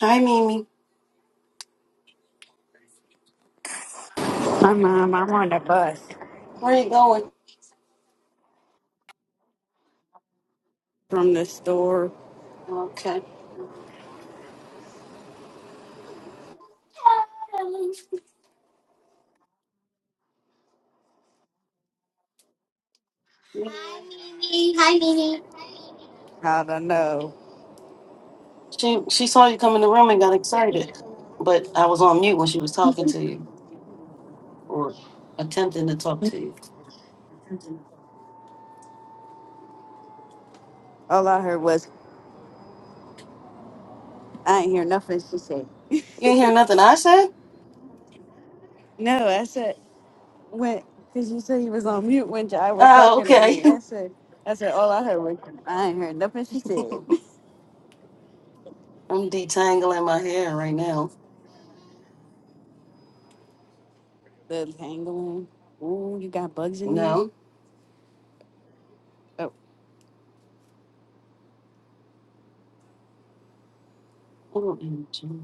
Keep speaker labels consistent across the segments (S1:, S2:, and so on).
S1: Hi, Mimi.
S2: My mom, I'm on the bus
S1: Where you going?
S2: from the store.
S1: Okay. Hi
S2: I don't know.
S1: She she saw you come in the room and got excited, but I was on mute when she was talking to you or attempting to talk to you.
S2: All I heard was, I ain't hear nothing she said.
S1: You ain't hear nothing I said?
S2: No, I said, when, because you said you was on mute when I was
S1: Oh,
S2: talking to
S1: okay.
S2: me. I said, I said, all I heard was, I ain't heard nothing she said.
S1: I'm detangling my hair right now.
S2: the handling. Ooh, you got bugs in there?
S1: No.
S2: Oh,
S1: OMG.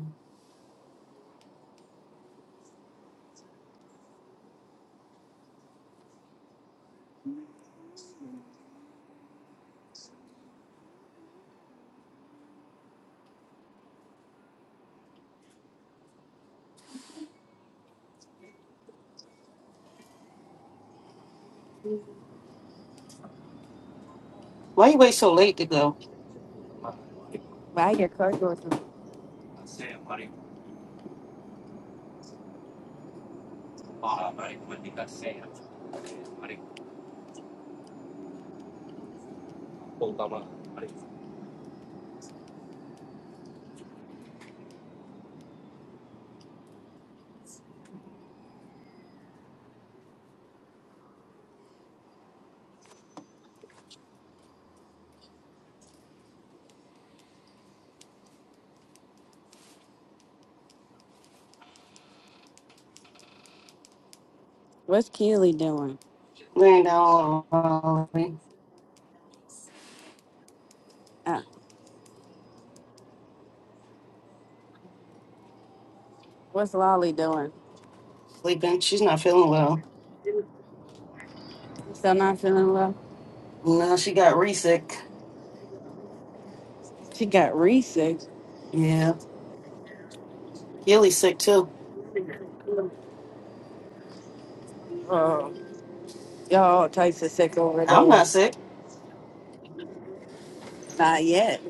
S1: Why you wait so late to go?
S2: buy your car door. some- What's Keely doing?
S1: Laying down all early,
S2: Uh, what's Lolly doing?
S1: sleeping. She's not feeling well.
S2: Still not feeling well?
S1: No, she got re sick.
S2: She got re-sick.
S1: Yeah. Keely's sick too.
S2: Oh, y'all types of sick over
S1: I'm
S2: there.
S1: not sick.
S2: Not yet.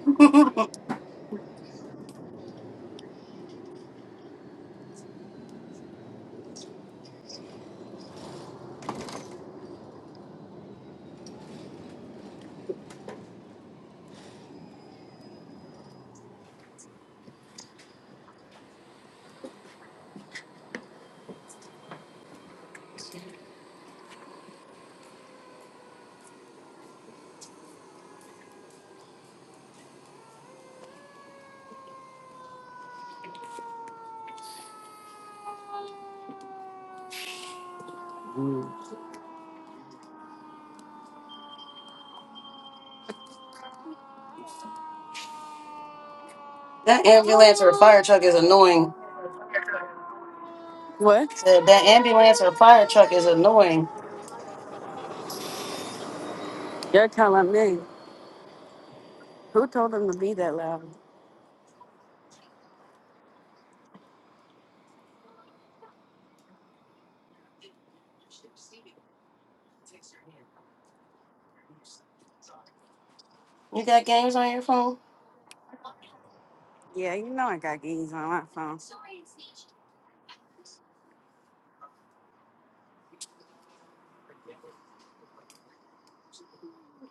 S1: That ambulance or fire truck is annoying.
S2: What?
S1: Said that ambulance or fire truck is annoying.
S2: You're telling me who told them to be that loud?
S1: You got games on your phone?
S2: Yeah, you know I got games on my phone.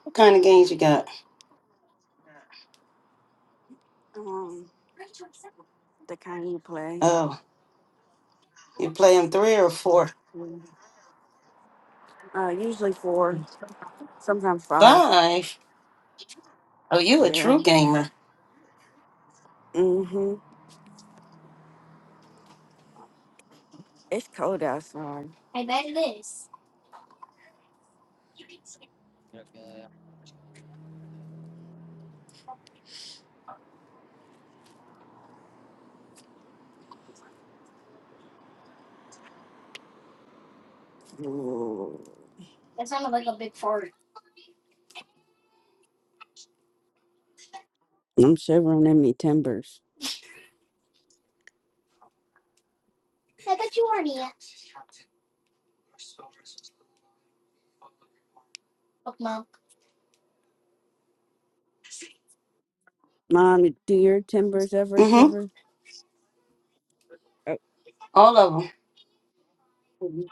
S1: What kind of games you got?
S2: Um, the kind you play.
S1: Oh, you playing three or four?
S2: Mm. Uh, usually four, sometimes five.
S1: Five. Oh, you a
S2: Yeah.
S1: true gamer.
S2: Mm-hmm. It's cold outside. Ooh. I'm shivering in me timbers. Mom, do your timbers ever
S1: Mm-hmm.
S2: shiver? Uh,
S1: All of them.
S2: mhm.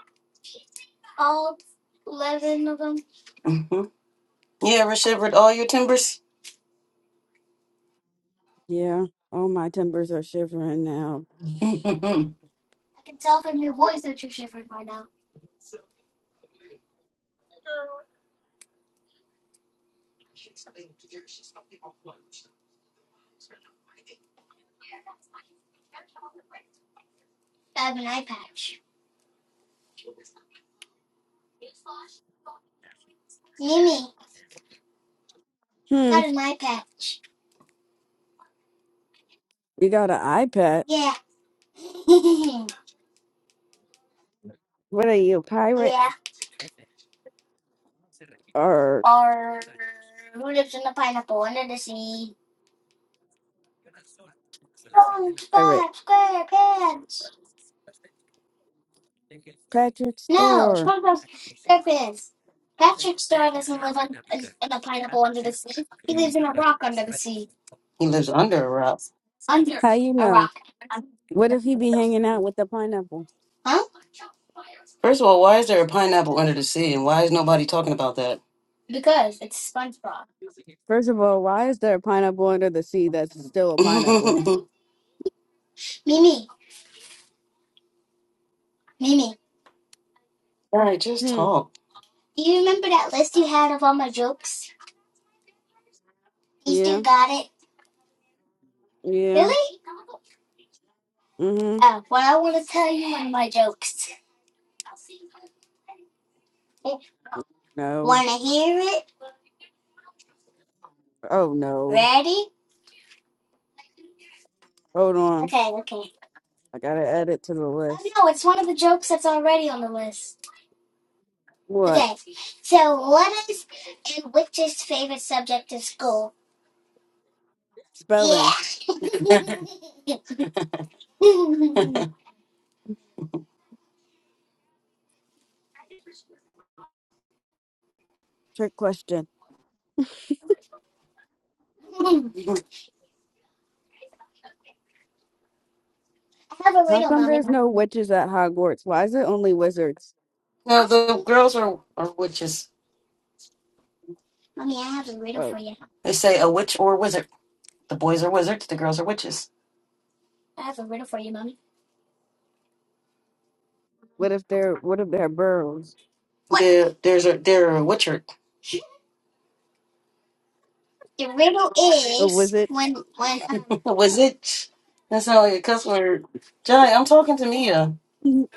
S1: Mm-hmm. You ever shivered all your timbers?
S2: Yeah. All my timbers are shivering now.
S1: he
S2: Hmm. You got an eye patch. What are you, a pirate or pirate? Patrick Star.
S1: lives under a rock.
S2: How you know? What if he be hanging out with the pineapple?
S1: First of all, why is there a pineapple under the sea, and why is nobody talking about that?
S2: First of all, why is there a pineapple under the sea that's still a pineapple?
S1: all right, just
S2: Hmm.
S1: talk.
S2: Yeah. Yeah. Mm-hmm. No. Oh no. Hold on. I gotta add it to the list. What? Spelling.
S1: no,
S2: Trick question. How come there's no witches at Hogwarts? Why is it only wizards?
S1: the girls are, are witches.
S2: Oh.
S1: They say a witch or a wizard. The boys are wizards, the girls are witches.
S2: What if they're what if they're burrows?
S1: There, there's a they're a witchard.
S2: A wizard?
S1: a wizard. That sounds like a cuss word. Johnny, I'm talking to Mia.
S2: Do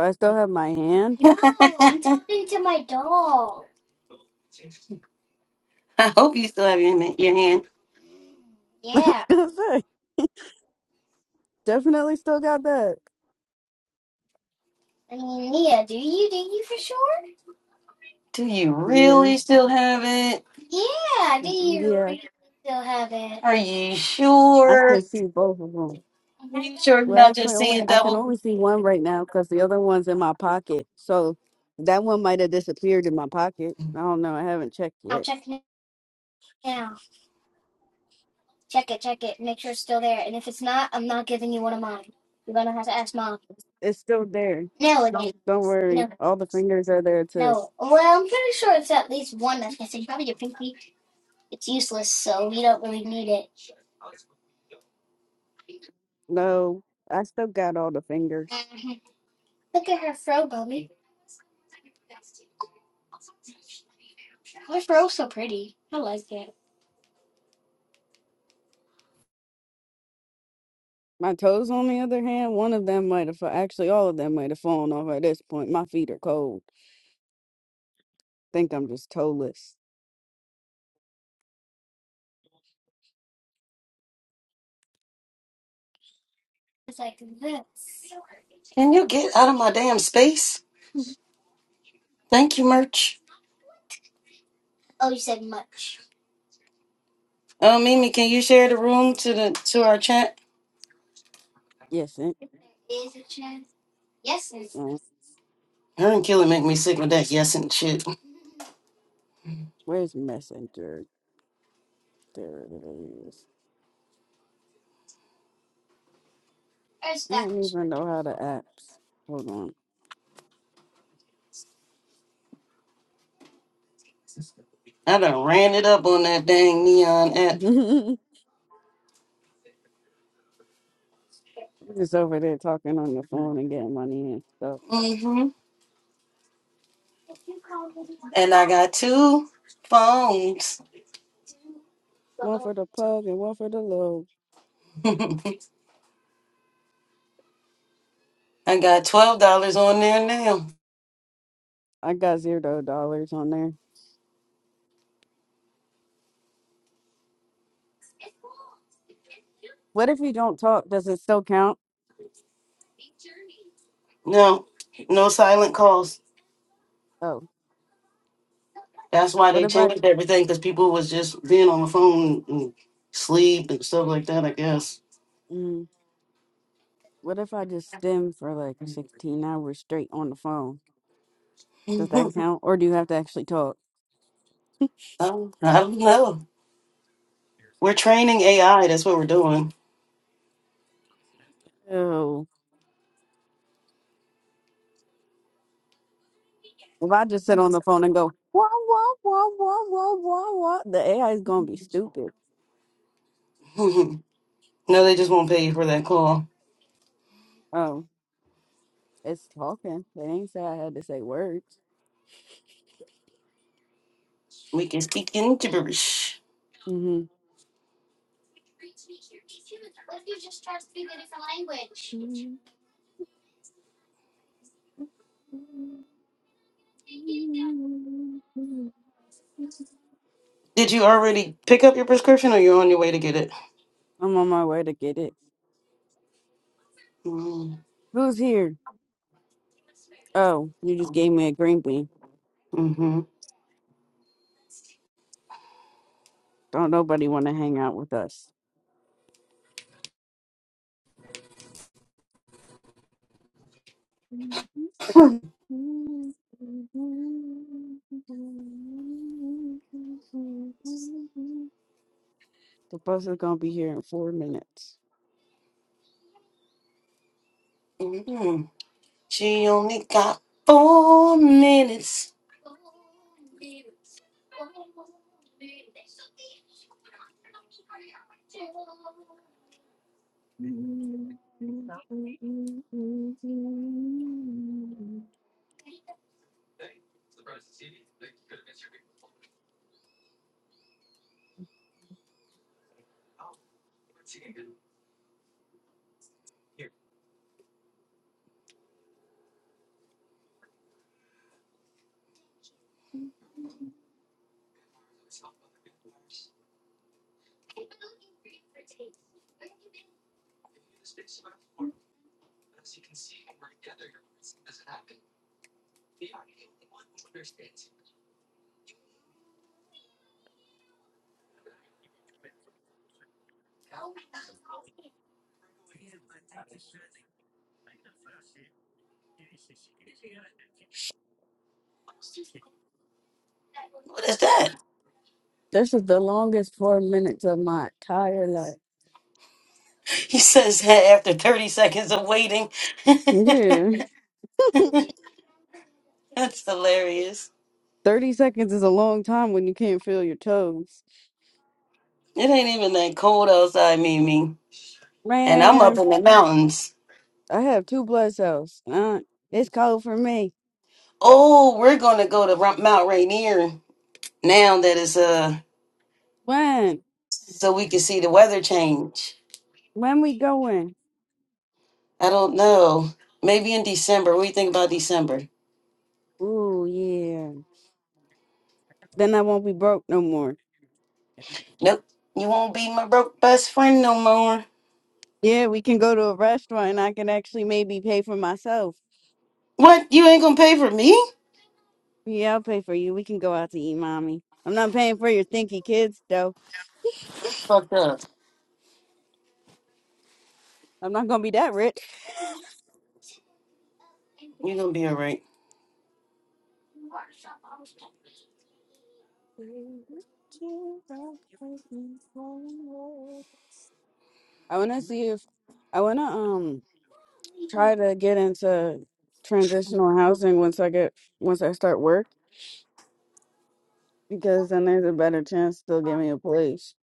S2: I still have my hand?
S1: I am talking to my dog. I hope you still have your, ma- your hand.
S2: I was gonna say. Definitely still got that.
S1: Do you
S2: Yeah.
S1: really still have it?
S2: mm, Yeah.
S1: Still have it. Are you
S2: I can
S1: sure?
S2: see both of them.
S1: Are you sure you're
S2: Well,
S1: not
S2: actually,
S1: just
S2: only
S1: seeing
S2: I can
S1: double?
S2: only see one right now because the other one's in my pocket. So that one might have disappeared in my pocket. I don't know. I haven't checked yet. It's still there. Don't worry. All the fingers are there too. No, I still got all the fingers. My toes, on the other hand, one of them might have, fa- actually, all of them might have fallen off at this point. My feet are cold. Think I'm just toeless.
S1: Can you get out of my damn space? Thank you, merch. Oh, Mimi, can you share the room to the to our chat?
S2: Yes, and uh,
S1: Her and Kelly make me sick with that yes and shit.
S2: where's messenger? There it is. I don't even know how to apps. Hold on.
S1: I done ran it up on that dang neon app.
S2: I'm just over there talking on the phone and getting money and stuff.
S1: hmm And I got two phones.
S2: One for the plug and one for the load.
S1: I got twelve dollars on there now.
S2: I got zero dollars on there. What if we don't talk? Does it still count?
S1: No, no silent calls.
S2: Oh,
S1: That's why
S2: what
S1: they
S2: if I?
S1: changed everything because people was just being on the phone and sleep and stuff like that. I guess.
S2: Mm, what if I just stem for like 16 hours straight on the phone? Does that count, or do you have to actually talk?
S1: Um, I don't know. We're training AI. That's what we're doing.
S2: Oh, if I just sit on the phone and go wah wah wah wah wah wah wah, the AI is gonna be stupid.
S1: no, they just won't pay you for that call.
S2: Oh. It's talking. They ain't say I had to say words.
S1: We can speak in gibberish.
S2: hmm
S1: Did you already pick up your prescription or you're on your way to get it?
S2: I'm on my way to get it.
S1: Mm-hmm.
S2: Who's here? Oh, you just gave me a green bean.
S1: hmm
S2: Don't nobody want to hang out with us. The bus is gonna be here in four minutes.
S1: She only got four minutes.
S2: This
S1: What is that?
S2: is the longest four minutes of my entire life.
S1: He says that after 30 seconds of waiting.
S2: Yeah,
S1: That's hilarious.
S2: 30 seconds is a long time when you can't feel your toes.
S1: It ain't even that cold outside, Mimi. And I'm up
S2: Man,
S1: in the mountains.
S2: I have two blood cells. Uh, it's cold for me.
S1: Oh, we're going to go to Ra- Mount Rainier now that it's uh
S2: When?
S1: so we can see the weather change.
S2: When we going?
S1: I don't know. Maybe in December. What do you think about December?
S2: Ooh, yeah. Then I won't be broke no more.
S1: Nope. You won't be my broke best friend no more.
S2: Yeah, we can go to a restaurant and I can actually maybe pay for myself.
S1: What? You ain't gonna pay for me?
S2: Yeah, I'll pay for you. We can go out to eat, mommy. I'm not paying for your thinky kids, though.
S1: Fucked up.
S2: I'm not gonna be that rich.
S1: You're gonna be alright.
S2: I wanna see if I wanna um try to get into transitional housing once I get once I start work because then there's a better chance they'll give me a place.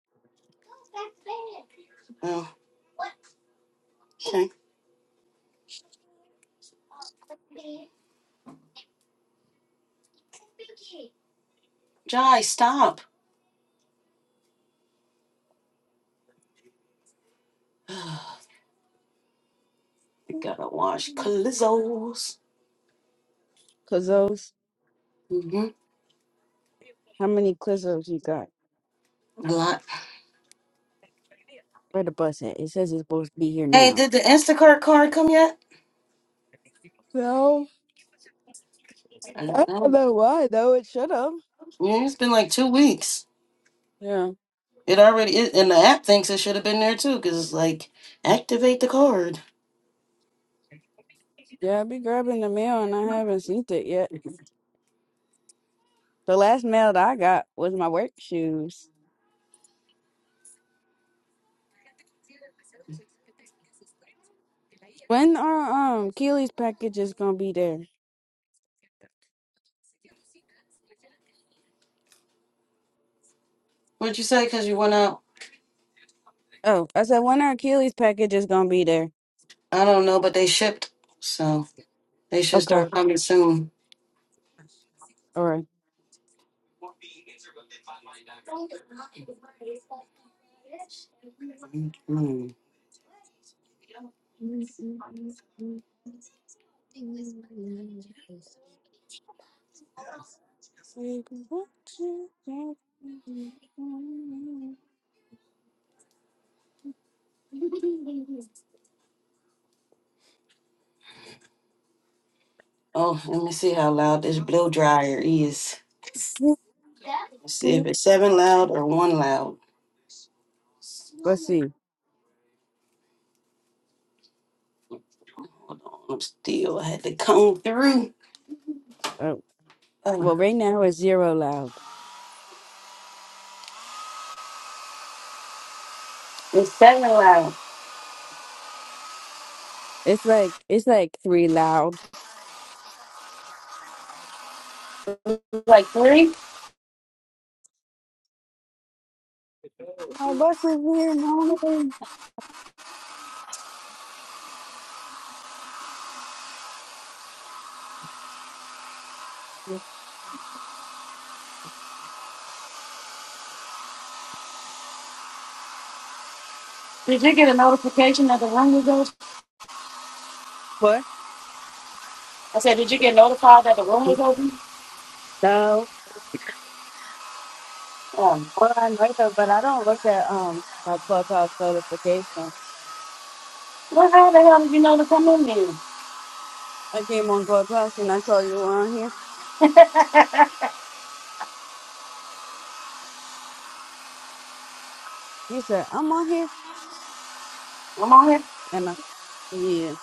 S1: Oh, okay. Jai, stop. I gotta wash calizzos.
S2: Cause those
S1: hmm
S2: How many Clizzos you got?
S1: A lot.
S2: Where the bus at? It says it's supposed to be here
S1: Hey,
S2: now.
S1: did the Instacart card come yet?
S2: No,
S1: I
S2: I
S1: don't
S2: don't
S1: know.
S2: know why though. It should have.
S1: Yeah, it's been like two weeks.
S2: Yeah,
S1: It already is, and the app thinks it should have been there too, because it's like, activate the card.
S2: yeah. I be grabbing the mail and I haven't seen it yet. The last mail that I got was my work shoes. When are um Keely's packages gonna be there?
S1: What'd you say? Because you went out?
S2: Oh, I said when are Keely's packages gonna be there?
S1: I don't know, but they shipped. So they should
S2: Okay,
S1: start coming soon.
S2: all right.
S1: Hmm. Oh, let me see how loud this blow dryer is. Let's see if it's seven loud or one loud.
S2: Let's see.
S1: Hold on, I'm still I had to comb through.
S2: Uh,
S1: Oh,
S2: well, right now it's zero loud.
S1: it's seven loud.
S2: It's like it's like three loud.
S1: Like three?
S2: My bus is here, mommy.
S1: Did you get a notification that the room was open?
S2: What?
S1: I said, did you get notified that the room was open?
S2: No.
S1: Um,
S2: Well, I know that, but I don't look at um my clubhouse notifications.
S1: well, how the hell did you know to come in here?
S2: I came on clubhouse and I saw you were on here. You said I'm on here,
S1: I'm on here.
S2: and I yeah.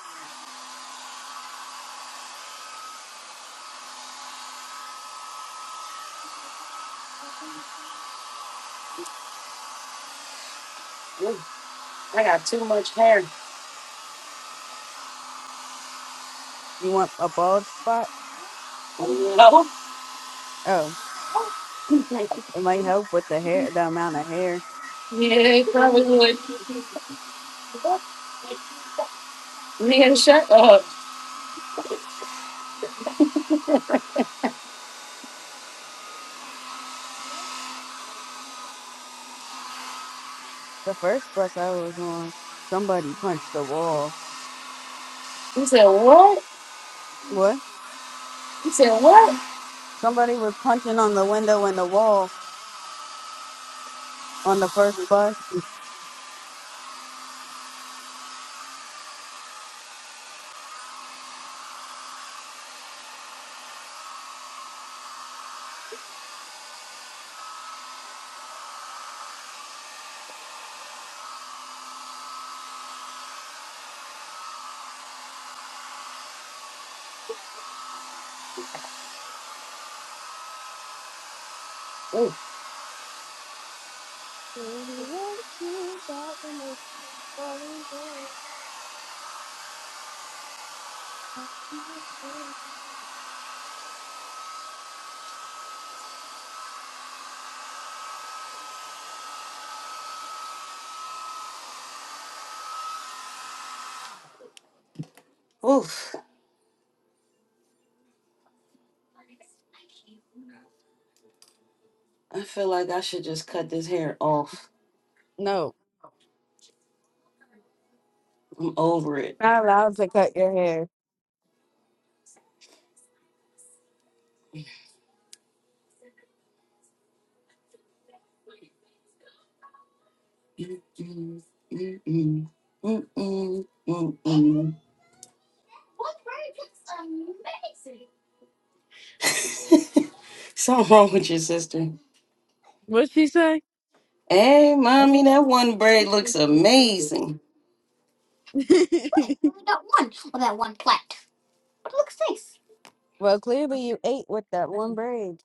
S1: Ooh, I got too much hair.
S2: You want a bald spot?
S1: Oh,
S2: Oh, it might help with the hair, the amount of hair. The first bus I was on, somebody punched the wall. What? Somebody was punching on the window in the wall on the first bus.
S1: No. Ooh, oof. I feel like I should just cut this hair off.
S2: No,
S1: I'm over it.
S2: not allowed to cut your hair.
S1: Mm-mm, mm-mm, mm-mm, mm-mm. Something wrong with your sister.
S2: What'd she say?
S1: Hey, mommy, that one braid looks amazing.
S2: well, clearly you ate with that one braid.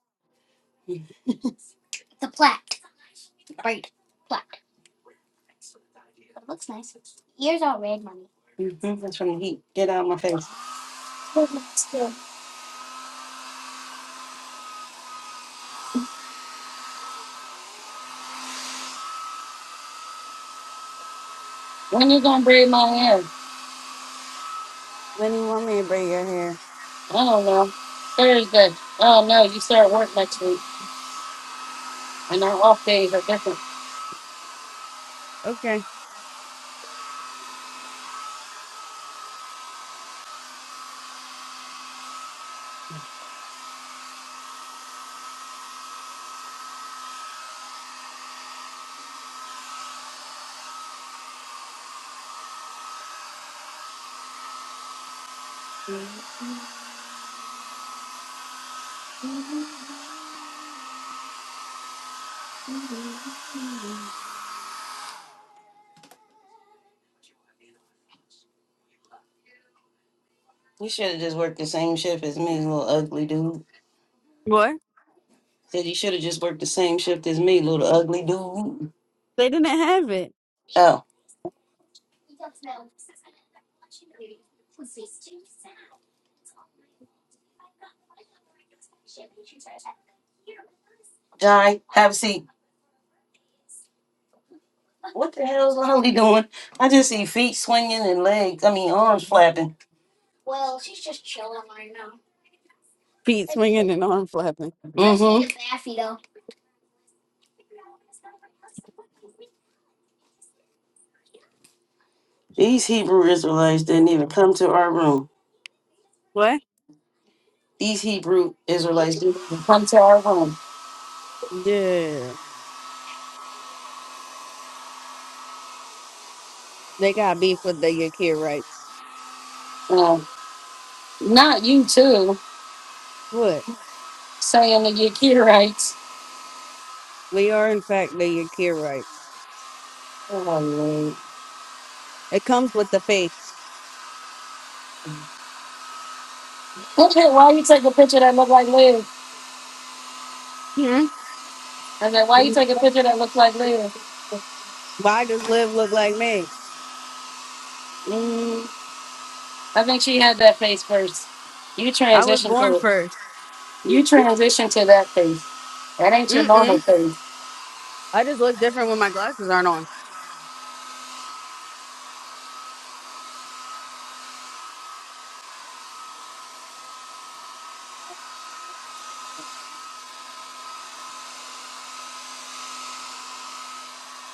S1: I'm trying to heat. Get out of my face.
S2: Lenny want me to braid your hair. okay.
S1: You should have just worked the same shift as me, little ugly dude.
S2: What?
S1: Said you should have just worked the same shift as me, little ugly dude.
S2: They didn't have it.
S1: Oh, Jai, have a seat. What the hell's Lolly doing? I just see feet swinging and legs, I mean, arms flapping.
S2: Feet swinging and arm flapping.
S1: Mm hmm. These Hebrew Israelites didn't even come to our room.
S2: What?
S1: These Hebrew Israelites didn't even come to our room.
S2: Yeah. They got beef with the Yakir rights. What? We are, in fact, the Yakir rights. It comes with the face. Hmm? Why does Liv look like me? I was born first. Mm-mm. I just look different when my glasses aren't on.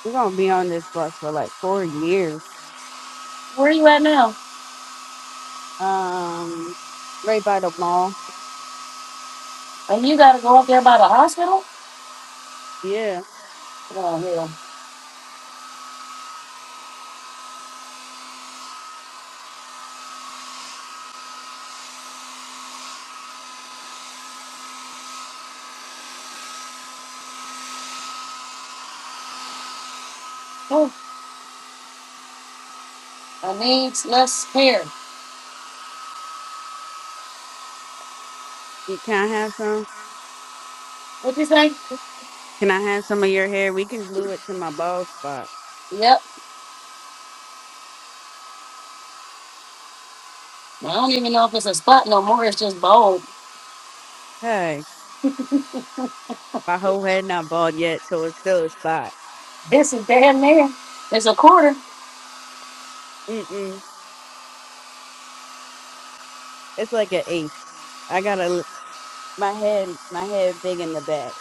S2: We're gonna be on this bus for like four years. Um, right by the mall. Yeah. You, can I have some? Can I have some of your hair? We can glue it to my bald spot. Hey, my whole head not bald yet, so it's still a spot. Mm-mm. It's like an eighth. I gotta l- my head, my head big in the back.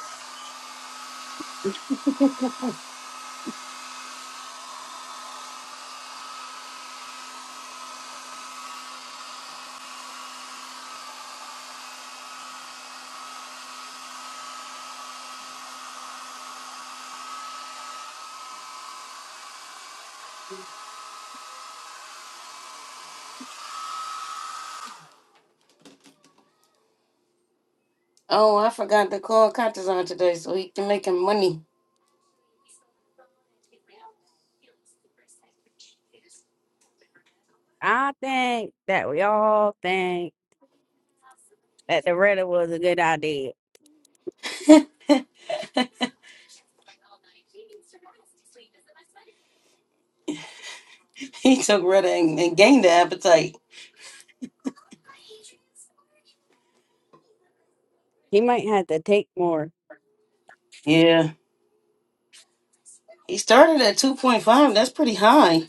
S1: Oh, I forgot to call Katazan today so he can make him money.
S2: I think that we all think that the Reddit was a good idea.
S1: he took red and, and gained the appetite.
S2: He might have to take more.
S1: Yeah. He started at 2.5. That's pretty high.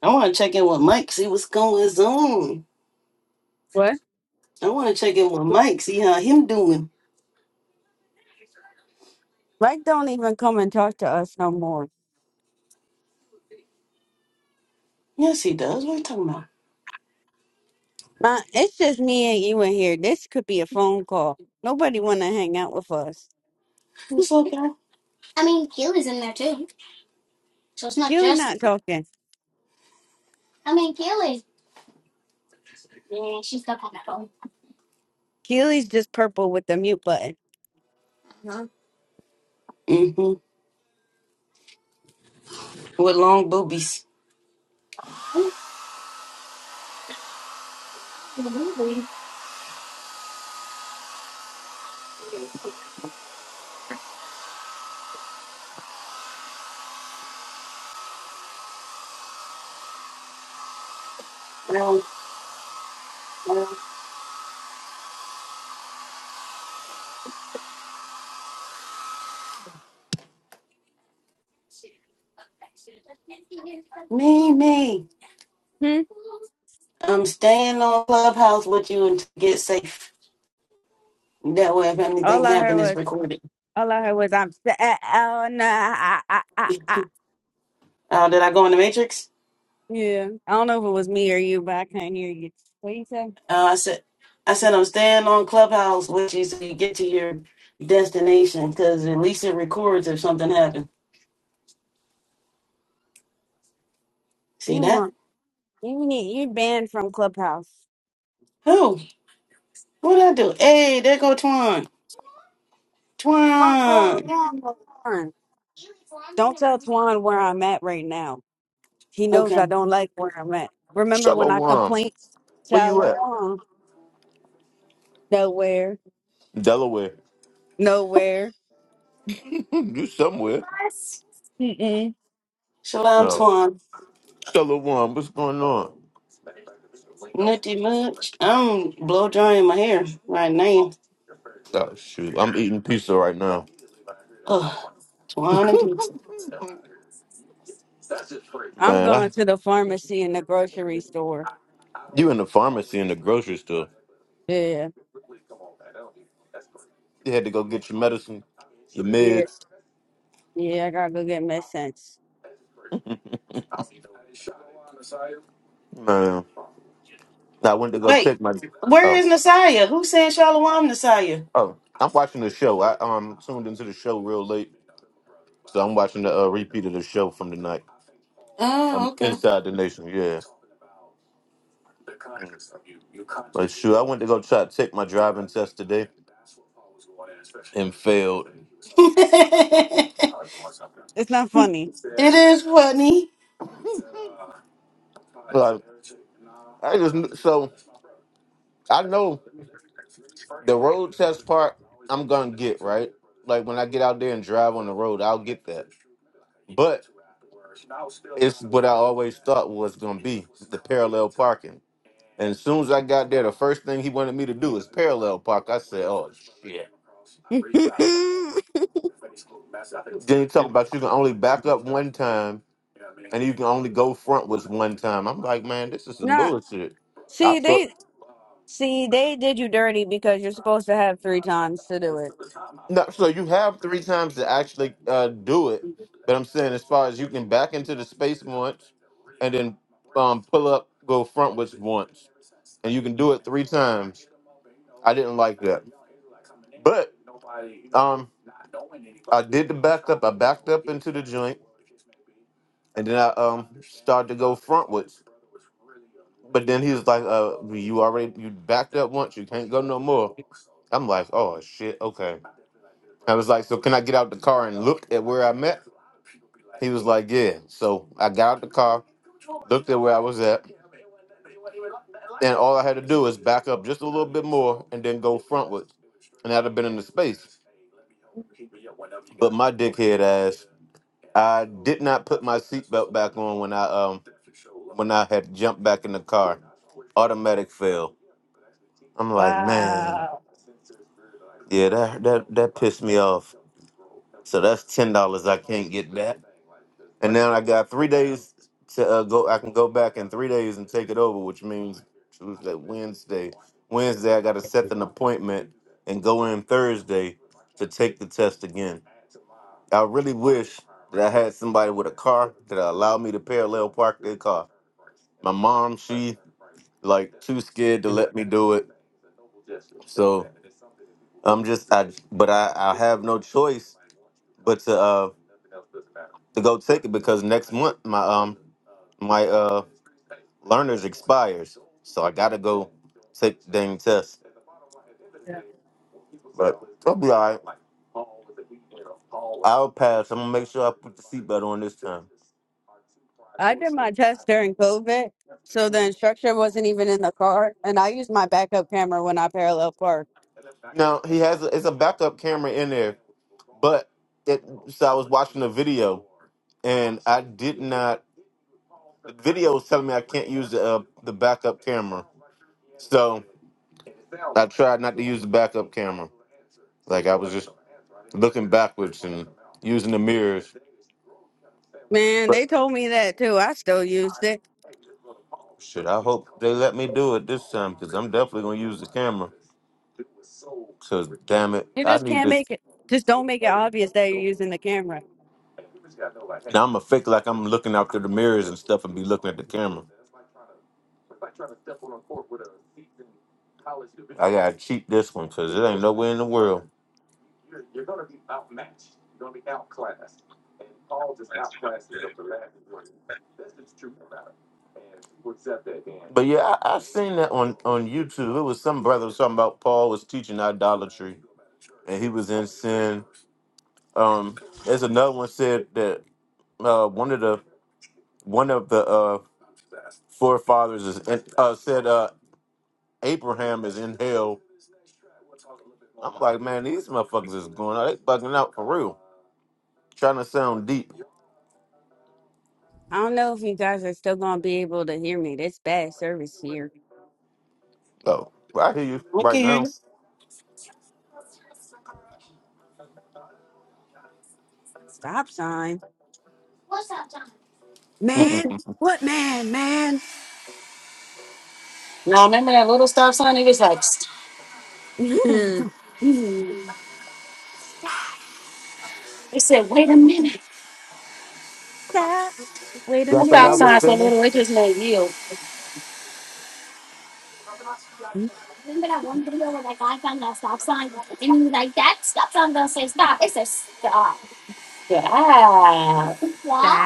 S1: I want to check in with Mike, see what's going on.
S2: What?
S1: I want to check in with Mike, see how him doing.
S2: Like, don't even come and talk to us no more.
S1: Yes, he does. What are you talking about?
S2: Ma, it's just me and you in here. This could be a phone call. Nobody want to hang out with us.
S1: What's up, y'all?
S2: Keely not talking. Keely's just purple with the mute button.
S1: Mm-hmm. With long boobies. No, me, me.
S2: Hmm?
S1: I'm staying on Clubhouse with you and get safe. That way, if anything
S2: All I heard
S1: happened, it's
S2: was,
S1: recorded.
S2: all I heard was, I'm, s- uh, oh no, I, I, I, I.
S1: uh, did I go in the Matrix?
S2: yeah. I don't know if it was me or you, but I can't hear you. What you say?
S1: Uh, I said, I said I'm staying on Clubhouse with you so you get to your destination because at least it records if something happened. See
S2: You
S1: that?
S2: want, you need, you banned from Clubhouse.
S1: Who? What did I do? Hey, there go Twan.
S2: Uncle
S1: Twan.
S2: Twan. Don't tell Twan where I'm at right now. He knows
S1: Okay.
S2: I don't like where I'm at. Remember when I
S3: Shalom.
S2: complained?
S3: Where you at?
S2: Shalom. Nowhere.
S3: Delaware.
S2: Nowhere.
S3: you somewhere.
S2: Mm-mm.
S1: Shalom,
S3: No.
S1: Twan.
S3: Shalom. What's going on?
S1: Nutty much. I'm blow drying my hair right now.
S3: Oh, shoot. I'm eating pizza right now.
S1: Oh, Twan and pizza.
S2: I'm
S3: Man,
S2: going
S3: I,
S2: to the pharmacy and the grocery store.
S3: you in the pharmacy in the grocery store.
S2: Yeah,
S3: You had to go get your medicine, your
S2: yeah,
S3: meds.
S2: yeah. I gotta go get my sense.
S3: Man, I went to go
S1: Wait,
S3: check my.
S1: where
S3: Oh,
S1: is Messiah? Who said Shalom Messiah?
S3: oh. I'm watching the show. I um tuned into the show real late. So I'm watching the uh, repeat of the show from tonight. I'm
S1: Oh, okay.
S3: inside the nation. Yeah. But shoot, I went to go try to take my driving test today and failed.
S2: It's not funny.
S1: it is funny.
S3: Like I just kn- so I know the road test part I'm gonna get right. Like when I get out there and drive on the road, I'll get that. But it's what I always thought was gonna be the parallel parking. And as soon as I got there, the first thing he wanted me to do is parallel park. I said, "Oh shit." Then he talked about you can only back up one time, and you can only go front was one time. I'm like, man, this is some
S2: Nah,
S3: bullshit. I
S2: see
S3: thought
S2: they see they did you dirty because you're supposed to have three times to do it.
S3: no, so you have three times to actually uh, do it. But I'm saying, as far as you can back into the space once, and then um, pull up, go front was once, and you can do it three times. I didn't like that. But um, I did the backup. I backed up into the joint, and then I um started to go frontwards. But then he was like, "Uh, you already you backed up once. You can't go no more." I'm like, "Oh shit, okay." I was like, so can I get out the car and look at where I'm at? He was like, yeah. So I got out the car, looked at where I was at, and all I had to do is back up just a little bit more and then go frontwards, and I'd have been in the space. But my dickhead ass, I did not put my seatbelt back on when I um when I had jumped back in the car. Automatic fail. I'm like, man,
S2: Wow.
S3: yeah, that that that pissed me off. So that's ten dollars I can't get back. And now I got three days to uh, go. I can go back in three days and take it over, which means Tuesday, Wednesday. Wednesday I got to set an appointment and go in Thursday to take the test again. I really wish that I had somebody with a car that allowed me to parallel park their car. My mom, she like too scared to let me do it. So I'm just I, but I I have no choice but to uh to go take it because next month my um my uh learners expires, so I gotta go take the dang test.
S2: Yeah.
S3: But I'll be all right. I'll pass. I'm gonna make sure I put the seatbelt on this time.
S2: I did my test during COVID, so the
S3: hmm
S2: instructor wasn't even in the car, and I used my backup camera when I parallel parked.
S3: Now he has a, it's a backup camera in there, but it, so I was watching the video and I did not. The video was telling me I can't use the uh, the backup camera, so I tried not to use the backup camera. Like I was just looking backwards and using the mirrors.
S2: Man,
S3: But
S2: they told me that too. I still used it.
S3: shit, I hope they let me do it this time because I'm definitely gonna use the camera. Cause damn it,
S2: You
S3: I
S2: just
S3: need
S2: can't make
S3: this.
S2: it. Just don't make it obvious that you're using the camera.
S3: Now I'm gonna fake like I'm looking out through the mirrors and stuff and be looking at the camera. I gotta cheat this one because it ain't nowhere in the world. But yeah, I, I seen that on on YouTube. It was some brother was talking about Paul was teaching idolatry. and he was in sin. Um, there's another one said that uh, one of the one of the uh, forefathers is in, uh, said uh, Abraham is in hell. I'm like, man, these motherfuckers is going out. They bugging out for real, trying to sound deep.
S2: I don't know if you guys are still gonna be able to hear me. This bad service here.
S3: Oh, I hear you
S1: Look
S3: right
S1: at
S3: now.
S1: you.
S2: Stop sign. Man, what man, man? stop, stop. Wait a
S3: Y'all thought I was
S2: minute.
S3: finished?
S2: Stop.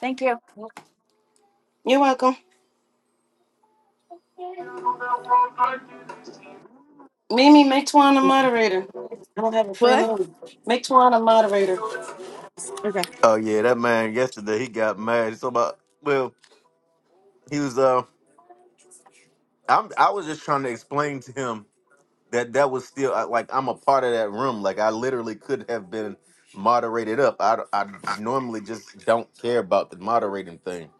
S2: Thank you.
S1: You're welcome. Mimi, make Twan a moderator. I don't have a free
S2: What?
S1: hand. Make Twan a moderator.
S2: Okay.
S3: Oh yeah, that man yesterday he got mad. So about well, he was uh, I'm I was just trying to explain to him. that that was still I- like I'm a part of that room. Like I literally could have been moderated up. I d- I normally just don't care about the moderating thing,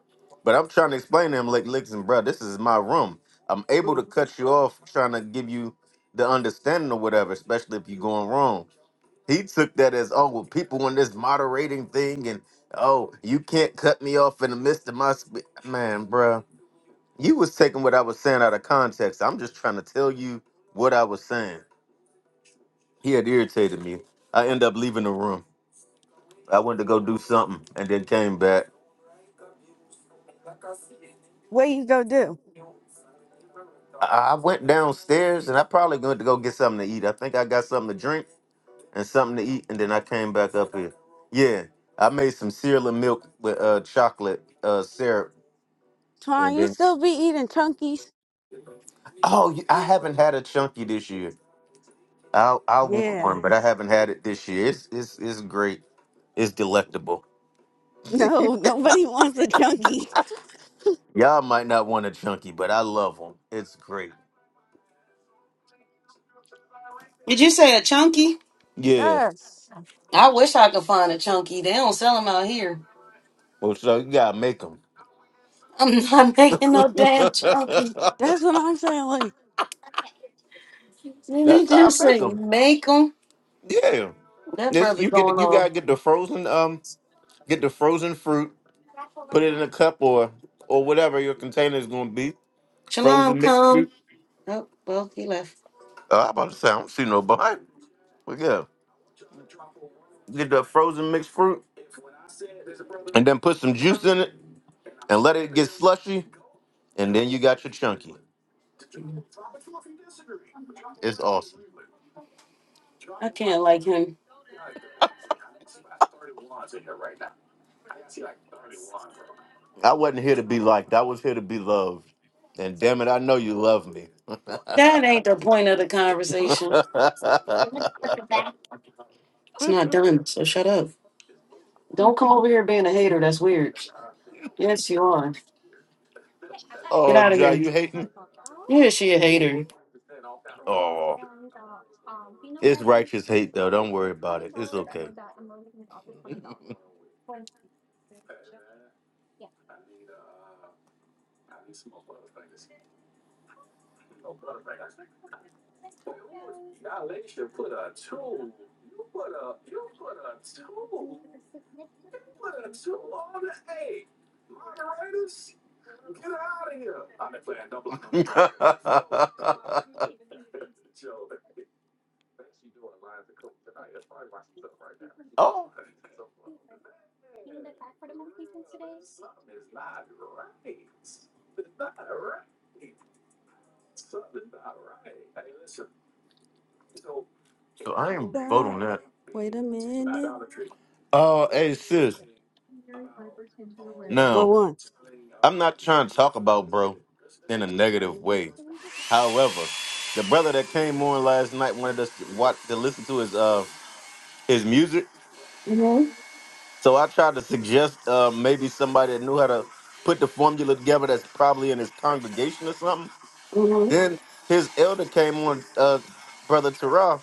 S3: but I'm trying to explain to him like, listen, bro, this is my room. I'm able to cut you off trying to give you the understanding or whatever, especially if you're going wrong. He took that as oh well, people on this moderating thing and oh you can't cut me off in the midst of my sp-. man, bruh. You was taking what I was saying out of context. I'm just trying to tell you what I was saying. He had irritated me. I ended up leaving the room. I went to go do something and then came back.
S2: What you go do?
S3: I, I went downstairs and I probably went to go get something to eat. I think I got something to drink and something to eat, and then I came back up here. Yeah, I made some cereal and milk with uh, chocolate uh, syrup,
S2: Twan,
S3: and
S2: you
S3: then
S2: still be eating chunkies?
S3: oh, you- I haven't had a chunky this year. I I want
S2: Yeah.
S3: one, but I haven't had it this year. It's it's it's great. It's delectable.
S2: No, nobody wants a chunky.
S3: Y'all might not want a chunky, but I love them. It's great.
S1: Did you say a chunky?
S3: Yeah.
S2: Yes.
S1: I wish I could find a chunky. They don't sell them out here.
S3: Well, so you gotta make them.
S1: I'm not making no damn chunky.
S2: That's what I'm saying. Like,
S1: Did he
S3: That's how I
S1: just
S3: make
S1: say
S3: them.
S1: make them?
S3: Yeah,
S1: That
S3: this
S1: brother
S3: you get
S1: going
S3: you
S1: off.
S3: gotta get the frozen um get the frozen fruit, put it in a cup or or whatever your container is gonna be.
S1: Shalom,
S3: Frozen mixed
S1: come.
S3: fruit.
S1: Oh, well, he left.
S3: Oh, I'm about to say I don't see no behind. But yeah, get the frozen mixed fruit and then put some juice in it and let it get slushy, and then you got your chunky. It's awesome.
S1: Hmm.
S3: I wasn't here to be liked. I was here to be loved. And damn it, I know you love me.
S1: That ain't the point of the conversation. It's not done, so shut up. Don't come over here being a hater. That's weird. Yes, you are. Get
S3: oh,
S1: out of
S3: Jai,
S1: here.
S3: you hating?
S1: Yeah, she a hater.
S3: Oh, it's righteous hate though. Don't worry about it. It's okay. oh, So I ain't vote
S2: stop.
S3: on that.
S2: Wait a minute.
S3: Oh, hey sis.
S2: What
S3: Now,
S2: one?
S3: I'm not trying to talk about bro in a negative way. However, the brother that came on last night wanted us to watch to listen to his uh his music. So I tried to suggest uh maybe somebody that knew how to put the formula together that's probably in his congregation or something. Then his elder came on uh brother Terrell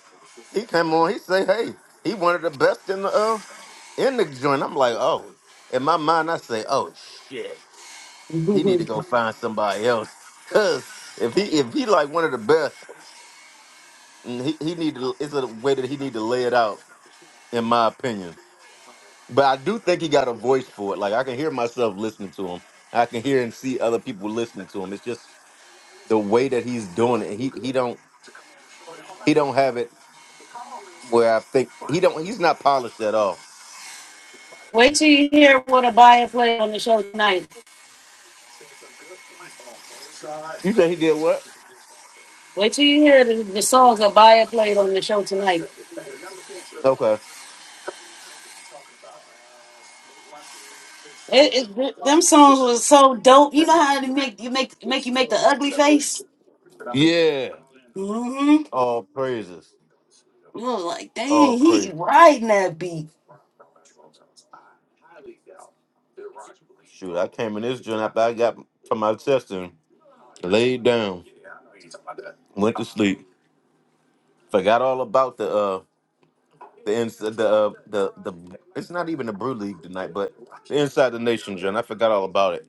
S3: He came on. He say, "Hey, he one of the best in the uh, in the joint." I'm like, "Oh." In my mind, I say, "Oh shit, he need to go find somebody else." Cause if he if he like one of the best, mm, he he need to. It's a way that he need to lay it out, in my opinion. But I do think he got a voice for it. Like I can hear myself listening to him. I can hear and see other people listening to him. It's just the way that he's doing it. He he don't he don't have it where I think he don't. He's not polished at all You say he did what? Okay.
S1: It, it, them songs was so dope. You know how they make you make make you make the ugly face.
S3: Yeah.
S1: Mm-hmm.
S3: All praises.
S1: I was like,
S3: All
S1: dang,
S3: praise.
S1: he riding that beat.
S3: Shoot, I came in this joint after I got from my chest and laid down, went to sleep, forgot all about the uh the ins the uh, the the. It's not even the Brew League tonight, but the Inside the Nation joint. I forgot all about it.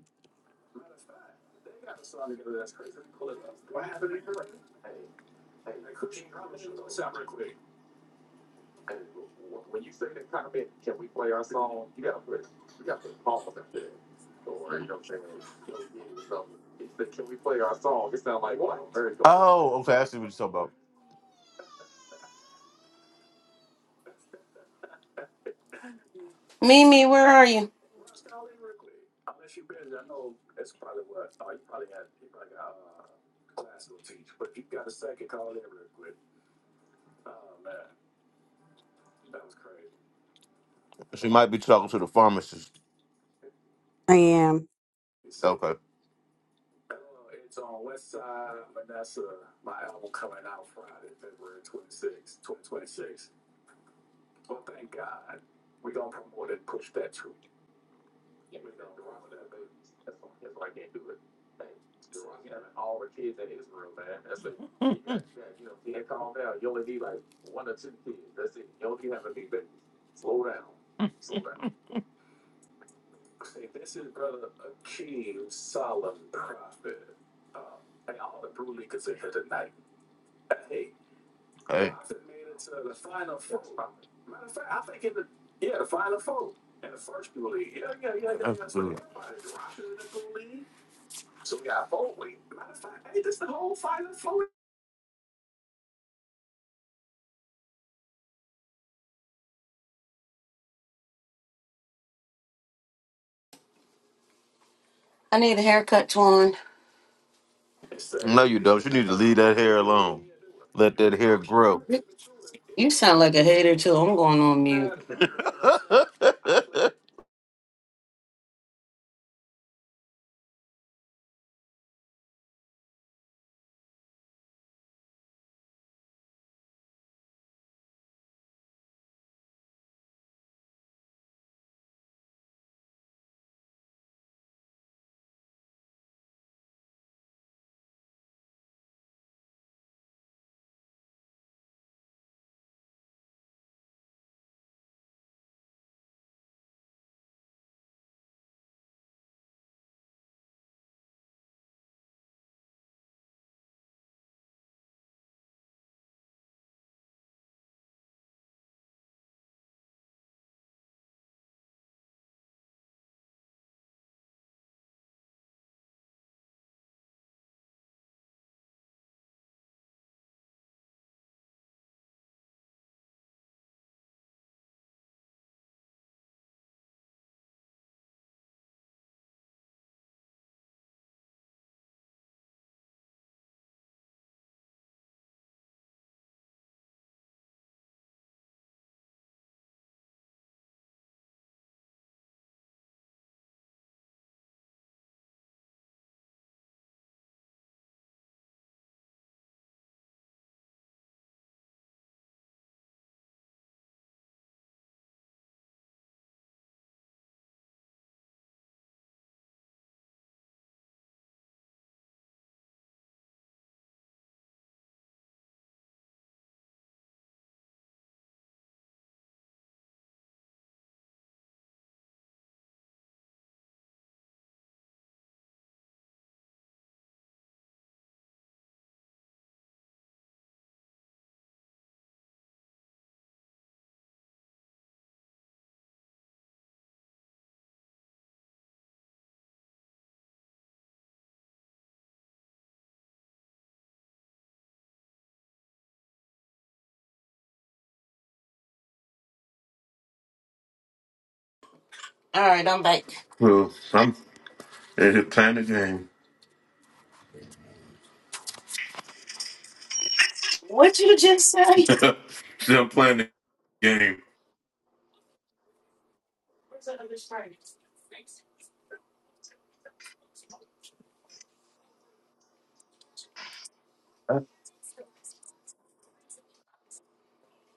S3: Oh, okay. I see what you're talking
S1: Mimi, where are you?
S3: about. She might be talking to the pharmacist.
S2: I am.
S3: Okay.
S1: I need a haircut, Twan.
S3: No, you don't. You need to leave that hair alone. Let that hair grow.
S1: You sound like a hater too. I'm going on mute. All right, I'm back.
S3: Well, I'm eh, playing the game. Still playing the game.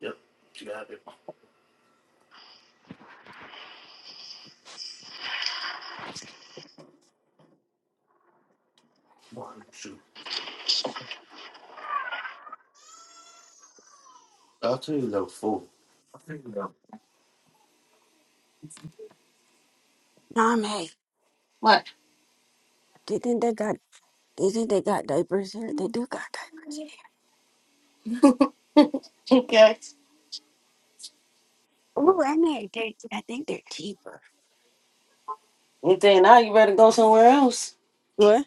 S3: Yep, you got it. One, two. Oh,
S2: Nah, mate. Do you think they got Do you think they got diapers here? They do got diapers here.
S1: Okay.
S2: Ooh, I they, they I think they're cheaper.
S1: If they not, you better go somewhere else.
S2: What?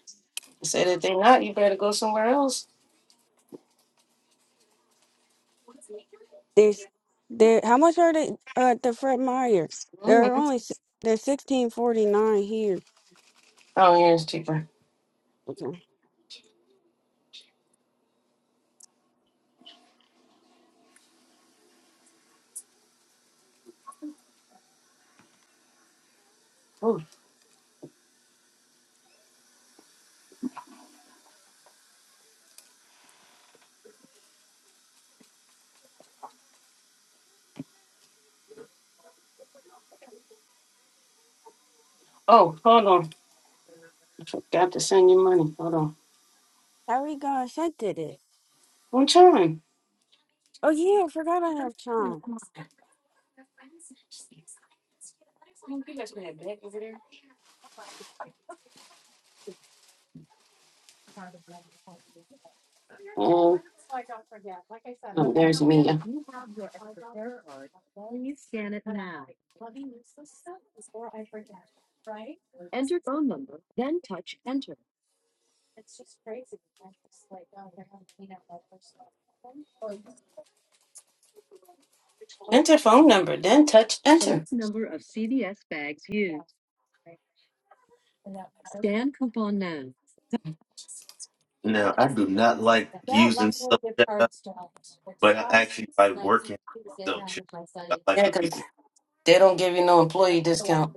S1: I said if they not, you better go somewhere else.
S2: There's they how much are they uh the Fred Meyer? They're
S1: Mm-hmm.
S2: only s- they're sixteen forty nine here.
S1: Oh, yeah, it's cheaper.
S2: Okay.
S1: Oh, oh, hold on. I forgot to send you money. Hold on.
S2: How we gonna set to it?
S1: One time.
S2: Oh yeah, I forgot I have time.
S1: Uh,
S2: Enter phone number, then touch enter.
S1: enter phone number, then touch
S2: For
S1: enter.
S2: list number of CVS bags used, scan coupon now.
S3: now I do not like using subject, but I actually like them. That
S1: Yeah, 'cause they don't give you no employee discount.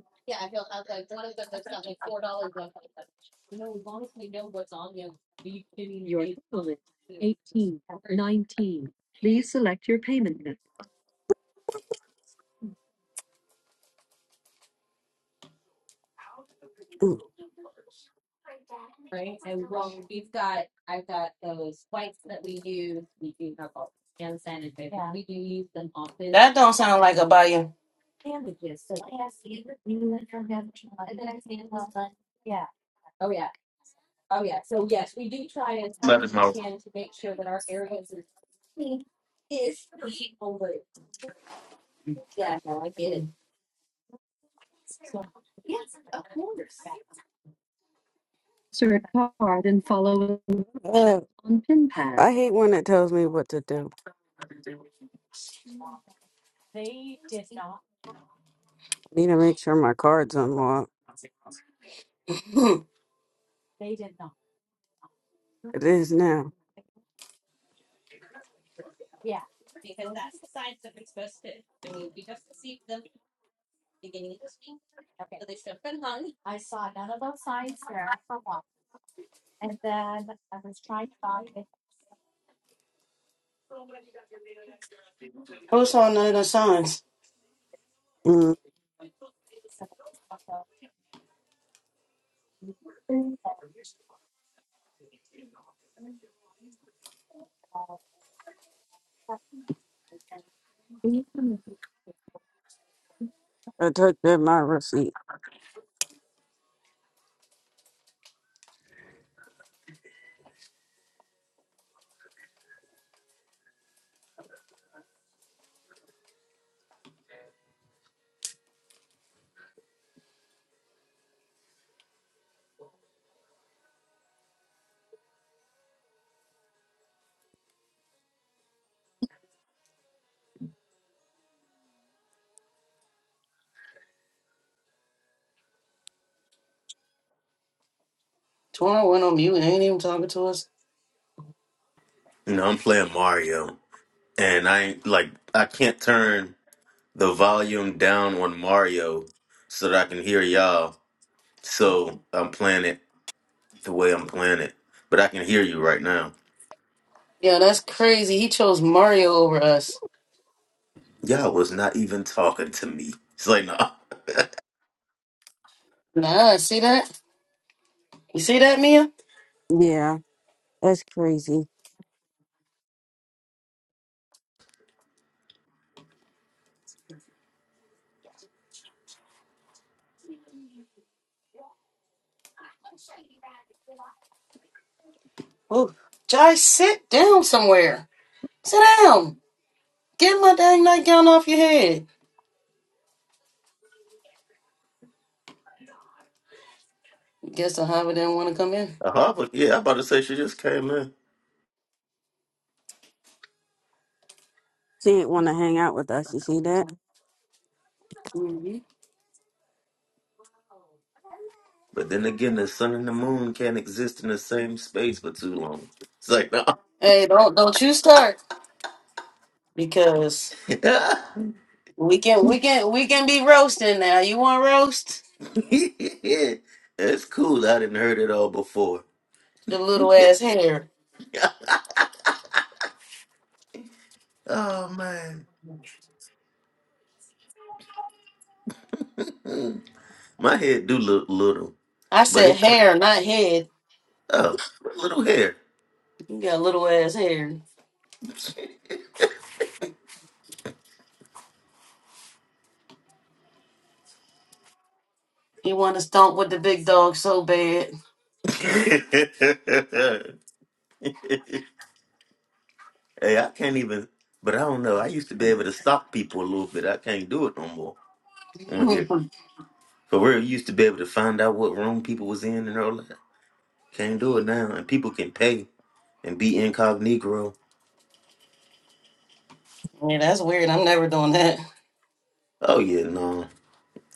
S2: Bullet 19. Please select your payment method.
S1: That don't sound like a buyer.
S3: is my-
S2: insert card and follow Uh, on pin pad. I hate when it tells me what to do. I need to make sure my card's unlocked.
S1: Hmm.
S2: It is now.
S1: Who saw none of the signs?
S2: Mm, I typed in my receipt.
S1: Torn went on mute and ain't even talking to us.
S3: No, I'm playing Mario, and I ain't- like I can't turn the volume down on Mario so that I can hear y'all. So I'm playing it the way I'm playing it, but I can hear you right now.
S1: Yeah, that's crazy. He chose Mario over us.
S3: Y'all was not even talking to me. It's like nah.
S1: Nah, see that? You see that, Mia?
S2: Yeah, that's crazy.
S1: Ooh. Jai, sit down somewhere. Sit down. Get my dang nightgown off your head. Guess the Hobbit didn't want to come
S3: Uh-huh, but yeah, I'm about to say she just came in.
S2: She didn't want to hang out with us. You see that?
S1: in.
S3: But then again, the sun and the moon can't exist in the same space for too long. It's like, no.
S1: Hey, don't don't you start because we can we can we can be roasting now. You want roast?
S3: It's cool. I didn't heard it all before.
S1: Your little ass hair.
S3: oh, man. Mm. My head do look little,
S1: I
S3: but
S1: said
S3: it,
S1: hair, not head.
S3: oh, little hair.
S1: You got little ass hair. You want to stomp with the big dog so bad.
S3: hey, I can't even, but I don't know. I used to be able to stalk people a little bit. I can't do it no more on here.
S1: yeah,
S3: For real, you used to be able to find out what room people was in and all Can't do it now, and people can pay and be incognito.
S1: that's weird. I'm never doing that.
S3: Oh yeah, no,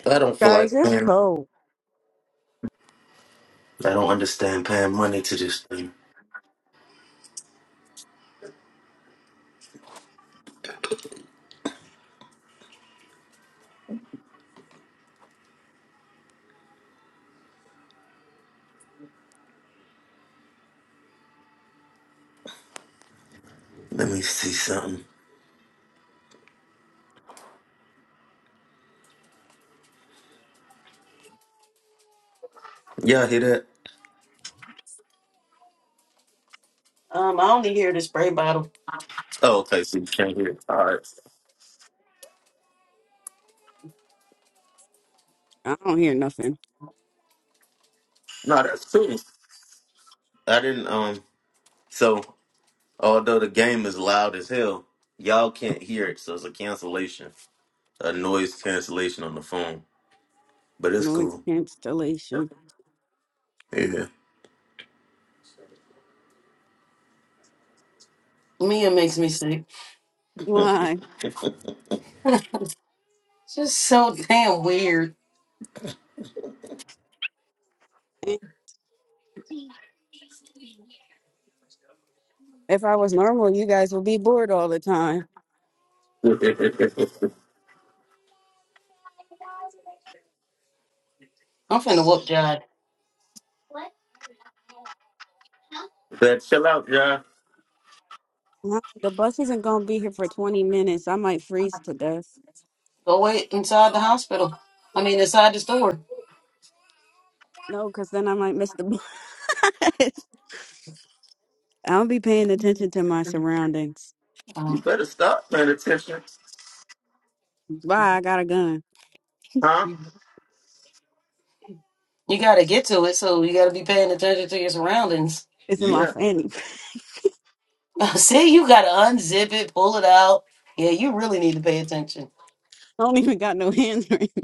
S3: I don't feel
S2: Guys,
S3: like
S2: it's
S3: paying.
S2: cold.
S3: I don't understand paying money to this thing. Let me see something. Y'all hear that?
S1: Um, I only hear the spray bottle.
S3: Oh, okay. So you can't hear it. All right.
S2: I don't hear nothing.
S3: No, that's cool. I didn't. Um. So although the game is loud as hell, y'all can't hear it. So it's a cancellation, a noise cancellation on the phone. But it's
S2: Noise
S3: cool.
S2: cancellation.
S3: Yeah.
S1: Mia makes me sick.
S2: Why?
S1: It's just so damn weird.
S2: If I was normal, you guys would be bored all the time.
S1: I'm finna whoop Jod.
S3: Better chill out, y'all.
S2: Huh? The bus isn't gonna be here for 20 minutes. I might freeze to death.
S1: Go wait inside the hospital. I mean, inside the store.
S2: No, because then I might miss the bus. I'll be paying attention to my surroundings.
S3: You
S1: Oh.
S3: better stop paying attention.
S2: Bye, I got a gun.
S1: You got to get to it, so you got to be paying attention to your surroundings.
S2: It's in my
S3: Yeah.
S2: fanny.
S1: See, you got to unzip it, pull it out. Yeah, you really need to pay attention.
S2: I don't even got no hands right now.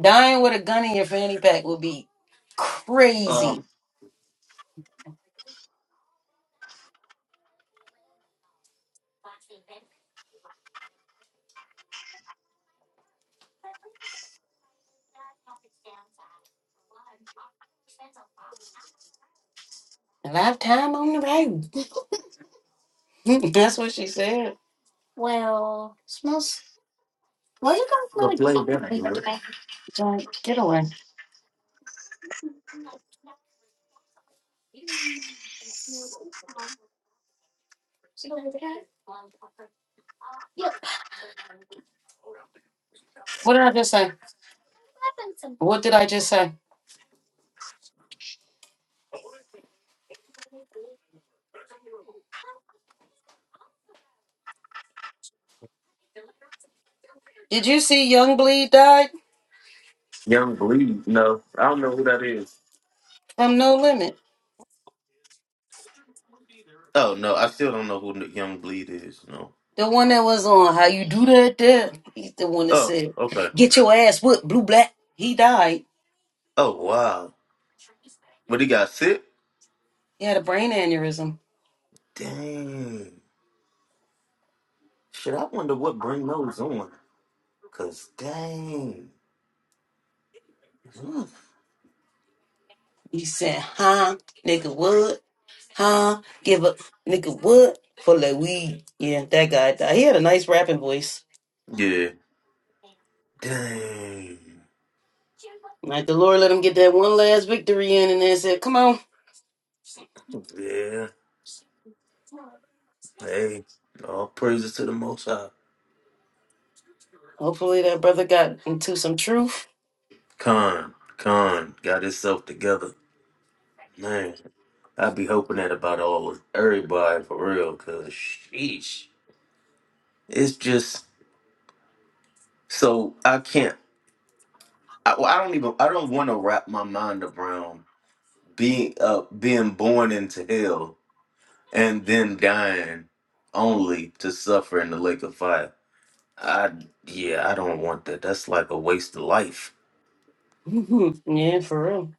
S1: Dying with a gun in your fanny pack would be crazy. lifetime on the road. That's what she said. John, get away. What did I just say? What did I just say? Did you see Young Bleed died from No Limit?
S3: Oh no, I still don't know who Young Bleed is. No.
S1: The one that was on How You Do That There. He's the one that
S3: Oh,
S1: said,
S3: okay.
S1: Get your ass whipped, blue black. He died.
S3: Oh wow. But he got sick.
S1: He had a brain aneurysm.
S3: Dang. Shit, I wonder what bring those on. Cause dang. Oof.
S1: You said, huh, nigga, what? Huh? Give up, nigga, what? For the weed. Yeah, that guy died. He had a nice rapping voice.
S3: Yeah. Dang.
S1: Like the Lord let him get that one last victory in and then said, come on.
S3: Yeah. Hey. All praises to the Most High.
S1: Hopefully that brother got into some truth.
S3: Khan. Khan got himself together. Man, I be hoping that about all of everybody for real. Cause sheesh, it's just so I can't. I, well, I don't even I don't want to wrap my mind around being uh being born into hell and then dying only to suffer in the lake of fire. I yeah, I don't want that. That's like a waste of life.
S1: yeah, for real.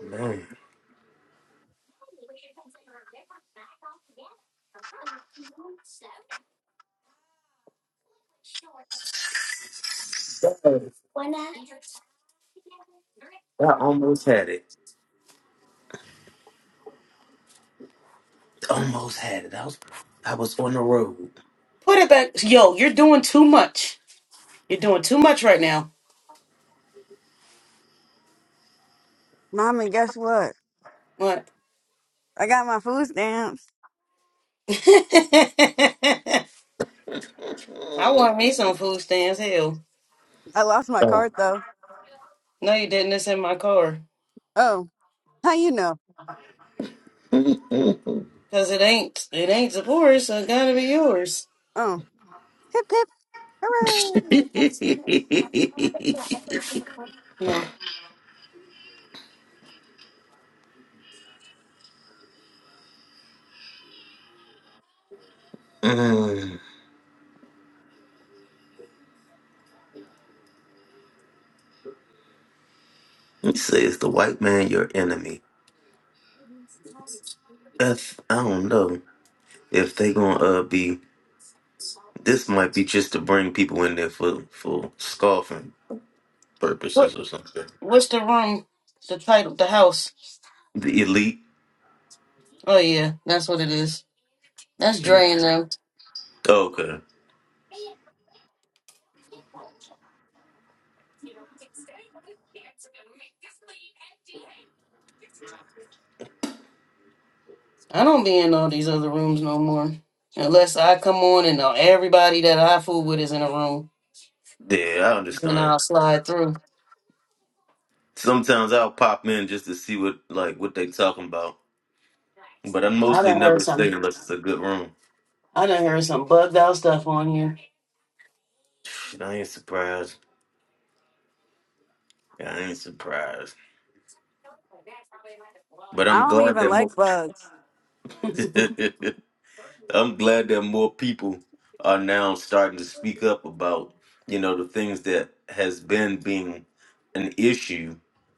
S3: Man, I almost had it, and I was I was on the road.
S1: Put it back. Yo, you're doing too much. You're doing too much right now.
S2: Mommy, guess what?
S1: What?
S2: I got my food stamps.
S1: I want me some food stands. Hell.
S2: I lost my card though.
S1: No, you didn't. It's in my car.
S2: Oh, how you know?
S1: Cause it ain't, it ain't Zippor's, so it gotta be yours.
S2: Oh, hip hip, hooray!
S3: mm.
S1: No.
S3: He says the white man your enemy. That's I don't know if they gonna uh, be This might be just to bring people in there for for scoffing
S1: What
S3: purposes or something.
S1: what's the room? The title, the house.
S3: The elite.
S1: Oh yeah, that's what it is. That's Dre
S3: Mhm.
S1: and them.
S3: Okay.
S1: I don't be in all these other rooms no more, unless I come on and uh, everybody that I fool with is in a room,
S3: Yeah, I
S1: then
S3: understand.
S1: I'll slide through.
S3: Sometimes I'll pop in just to see what like what they talking about, but I
S1: I
S3: mostly
S1: done heard
S3: never stay
S1: some.
S3: unless it's a good room.
S1: I done heard some bugged out stuff on here.
S3: Shit, I ain't surprised. Yeah, I ain't surprised. But
S2: I
S3: I'm
S2: don't
S3: glad
S2: even
S3: that
S2: like
S3: most.
S2: bugs.
S3: I'm glad that more people are now starting to speak up about, you know, the things that has been being an issue,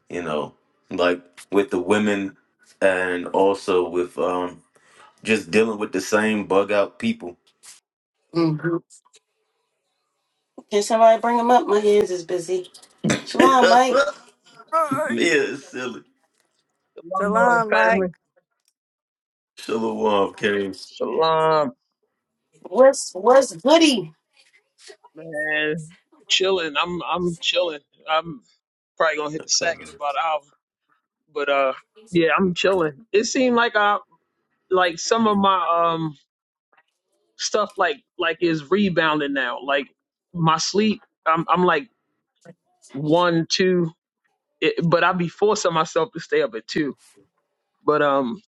S3: you know, like with the women and also with um just dealing with the same bug out people.
S1: hmm Can somebody bring them up? My hands is busy. Shalom,
S3: yeah,
S1: Mike.
S2: Bye.
S3: it's silly.
S4: Shalom,
S2: Salam, Mike.
S4: family.
S3: Shalom, Kings.
S4: Shalom,
S1: What's what's goody?
S4: man. Chilling. I'm I'm chilling. I'm probably gonna hit the sack
S3: Okay.
S4: in about an hour. But uh, yeah, I'm chilling. It seemed like I like some of my um stuff like like is rebounding now. Like my sleep, I'm I'm like one two, it, but I be forcing myself to stay up at two. But um.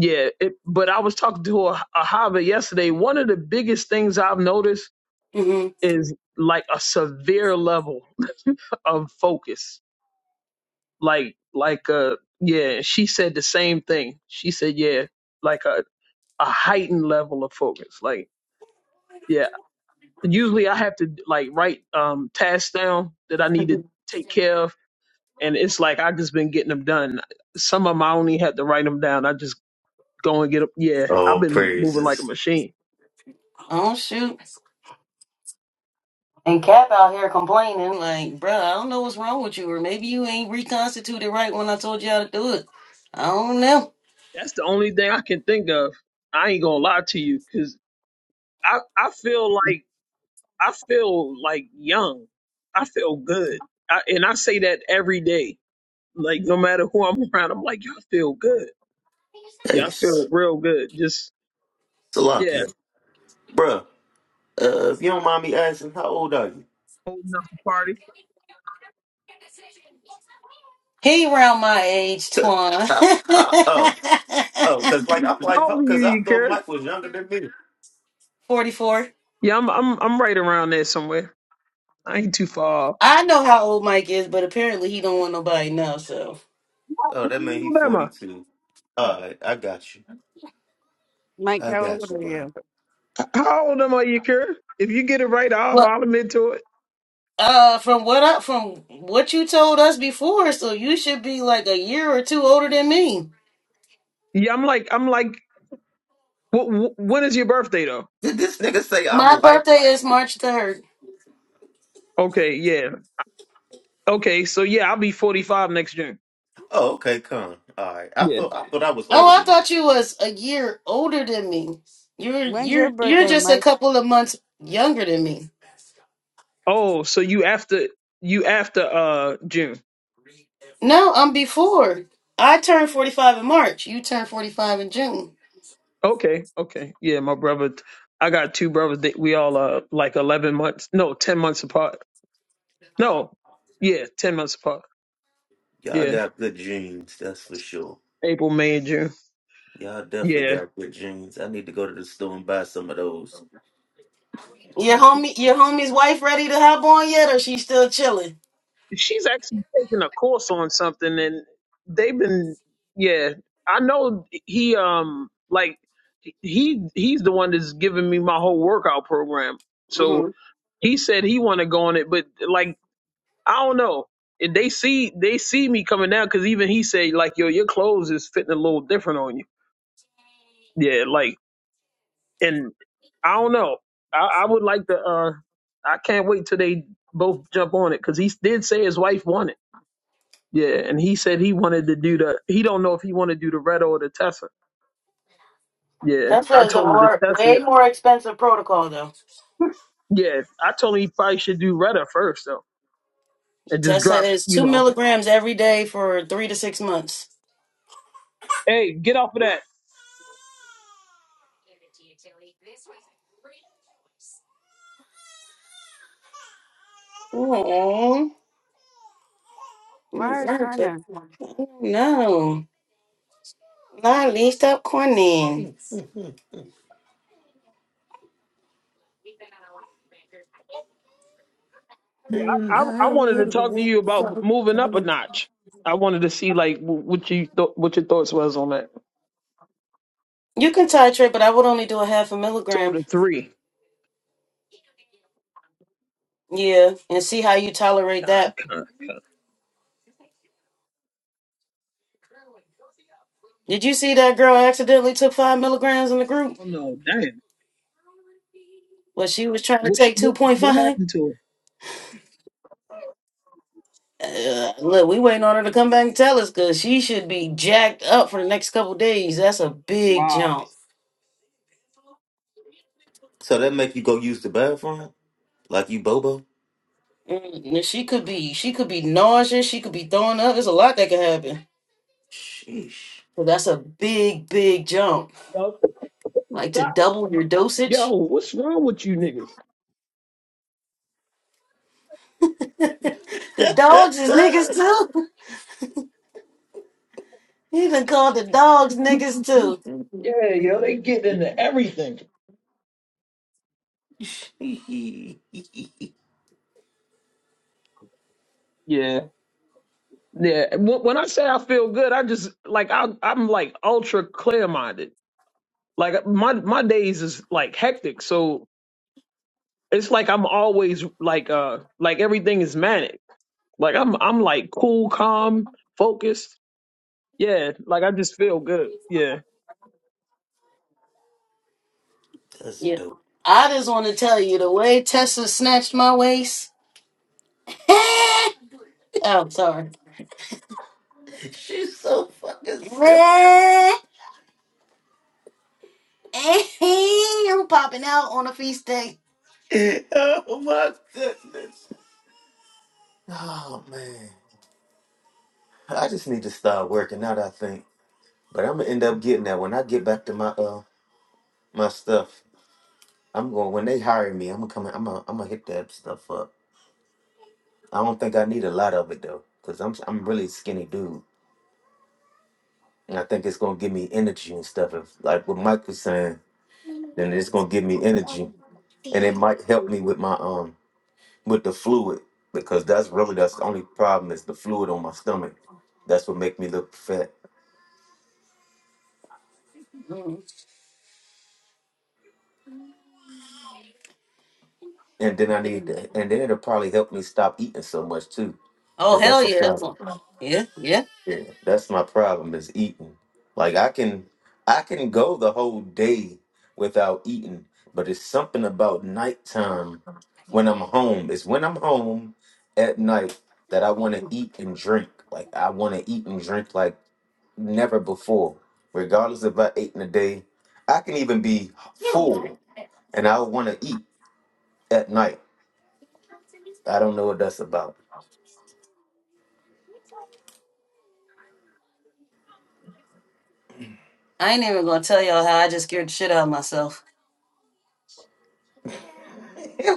S4: Yeah, it, but I was talking to a, a Hava yesterday. One of the biggest things I've noticed
S1: Mm-hmm.
S4: is like a severe level of focus. Like like uh yeah, she said the same thing. She said yeah, like a a heightened level of focus. Like yeah, usually I have to like write um tasks down that I need to take care of, and it's like I've just been getting them done. Some of them I only had to write them down. I just go and get them. Yeah, I've
S3: All
S4: been moving like a
S3: praises.
S4: machine.
S1: Oh shoot. And Cap out here complaining, like, bruh, I don't know what's wrong with you, or maybe you ain't reconstituted right when I told you how to do it. I don't know.
S4: That's the only thing I can think of. I ain't gonna lie to you, cause I I feel like I feel like young. I feel good. I, and I say that every day. Like no matter who I'm around, I'm like, y'all feel good. Yeah,
S3: Hey,
S4: I feel real good. Just yeah,
S3: Salakia. Bruh, uh, if you don't mind me asking, how old are you?
S4: holding up the party.
S1: He around my age, Twan.
S3: Uh, uh, Oh, Oh, cause like I'm like,
S4: How
S3: huh,
S4: old are you,
S3: cause I
S4: you
S3: thought
S4: care?
S3: Mike was younger than me.
S1: 44.
S4: Yeah, I'm I'm I'm right around there somewhere. I ain't too far off.
S1: I know how old Mike is, but apparently he don't want nobody now, so.
S3: Oh,
S4: How
S3: that mean he
S4: old am I?
S3: 42. All right, I got you.
S2: Mike,
S3: I
S2: how
S3: got
S2: old
S3: you,
S2: are you?
S3: bro.
S4: How old am I, you care? If you get it right, I'll
S1: Well,
S4: I'll admit to it.
S1: uh, from what I, from what you told us before, so you should be like a year or two older than me.
S4: Yeah, I'm like I'm like. What, when is your birthday though?
S3: Did this nigga say I'm
S1: My
S3: like?
S1: birthday is March 3rd.
S4: Okay, yeah. Okay, so yeah, I'll be 45 next June.
S3: Oh, okay, come. All right, I
S4: Yeah.
S3: thought I thought I was older
S1: Oh, I
S3: than you.
S1: thought you was a year older than me. You're
S2: When's your
S1: you're you're
S2: birthday,
S1: just a
S2: Mike?
S1: couple of months younger than me.
S4: Oh, so you after you after uh June.
S1: No, I'm before. I turned 45 in March. You turned 45 in June.
S4: Okay, okay. Yeah, my brother I got two brothers that we all uh like eleven months no, ten months apart. No. Yeah, ten months apart.
S3: Y'all
S4: Yeah.
S3: got good jeans, that's for sure.
S4: April, May, and June.
S3: Y'all definitely
S4: Yeah.
S3: got good jeans. I need to go to the store and buy some of those.
S1: Your homie, your homie's wife, ready to hop on yet, or she's still chilling?
S4: She's actually taking a course on something and they've been yeah. I know he um like he he's the one that's giving me my whole workout program.
S1: hmm
S4: So he said he wanna go on it, but like I don't know. And They see they see me coming down because even he said like, yo, your clothes is fitting a little different on you. Yeah, like, and I don't know. I, I would like to. uh I can't wait till they both jump on it because he did say his wife wanted. Yeah, and he said he wanted to do the. He don't know if he want to do the Retta or the Tessa. Yeah,
S1: Tessa
S4: I
S1: is a
S4: told him
S1: more,
S4: the Tessa.
S1: way more expensive protocol though.
S4: Yeah, I told him he probably should do Retta first though, and just
S1: Tessa
S4: drop.
S1: is
S4: You
S1: two
S4: know,
S1: milligrams every day for three to six months.
S4: hey, get off of that.
S1: Oh,
S2: Why
S1: my
S2: hers
S1: God,
S2: crying
S1: but-
S2: now?
S1: no, not least up corny.
S4: Yeah, I, I I wanted to talk to you about moving up a notch. I wanted to see like wh- what you th- what your thoughts was on that.
S1: You can titrate, but I would only do a half a
S4: So
S1: milligram.
S4: the three,
S1: Yeah, and see how you tolerate
S4: con,
S1: that.
S4: con, con.
S1: Did you see that girl accidentally took five milligrams in the group?
S4: Oh no, damn!
S1: Well, she was trying to
S4: What sh-
S1: take
S4: what what
S1: 2.5.
S4: happened to her?
S1: Uh, look, we waiting on her to come back and tell us because she should be jacked up for the next couple days. That's a big
S4: Wow.
S1: jump.
S3: So that make you go use the bathroom like you Bobo?
S1: Mm, and She could be, she could be nauseous. She could be throwing up. There's a lot that could happen.
S3: Sheesh.
S1: So that's a big, big jump.
S4: Yo,
S1: Like to
S4: stop.
S1: double your
S4: Yo,
S1: dosage.
S4: what's wrong with you niggas?
S1: The dogs is niggas too. He done called the dogs niggas too.
S4: Yeah, yo, they get into everything. Yeah, yeah. When, when I say I feel good, I just like I I'm like ultra clear minded. Like my my days is like hectic, so it's like I'm always like uh like everything is manic. Like I'm I'm like cool, calm, focused. Yeah, like I just feel good. Yeah.
S3: That's
S1: Yeah.
S3: dope.
S1: I just want to tell you the way Tessa snatched my waist. Oh, sorry.
S3: She's so fucking silly.
S1: I'm popping out on a feast day.
S3: Oh my goodness. Oh man, I just need to start working out. I think, but I'm gonna end up getting that when I get back to my uh my stuff. I'm going when they hire me. I'm gonna come. I'm gonna, I'm gonna hit that stuff up. I don't think I need a lot of it though, cause I'm I'm really skinny dude, and I think it's gonna give me energy and stuff. If like what Mike was saying, then it's gonna give me energy, and it might help me with my um with the fluid because that's really that's the only problem is the fluid on my stomach. That's what make me look fat.
S1: Mm.
S3: and then I need, and then it'll probably help me stop eating so much too,
S1: Oh,
S3: because
S1: hell
S3: that's a
S1: yeah. It's
S3: problem.
S1: like- Yeah, yeah.
S3: Yeah, that's my problem is eating. Like I can, I can go the whole day without eating, but it's something about nighttime when I'm home. It's when I'm home at night that I want to eat and drink. Like I want to eat and drink like never before. Regardless if I ate in the day, I can even be full and I want to eat at night. I don't know what that's about.
S1: I ain't even going to tell y'all how I just scared the shit out of myself.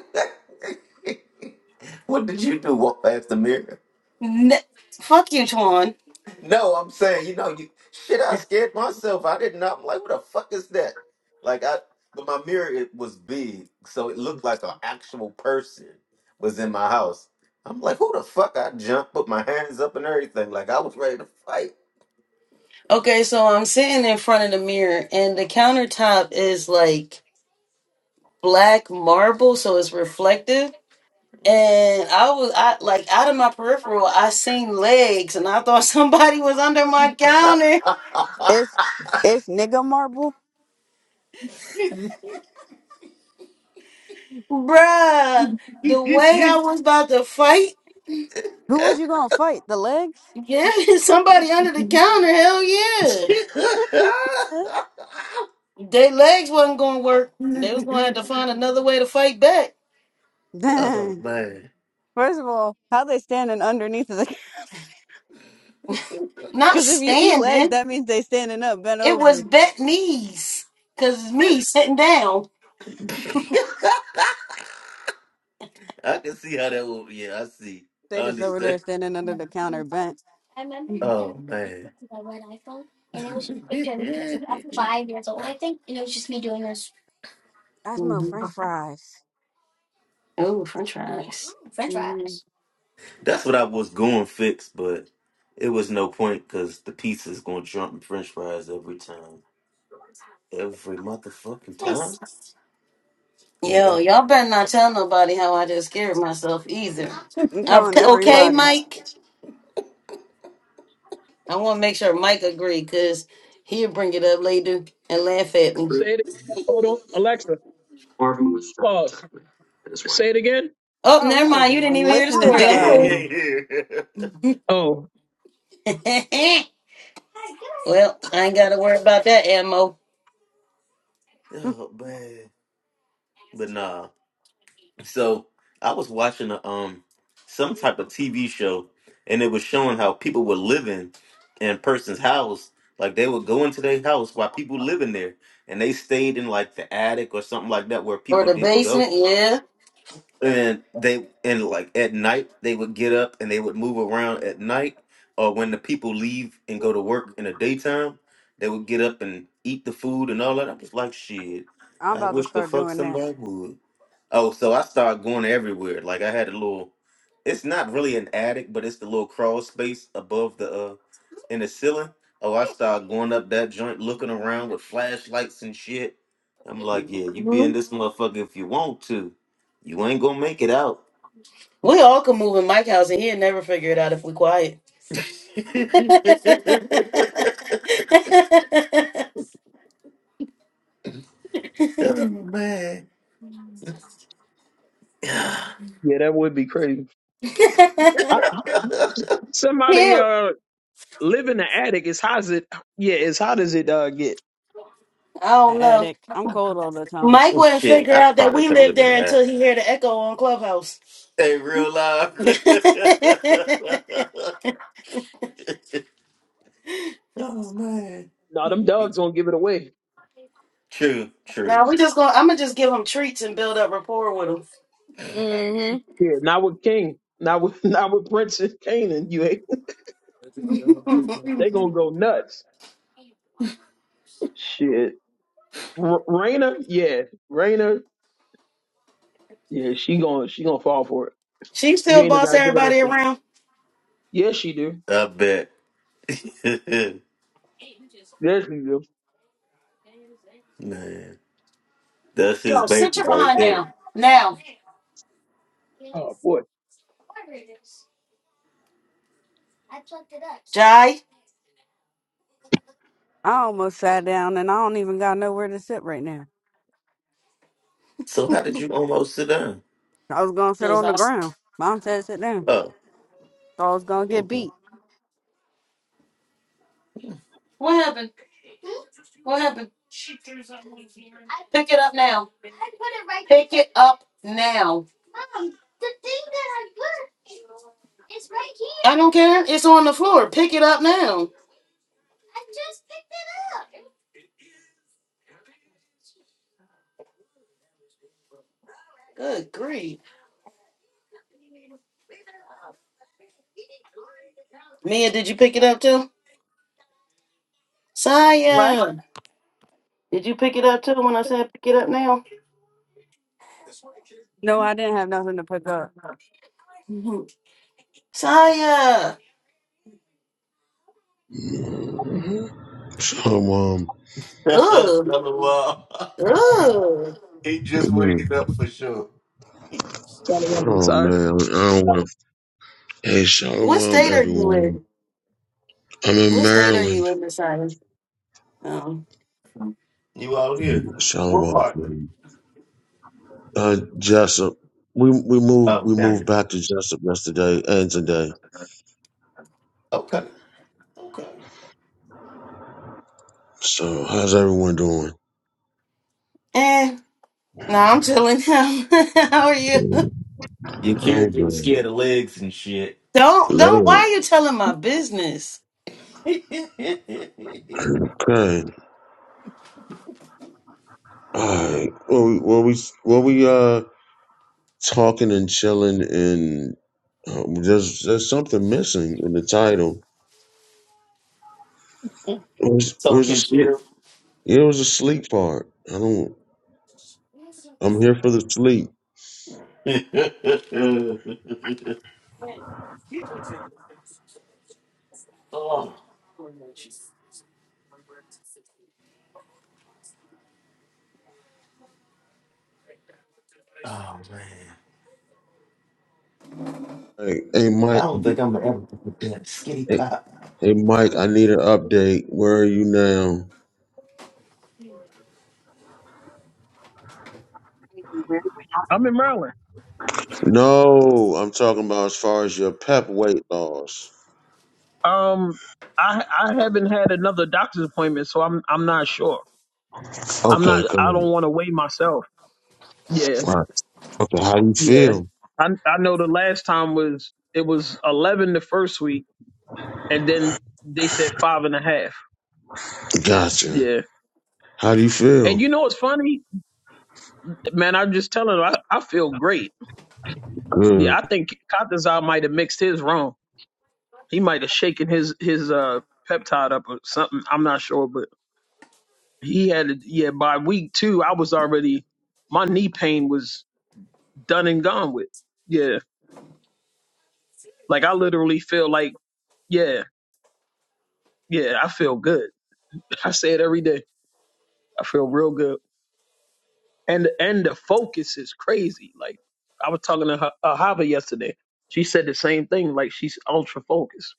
S3: What did you do? Walk past the mirror?
S1: N- Fuck you, Twan.
S3: No, I'm saying, you know, you shit. I scared myself. I did not. I'm like, what the fuck is that? Like, I, but my mirror it was big, so it looked like an actual person was in my house. I'm like, who the fuck? I jumped, put my hands up and everything. Like, I was ready to fight.
S1: Okay, so I'm sitting in front of the mirror, and the countertop is like black marble, so it's reflective. and I was I like out of my peripheral, I seen legs, and I thought somebody was under my counter,
S2: It's it's nigga marble.
S1: bruh. The way I was about to fight,
S2: Who was you gonna fight? The legs?
S1: yeah, somebody under the counter, hell yeah.
S2: Huh?
S1: Their legs wasn't gonna work. They was gonna have to find another way to fight back.
S3: oh
S2: Dang.
S3: man,
S2: First of all, how they standing underneath of the?
S1: Not
S2: Because if you see legs,
S1: standing,
S2: that means they standing up, bent
S1: it was
S2: over.
S1: bent knees, cause it's me sitting down.
S3: I can see how that would. Yeah, I see. I
S2: They just over there
S3: understand.
S2: standing under the counter, bent.
S3: Oh man,
S2: I smell
S1: Mhm.
S2: French fries.
S1: Oh, French. fry.
S2: hmm
S3: that's what I was going fix, but it was no point because the pizza is going to trump French fries every time, every motherfucking time. I mean,
S1: Yo,
S3: every...
S1: y'all better not tell nobody how I just scared myself either.
S2: I'm telling
S1: Okay, okay,
S2: everybody.
S1: Mike. I want to make sure Mike agreed because he'll bring it up later and laugh at me.
S4: Say it again. hold on. Alexa, pause. Say it again.
S1: Oh,
S2: Oh, he
S1: never mind.
S2: wasn't
S1: You didn't
S2: even
S1: even hear the
S2: listening to
S1: story. I'm cool.
S2: us.
S3: yeah, yeah, yeah.
S4: Oh,
S1: well, I ain't got to worry about that ammo
S2: Hmm,
S3: Oh man, but nah. So I was watching a um some type of TV show, and it was showing how people were living in person's house. Like they would go into their house while people living there, and they stayed in like the attic or something like that where
S1: or
S3: people
S1: the
S3: didn't go
S1: basement. Yeah.
S3: and they and like at night they would get up and they would move around at night or when the people leave and go to work in the daytime they would get up and eat the food and all that i'm just like shit
S2: I'm
S3: i
S2: about to
S3: wish the
S2: start
S3: fuck
S2: doing that.
S3: somebody would oh so i started going everywhere like i had a little it's not really an attic but it's the little crawl space above the uh in the ceiling oh i started going up that joint looking around with flashlights and shit i'm like yeah you be in this motherfucker if you want to you ain't gonna make it out.
S1: We all can move in Mike's house and he'll never figure it out if we quiet.
S3: oh man.
S4: yeah, that would be crazy. I, I- somebody
S1: yeah.
S4: uh live in the attic. It's hot as it yeah, as hot as it uh get.
S1: I
S2: A
S1: don't know.
S2: Addict. I'm cold all the time.
S1: Mike wouldn't
S3: Shit,
S1: figure
S3: I
S1: out that
S3: probably
S1: we
S3: could
S1: lived
S3: live in the
S1: there
S3: air.
S1: until he heard the echo on Clubhouse.
S3: Hey, real life. oh man.
S4: No, them dogs gonna give it away.
S3: True,
S1: now
S3: true.
S1: we just gonna I'm gonna just give him treats and build up rapport with
S4: Yeah, not with King. Not with not with Prince and Kanan. You ain't
S1: him.
S4: they gonna go nuts. Shit. R- Raina, yeah, Raina, yeah, she gonna she gonna fall for it.
S1: She
S4: You
S1: still
S4: ain't
S1: boss
S4: gotta give it up.
S1: everybody
S4: To,
S1: around.
S4: yes, she do.
S3: I bet.
S4: Yes, she do.
S3: man. That's his baby right there.
S4: Oh boy,
S1: Jai,
S2: I almost sat down and I don't even got nowhere to sit right now.
S3: So how did you almost sit down?
S2: I was gonna sit
S1: because
S2: on the
S1: I.
S2: ground. Mom said sit down.
S3: Oh,
S2: So I was gonna get
S3: okay.
S2: beat.
S1: What happened? What happened? Pick it up now. Pick it up now. I don't care. It's on the floor. Pick it up now. Good grief. Mia, did you pick it up too?
S2: What?
S1: Saya, did you pick it up too when I said pick it up now?
S2: No, I didn't have nothing to pick up.
S1: Mhm. Saya,
S5: Mm-hmm. Shalom.
S3: That's
S1: ugh,
S3: Another wall.
S1: ugh.
S3: he just waking
S5: Oh
S3: up for sure.
S4: Shalom, sorry.
S5: man, I don't want to. Hey,
S1: What
S5: shalom,
S1: state are you
S5: everyone.
S1: in?
S5: I'm in
S1: What state are
S5: Maryland.
S1: you in, Messiah? Oh,
S3: You out here? What part?
S5: Shalom. Uh, Jessup. We we moved
S3: Oh,
S5: we
S3: down
S5: moved
S3: here.
S5: back to Jessup yesterday and today.
S3: Okay. Okay.
S5: So how's everyone doing?
S1: eh. No, I'm chilling. How are you?
S3: Your kid
S5: I'm
S3: getting
S5: good.
S3: scared of legs and shit.
S1: Don't don't. Why
S5: Late.
S1: are you telling my business?
S3: oh,
S5: Okay. All right. Well, we were we were we uh talking and chilling and uh, there's there's something missing in the title. Where's where's the Yeah, It was a sleep part. I don't. I'm here for the sleep.
S3: oh man.
S5: Hey, hey
S3: I
S5: Mike.
S3: don't think I'm gonna ever get that skinny
S5: Hey,
S3: pop.
S5: hey, Mike. I need an update. Where are you now?
S4: I'm in Maryland.
S5: No, I'm talking about as far as your pep weight loss.
S4: Um, I I haven't had another doctor's appointment, so I'm I'm not sure. I'm
S5: Okay,
S4: not. I
S5: good.
S4: don't want to weigh myself. Yeah,
S5: Right. Okay, how do you
S4: yeah.
S5: feel?
S4: I I know the last time was it was eleven the first week, and then they said five and a half.
S5: Gotcha.
S4: Yeah.
S5: How do you
S4: And
S5: feel?
S4: you know what's funny, man? I'm just telling her I, I feel great. Yeah,
S5: Good.
S4: I think Kataza might have mixed his wrong. He might have shaken his his uh peptide up or something. I'm not sure, but he had it. Yeah, by week two, I was already my knee pain was done and gone with. Yeah, like I literally feel like yeah, yeah, I feel good. I say it every day. I feel real good, and and the focus is crazy. Like I was talking to her, uh, Hava yesterday. She said the same thing. Like she's ultra focused.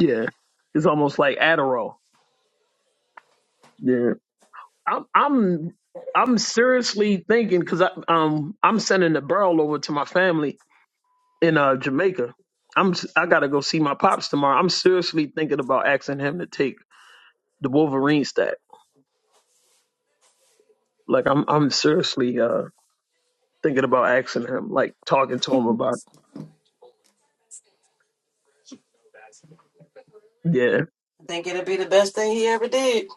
S4: Yeah, it's almost like Adderall. Yeah. I'm I'm I'm seriously thinking because I um I'm sending the barrel over to my family in uh Jamaica. I'm s- I gotta go see my pops tomorrow. I'm seriously thinking about asking him to take the Wolverine stat. Like I'm I'm seriously uh thinking about asking him, like talking to him about it.
S1: I think it'll be the best thing he ever did.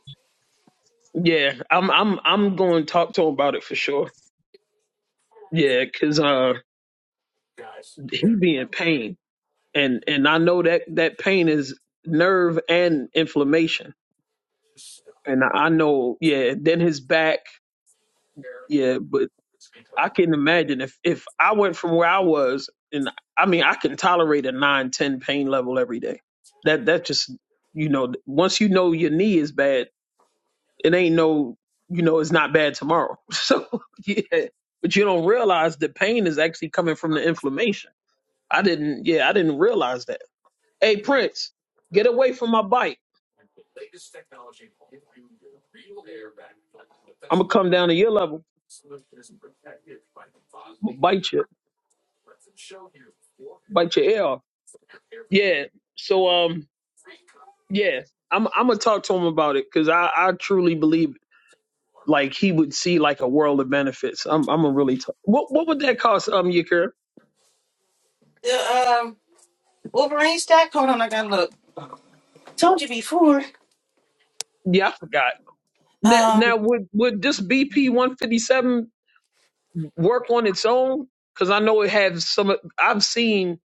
S4: Yeah, yeah. I'm I'm I'm going to talk to him about it for sure. Yeah, cause uh he be in pain and and I know that that pain is nerve and inflammation and I know, yeah, then his back, yeah, but I can imagine if if I went from where I was, and I mean, I can tolerate a nine, ten pain level every day. That that just, you know, once you know your knee is bad, it ain't no, you know, it's not bad tomorrow. So yeah, but you don't realize the pain is actually coming from the inflammation. I didn't, yeah, I didn't realize that. Hey, Prince, get away from my bite. I'm gonna come down to your level. I'm gonna bite you, bite your ear off. Yeah. So um yeah, I'm I'm gonna talk to him about it because I I truly believe like he would see like a world of benefits. I'm I'm gonna really talk. What what would that cost? Um, Yakir?
S1: The um, Wolverine stack. Hold on, I gotta look. Told you before.
S4: Yeah, I forgot. Now,
S1: Um,
S4: now would would this BP 157 work on its own? Because I know it has some. I've seen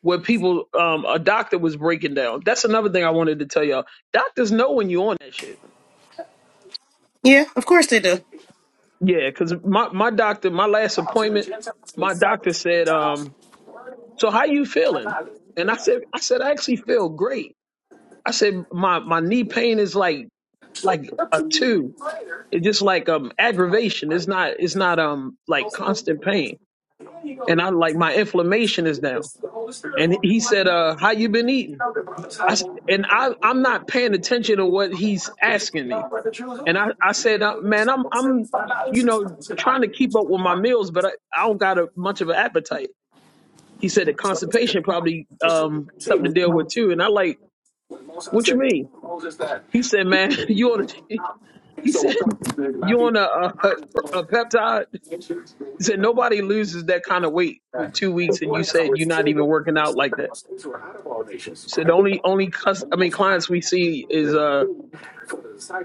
S4: where people um a doctor was breaking down. That's another thing I wanted to tell y'all. Doctors know when you are on that shit.
S1: yeah, of course they do.
S4: Yeah, because my my doctor, my last appointment, my doctor said um So how you feeling? And I said, I said, I actually feel great. I said, my my knee pain is like like a two. It's just like um aggravation. It's not it's not um like constant pain. And I like my inflammation is down. And he said, uh, how you been eating? I s- and I I'm not paying attention to what he's asking me. And I I said, uh, man, I'm I'm you know trying to keep up with my meals, but I, I don't got a much of an appetite. He said that constipation probably um something to deal with too. And I like, what you mean? He said, man, you on a, he said you on a, a a peptide. He said nobody loses that kind of weight in two weeks, and you said you're not even working out like that. He said the only only cus- I mean clients we see is uh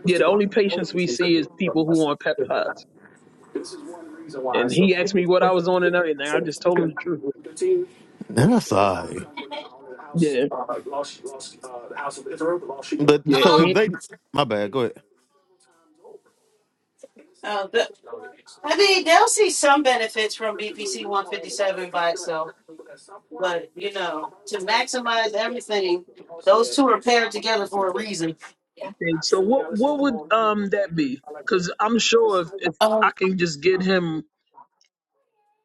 S4: yeah the only patients we see is people who on peptides. And he asked me what I was on and everything. I just told him the truth.
S3: And that's all right.
S4: Yeah,
S3: But
S4: yeah.
S3: so
S4: He,
S3: if they, my bad, go ahead.
S1: Uh, the, I mean, they'll see some benefits from BPC 157 by itself, but you know, to maximize everything, those two are paired together for a reason.
S4: Okay, so what what would um that be? Because I'm sure if, if
S1: Um,
S4: I can just get him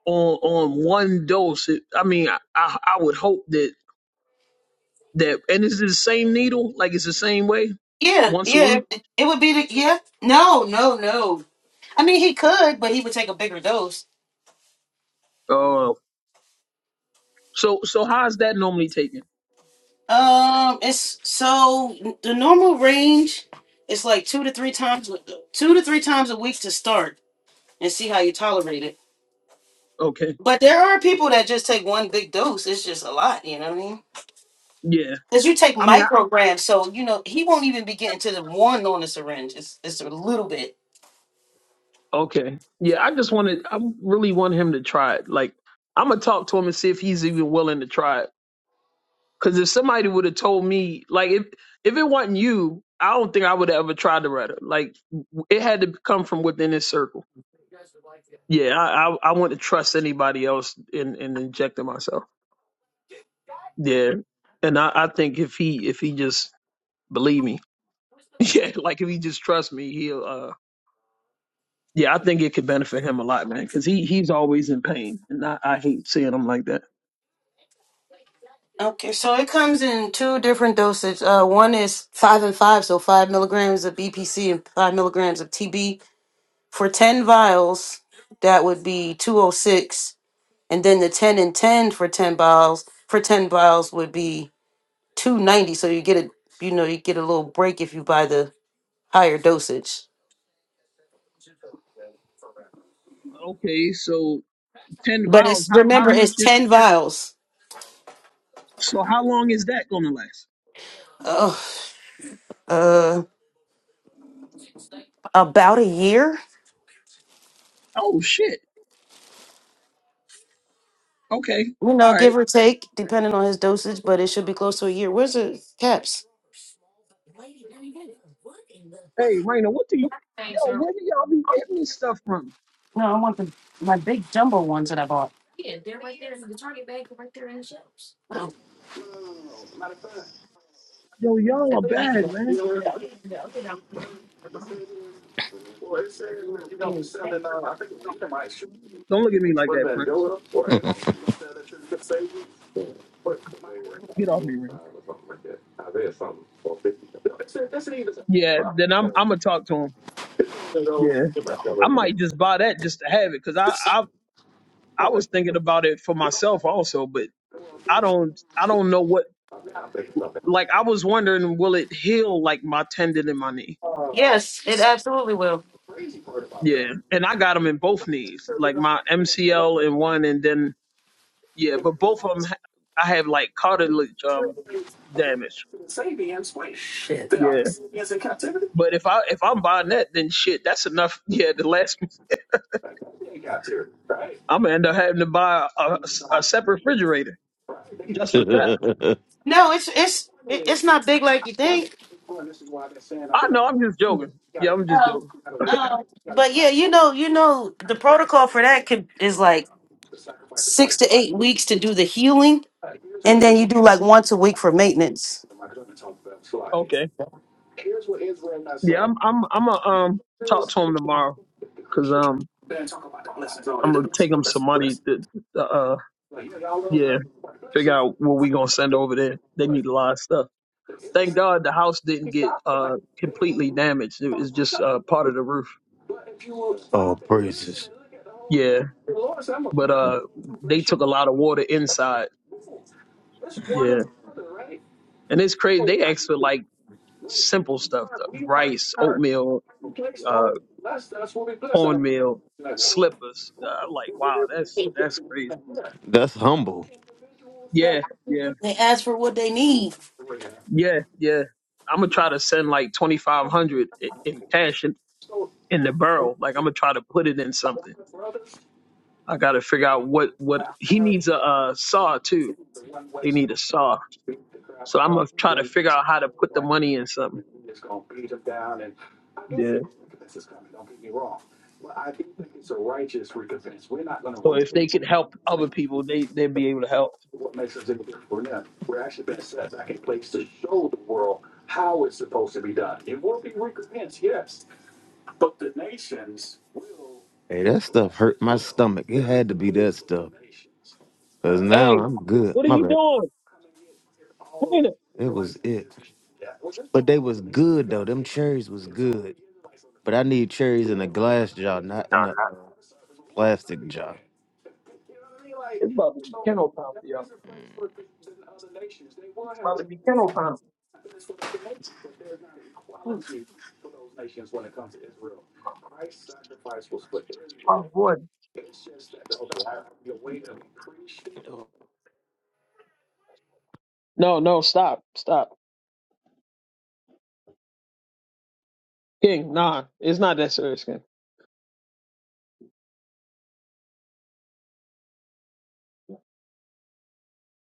S4: on on one dose, it, I mean, I, I I would hope that that and is it the same needle? Like it's the same way,
S1: yeah,
S4: once a
S1: yeah,
S4: week.
S1: it, it would be the yeah. No, no, no. I mean, he could, but he would take a bigger dose.
S4: Oh, so so how is that normally taken?
S1: Um, it's so the normal range is like two to three times, two to three times a week to start and see how you tolerate it.
S4: Okay,
S1: But there are people that just take one big dose. It's just a lot, you know what I mean?
S4: yeah.
S1: Because you take
S4: I mean,
S1: micrograms, so you know he won't even be getting to the one on the syringe. It's it's a little bit.
S4: I, okay, yeah. I just wanted, I really want him to try it. Like I'm gonna talk to him and see if he's even willing to try it. Because if somebody would have told me, like, if if it wasn't you, I don't think I would have ever tried to write it. Like, it had to come from within this circle. Yeah, I I, I wouldn't trust anybody else in in injecting myself. Yeah, and I, I think if he if he just believe me, yeah, like if he just trusts me, he'll. uh yeah, I think it could benefit him a lot, man, because he, he's always in pain, and I, I hate seeing him like that.
S1: Okay, so it comes in two different doses. Uh, one is five and five, so five milligrams of BPC and five milligrams of TB for ten vials. That would be two oh six and then the 10 and 10 for 10 bottles for 10 bottles would be 290 so you get a you know you get a little break if you buy the higher dosage
S4: Okay, so ten
S1: but
S4: vials,
S1: it's
S4: how, how
S1: remember
S4: much?
S1: it's
S4: Is,
S1: 10 vials
S4: so how long is that going to last?
S1: oh, uh about a year
S4: Oh shit! Okay.
S1: you know
S4: All right.
S1: give or take depending on his dosage but it should be close to a year where's the caps
S4: Hey, Raina, what do you, yo, where do y'all be getting this stuff from? Yo, y'all are bad, man. Don't look at me like that, Prince. Get off me, Raina. Yeah, then I'm I'm gonna talk to him. Yeah, I might just buy that just to have it, cause I I I was thinking about it for myself also, but I don't I don't know what like I was wondering will it heal like my tendon in my knee?
S1: yes it absolutely will
S4: Yeah, and I got them in both knees, like my MCL in one, and then Yeah, but both of them, I have like cartilage um damage. Yeah, but if I if I'm buying that, then shit, that's enough. Yeah, the last I'm gonna end up having to buy a, a separate refrigerator just for that.
S1: no it's it's it- it's not big like you think
S4: I know I'm just joking. Yeah, I'm just joking.
S1: uh, but yeah you know you know the protocol for that could is like six to eight weeks to do the healing And then you do like once a week for maintenance.
S4: Okay. Yeah, I'm I'm I'm gonna um talk to him tomorrow because um I'm gonna take him some money to, to uh yeah figure out what we gonna send over there. They need a lot of stuff. Thank God the house didn't get uh completely damaged. It was just uh part of the roof.
S3: Oh, praises.
S4: Yeah. But uh they took a lot of water inside. Yeah. And it's crazy. They asked for like simple stuff, though. rice, oatmeal, uh cornmeal, slippers. Uh, like wow, that's that's crazy.
S3: That's humble.
S4: Yeah, yeah.
S1: They ask for what they need.
S4: Yeah, yeah. I'm going to try to send like 2500 in cash in, in the barrel. Like I'm going to try to put it in something. I got to figure out what what he needs a uh, saw too They need a saw. So I'm gonna try to figure out how to put the money in something. Yeah. So if they can help other people, they they'd be able to help.
S3: Hey, that stuff hurt my stomach. It had to be that stuff. Cause now
S4: Hey,
S3: I'm good.
S4: what are
S3: My
S4: you
S3: bad.
S4: doing? Come here.
S3: It was it. But they was good though. Them cherries was good. But I need cherries in a glass jar, not in a uh, plastic jar.
S4: It's about to be kennel time for y'all. It's about to be kennel time. Oh boy. No, no, stop, stop. King, nah, it's not that serious, King.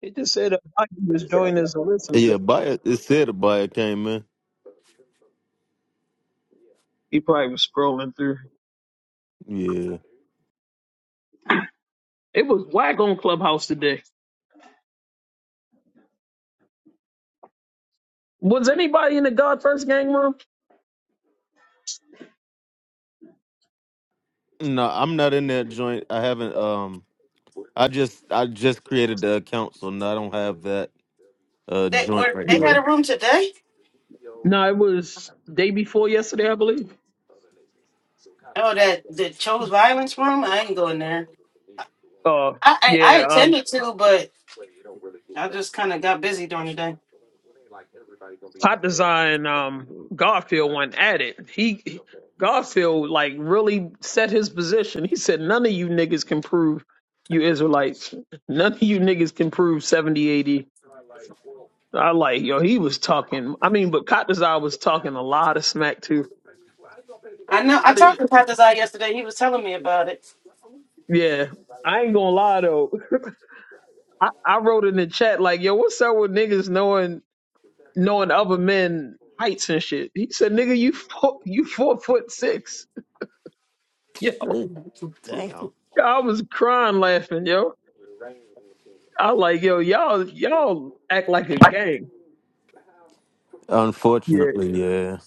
S4: It just said uh, I can just joined as a listener.
S3: Yeah, buyer. It said a buyer came in.
S4: He probably was scrolling through.
S3: Yeah.
S4: It was whack on Clubhouse today. Was anybody in the God First Gang room?
S3: No, I'm not in that joint. I haven't. Um, I just I just created the account, so no, I don't have that uh
S1: They
S3: joint
S1: were
S3: right
S1: they
S4: Yeah.
S1: had
S3: now.
S1: a room today.
S4: No, it was day before yesterday, I believe.
S1: Oh, that the chose violence room. I ain't going there.
S4: Uh,
S1: I I, I
S4: yeah. Um,
S1: intended to, but I just kind of got busy during the day.
S4: Pop Design, um, Garfield went at it. He Garfield like really set his position. He said, "None of you niggas can prove you Israelites. None of you niggas can prove 70, 80. I like yo. He was talking. I mean, but Cop Design was talking a lot of smack too.
S1: I know. I
S4: I did.
S1: talked to Pat Desai yesterday. He was telling me about it.
S4: Yeah. I ain't gonna lie though. I, I wrote in the chat like, yo, what's up with niggas knowing knowing other men heights and shit? He said, nigga, you four, you four foot six. Yo,
S3: Sure. Damn.
S4: I was crying laughing, yo. I like, yo, y'all, y'all act like a gang. Yeah,
S3: Unfortunately, yeah.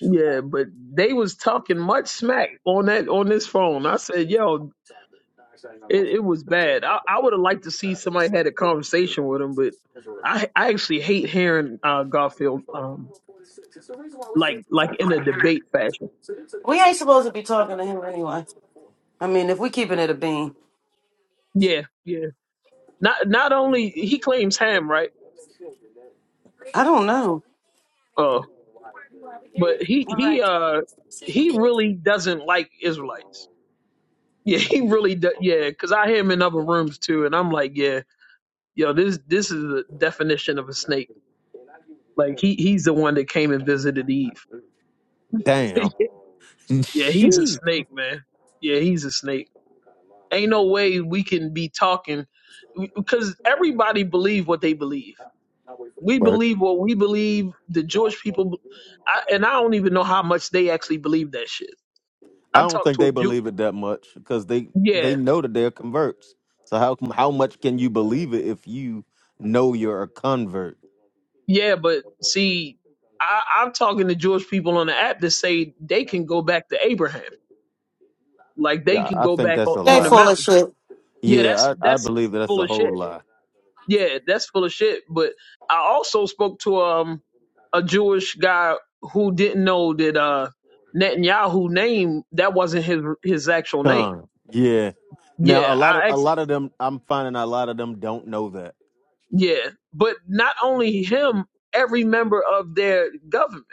S4: yeah, but they was talking much smack on that on this phone. I said, yo, it, it was bad. I, I would have liked to see somebody had a conversation with him, but I I actually hate hearing uh, Garfield um like like in a debate fashion.
S1: We ain't supposed to be talking to him anyway. I mean, if we keeping it a bean,
S4: Yeah, yeah. Not not only he claims ham, right?
S1: I don't know.
S4: Uh, but he he uh he really doesn't like Israelites Yeah, he really does. Yeah, because I hear him in other rooms too, and I'm like, yeah, yo, this this is the definition of a snake. Like he he's the one that came and visited Eve.
S3: Damn.
S4: yeah, he's a
S3: Sheesh.
S4: snake, man. Yeah, he's a snake. Ain't no way we can be talking because everybody believe what they believe. We
S3: Right.
S4: believe what we believe. The Jewish people, I, and I don't even know how much they actually believe that shit.
S3: I
S4: I
S3: don't
S4: talked
S3: think
S4: to a
S3: they
S4: Jew.
S3: believe it that much because they they
S4: Yeah,
S3: know that they're converts. So how com- how much can you believe it if you know you're a convert?
S4: Yeah, but see, I, I'm talking to Jewish people on the app that say they can go back to Abraham, like they
S3: Yeah,
S4: can
S3: I
S4: go
S3: think
S4: back
S3: that's
S4: on,
S3: a
S1: They
S4: on the
S3: lie.
S1: full of
S4: mountain.
S1: shit.
S4: Yeah, that's
S3: Yeah, I, I
S4: that's
S3: believe that that's
S4: full
S3: a
S4: of
S3: whole
S4: shit.
S3: lie.
S4: Yeah, that's full of shit. But I also spoke to um a Jewish guy who didn't know that uh Netanyahu name that wasn't his his actual name.
S3: Con. Yeah.
S4: Yeah,
S3: Now a lot of
S4: I
S3: a
S4: actually
S3: lot of them I'm finding a lot of them don't know that.
S4: yeah, but not only him, every member of their government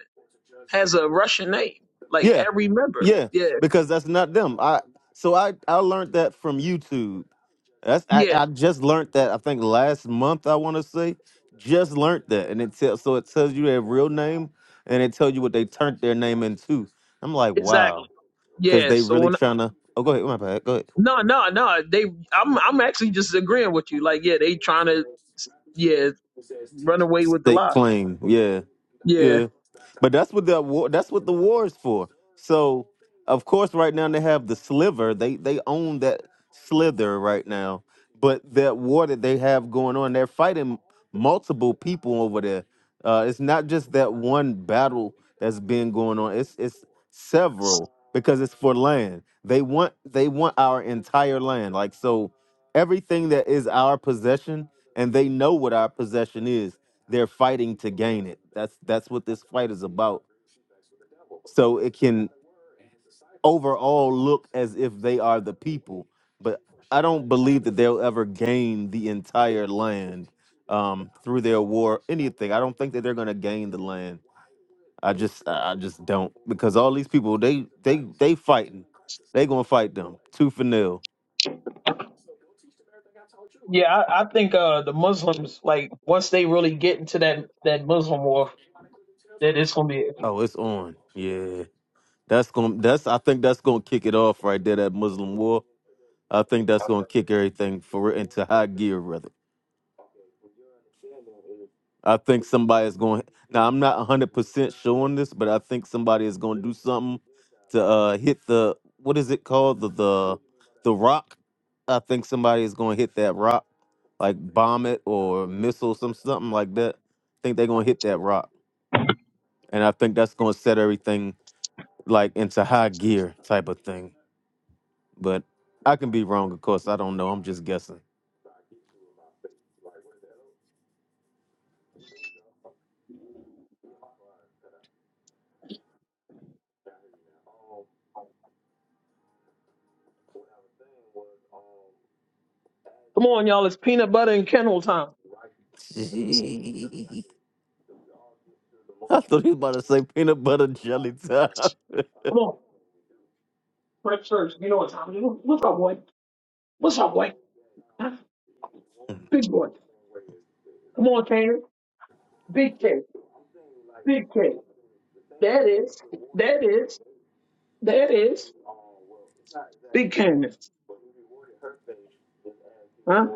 S4: has a Russian name. Like
S3: Yeah.
S4: every member.
S3: Yeah.
S4: Yeah.
S3: Because that's not them. I so I I learned that from YouTube. That's I,
S4: Yeah,
S3: I just learned that I think last month I want to say just learned that, and it tells so it tells you their real name and it tells you what they turned their name into. I'm like, wow,
S4: exactly.
S3: because
S4: Yeah.
S3: they
S4: So
S3: really
S4: when
S3: trying to. Oh, go ahead, my bad. Go ahead.
S4: no, no, no, they. I'm I'm actually just agreeing with you. Like, yeah, they trying to, yeah, run away with the
S3: Stake
S4: lie.
S3: claim, yeah,
S4: Yeah.
S3: yeah. But that's what the war that's what the war is for. So of course right now they have the sliver. They they own that slither right now. But that war that they have going on, they're fighting multiple people over there. Uh, it's not just that one battle that's been going on. It's it's several because it's for land. They want they want our entire land. Like so everything that is our possession and they know what our possession is they're fighting to gain it that's that's what this fight is about so it can overall look as if they are the people but i don't believe that they'll ever gain the entire land um, through their war anything i don't think that they're going to gain the land i just i I just don't because all these people they they they fighting they gonna fight them tooth and nail
S4: Yeah, I, I think uh the Muslims like once they really get into that that Muslim war, that it's gonna be.
S3: oh it's on yeah That's going. to That's. I think that's going to kick it off right there. That Muslim war. I think that's going to kick everything for into high gear. Rather, I think somebody is going. Now, I'm not 100 percent sure on this, but I think somebody is going to do something to uh hit the what is it called the the the rock. I think somebody is going to hit that rock, like bomb it or missile some something like that. I think they're going to hit that rock, and I think that's going to set everything like into high gear type of thing. But I can be wrong, of course. I don't know. I'm just guessing.
S4: Come on, y'all! It's peanut butter and kennel time.
S3: I thought he was about to say peanut butter jelly time.
S4: Come on, prep church. You know what time it is. What's up, boy? What's up, boy? Huh? Big boy. Come on, Tanner. Big K. Big K. That is. That is. That is. Big cannons, huh?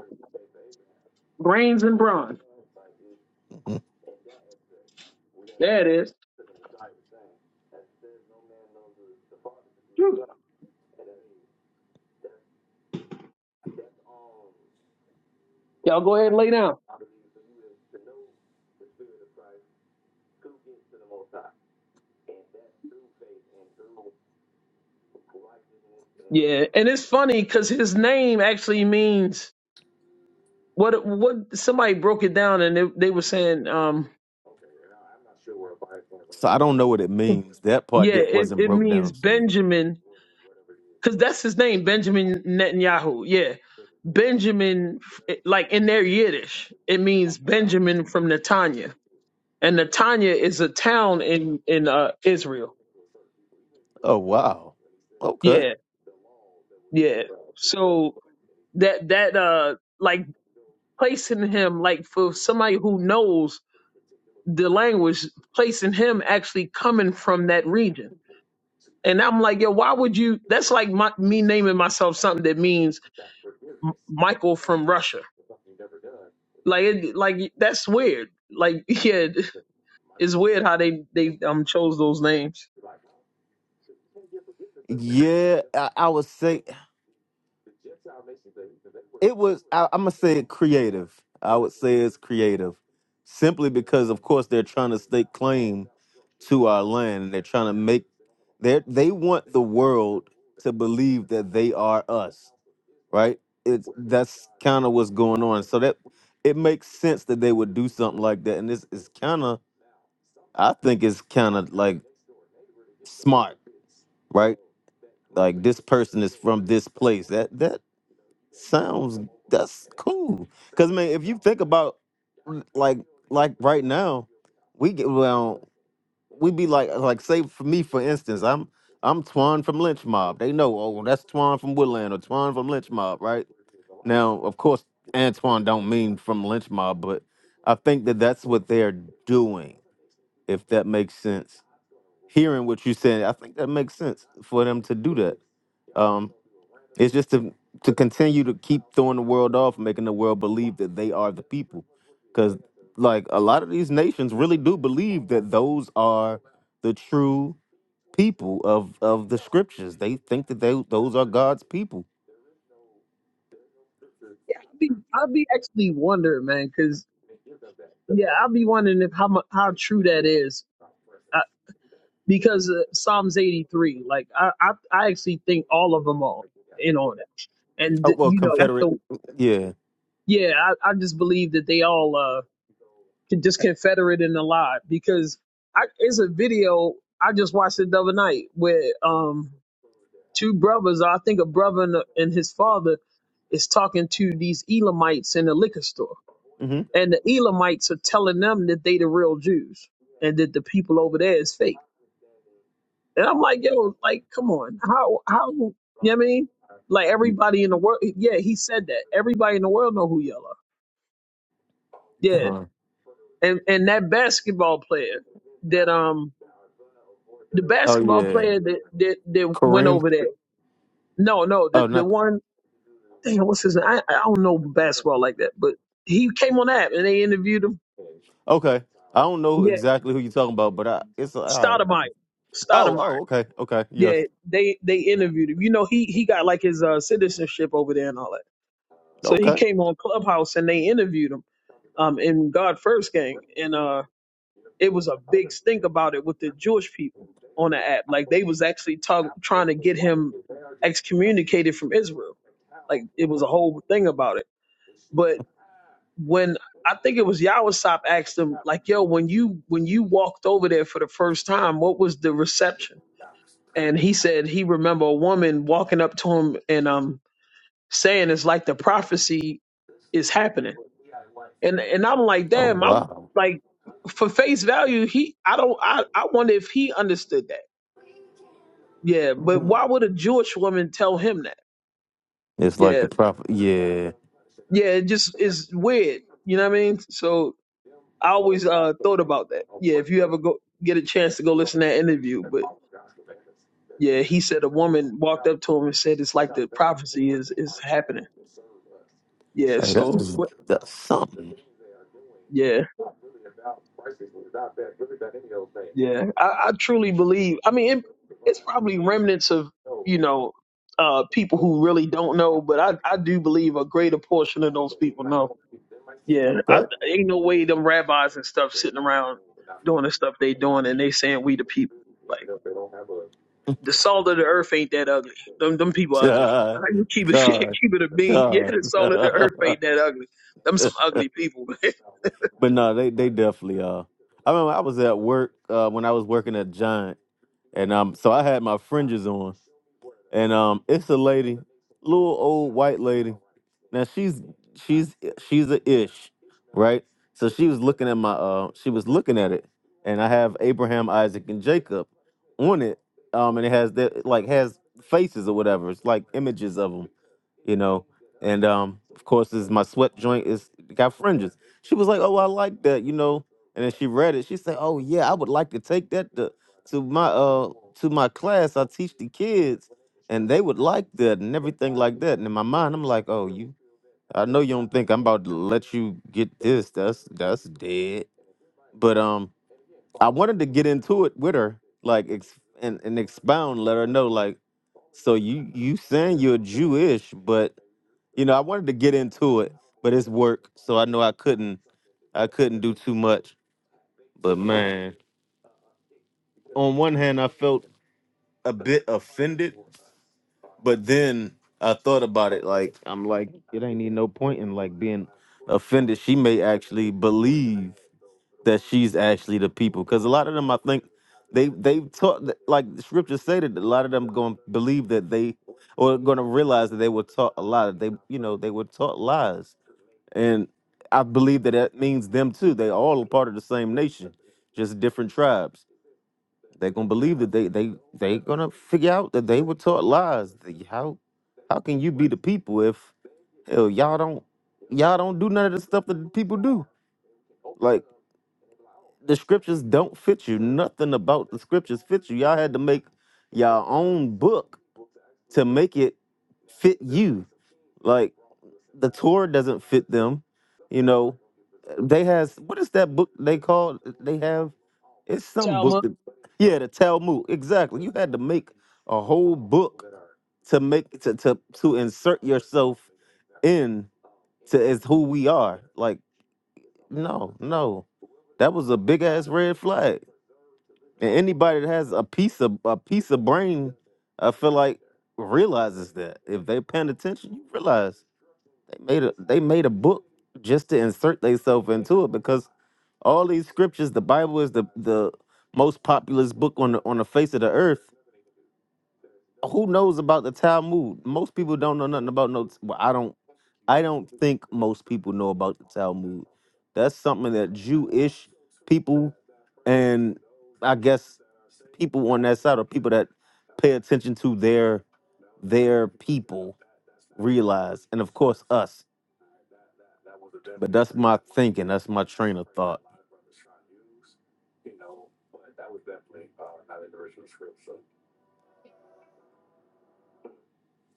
S4: Brains and brawn. There it is. Whew. Y'all go ahead and lay down. Yeah, and it's funny because his name actually means what? What somebody broke it down and they, they were saying, um,
S3: so I don't know what it means. That part
S4: yeah,
S3: that
S4: it,
S3: wasn't
S4: it
S3: broke
S4: means
S3: down to me.
S4: Benjamin because that's his name, Benjamin Netanyahu. Yeah, Benjamin, like in their Yiddish, it means Benjamin from Netanya, and Netanya is a town in in uh, Israel.
S3: Oh wow. Okay.
S4: Yeah, yeah. So that that uh like placing him like for somebody who knows the language placing him actually coming from that region and i'm like yo why would you that's like my, me naming myself something that means M- michael from russia like it, like that's weird like yeah it's weird how they they um chose those names
S3: Yeah, I, I would say it was. I, I'm gonna say it creative. I would say it's creative, simply because, of course, they're trying to stake claim to our land. They're trying to make they they want the world to believe that they are us. right? It's that's kind of what's going on. So that it makes sense that they would do something like that. And this is kind of, I think, it's kind of like smart, right? Like this person is from this place. That that sounds that's cool. Cause man, if you think about like like right now, we get well, we be like like say for me for instance, I'm I'm Twan from Lynch Mob. They know, oh, that's Twan from Woodland or Twan from Lynch Mob, right? Now, of course, Antoine don't mean from lynch mob, but I think that that's what they're doing. If that makes sense, hearing what you said, I think that makes sense for them to do that. Um, it's just to to continue to keep throwing the world off, making the world believe that they are the people, because like a lot of these nations really do believe that those are the true people of of the scriptures. They think that they those are God's people.
S4: i'd be, I'd be actually wondering man because yeah i'd be wondering if how mu- how true that is because uh, Psalms 83, like I, I, I actually think all of them are in on it. And
S3: Oh
S4: th-
S3: well,
S4: you know, that's
S3: Confederate,
S4: the
S3: yeah.
S4: yeah, I, I just believe that they all uh can just confederate in a lot because I it's a video I just watched it the other night where um two brothers, I think a brother and, a, and his father is talking to these Elamites in a liquor store.
S3: hmm
S4: And the Elamites are telling them that they the real Jews and that the people over there is fake And I'm like, yo, like, come on. How, how, you know what I mean? Like, everybody in the world, yeah, he said that. Everybody in the world know who y'all are. Yeah.
S3: Gone.
S4: And, and that basketball player that, um, the
S3: Oh
S4: basketball
S3: yeah,
S4: player that, that, that went
S3: Kareem.
S4: over there. No, no, the,
S3: Oh,
S4: the
S3: not
S4: one, damn, what's his name? I, I don't know basketball like that, but he came on that and they interviewed him.
S3: okay. I don't know
S4: Yeah.
S3: exactly who you're talking about, but I it's all right.
S4: Stoudemire.
S3: Oh, oh,
S4: Stoudemire.
S3: okay, okay, yes,
S4: Yeah. They, they interviewed him. You know, he, he got like his, uh, citizenship over there and all that. So he
S3: okay.
S4: came on Clubhouse and they interviewed him um, in God First Gang, and uh, it was a big stink about it with the Jewish people on the app. Like they was actually talk, trying to get him excommunicated from Israel. Like it was a whole thing about it. But when I think it was Yawasop asked him, like, "Yo, when you when you walked over there for the first time, what was the reception?" And he said he remember a woman walking up to him and um saying it's like the prophecy is happening And and I'm like,
S3: Oh
S4: damn, I
S3: wow,
S4: like for face value, he I don't I, I wonder if he understood that. Yeah, but
S3: Mm.
S4: why would a Jewish woman tell him that?
S3: it's like the
S4: Yeah.
S3: prophet. Yeah,
S4: Yeah, it just is weird. You know what I mean? So I always uh thought about that. Yeah, if you ever go get a chance to go listen to that interview, but yeah, he said a woman walked up to him and said it's like the prophecy is is happening. Yeah,
S3: hey, that
S4: so
S3: is
S4: what
S3: that's something.
S4: yeah. Yeah, I, I truly believe. I mean, it, it's probably remnants of you know uh, people who really don't know, but I, I do believe a greater portion of those people know. Yeah, I,
S3: Okay.
S4: ain't no way them rabbis and stuff sitting around doing the stuff they doing and they saying we the people. Like the salt of the earth ain't that ugly. Them them people ugly. Like, you keep it yeah,
S3: God, God,
S4: keep it a bean. Yeah,
S3: God.
S4: the salt of the earth
S3: but
S4: ain't that ugly. Them some ugly people.
S3: no, they they definitely are. I remember I was at work uh, when I was working at Giant, and um, so I had my fringes on, and um, it's a lady, little old white lady. Now she's she's she's a ish, right? So she was looking at my uh, she was looking at it, and I have Abraham, Isaac, and Jacob on it, um, and it has that like has faces or whatever. It's like images of them you know. And um, of course, is my sweat joint is got fringes. She was like, "Oh, I like that," you know. And then she read it. She said, "Oh yeah, I would like to take that to to my uh to my class. I teach the kids, and they would like that and everything like that." And in my mind, I'm like, "Oh, you? I know you don't think I'm about to let you get this. That's that's dead." But um, I wanted to get into it with her, like, ex- and and expound, let her know, like, so you you saying you're Jewish, but you know, I wanted to get into it, but it's work, so I know I couldn't I couldn't do too much. But man, on one hand I felt a bit offended, but then I thought about it like I'm like it ain't need no point in like being offended. She may actually believe that she's actually the people cuz a lot of them I think they they taught that- like the scriptures say that a lot of them going to believe that they or going to realize that they were taught a lot. They you know, they were taught lies And I believe that that means them too. They all a part of the same nation, just different tribes. They're gonna believe that they they they gonna figure out that they were taught lies. The- How how can you be the people if hell y'all don't y'all don't do none of the stuff that the people do? Like the scriptures don't fit you. Nothing about the scriptures fits you. Y'all had to make y'all own book to make it fit you. Like the tour doesn't fit them. You know, they has what is that book they called? They have it's some book
S4: Talma,
S3: that yeah, the Talmud exactly. You had to make a whole book to make to to to insert yourself in to as who we are. Like no, no, that was a big ass red flag. And anybody that has a piece of a piece of brain, I feel like realizes that if they paying attention, you realize. They made a they made a book just to insert themselves into it because all these scriptures, the Bible is the the most populous book on the on the face of the earth. Who knows about the Talmud? Most people don't know nothing about no. Well, I don't. I don't think most people know about the Talmud. That's something that Jewish people and I guess people on that side or people that pay attention to their their people realize, and of course us. But that's my thinking. That's my train of thought.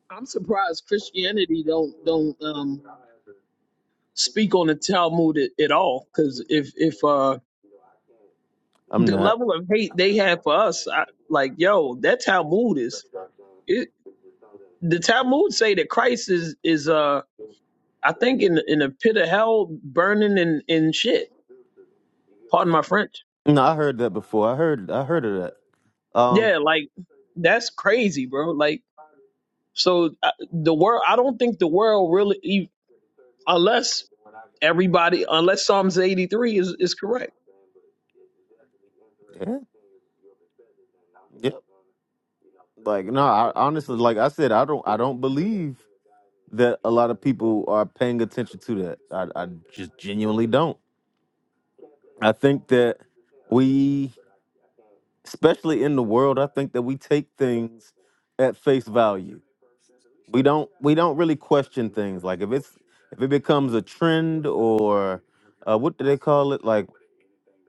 S4: I'm surprised Christianity don't don't um speak on the Talmud at, at all. Because if if uh
S3: I'm
S4: the
S3: not.
S4: level of hate they have for us, I, like yo, that Talmud is it, the Talmud say that Christ is is uh I think in in a pit of hell burning and and shit. Pardon my French.
S3: No, I heard that before. I heard. I heard of that. Um.
S4: Yeah, like that's crazy, bro. Like so uh, the world. I don't think the world really ev- unless everybody unless Psalms eighty three is is correct.
S3: Yeah. Yeah. Like no. I honestly, like I said, I don't. I don't believe that a lot of people are paying attention to that. I, I just genuinely don't. I think that we, especially in the world, I think that we take things at face value. We don't. We don't really question things. Like if it's if it becomes a trend or uh, what do they call it? Like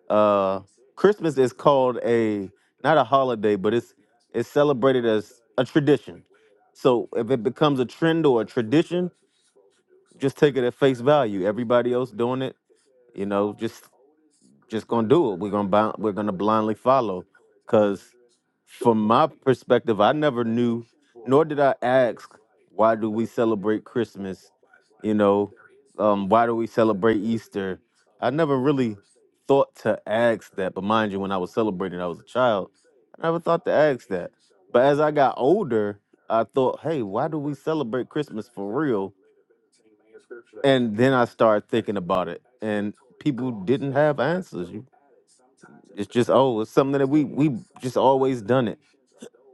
S3: Uh, Christmas is called a not a holiday, but it's it's celebrated as a tradition. So if it becomes a trend or a tradition, just take it at face value. Everybody else doing it, you know, just just gonna do it. We're gonna bound, we're gonna blindly follow. Cause from my perspective, I never knew, nor did I ask, why do we celebrate Christmas? You know, um, why do we celebrate Easter? I never really thought to ask that. But mind you, when I was celebrating, I was a child. I never thought to ask that. But as I got older, I thought, hey, why do we celebrate Christmas for real? And then I started thinking about it, and people didn't have answers. You it's just oh, it's something that we we just always done it,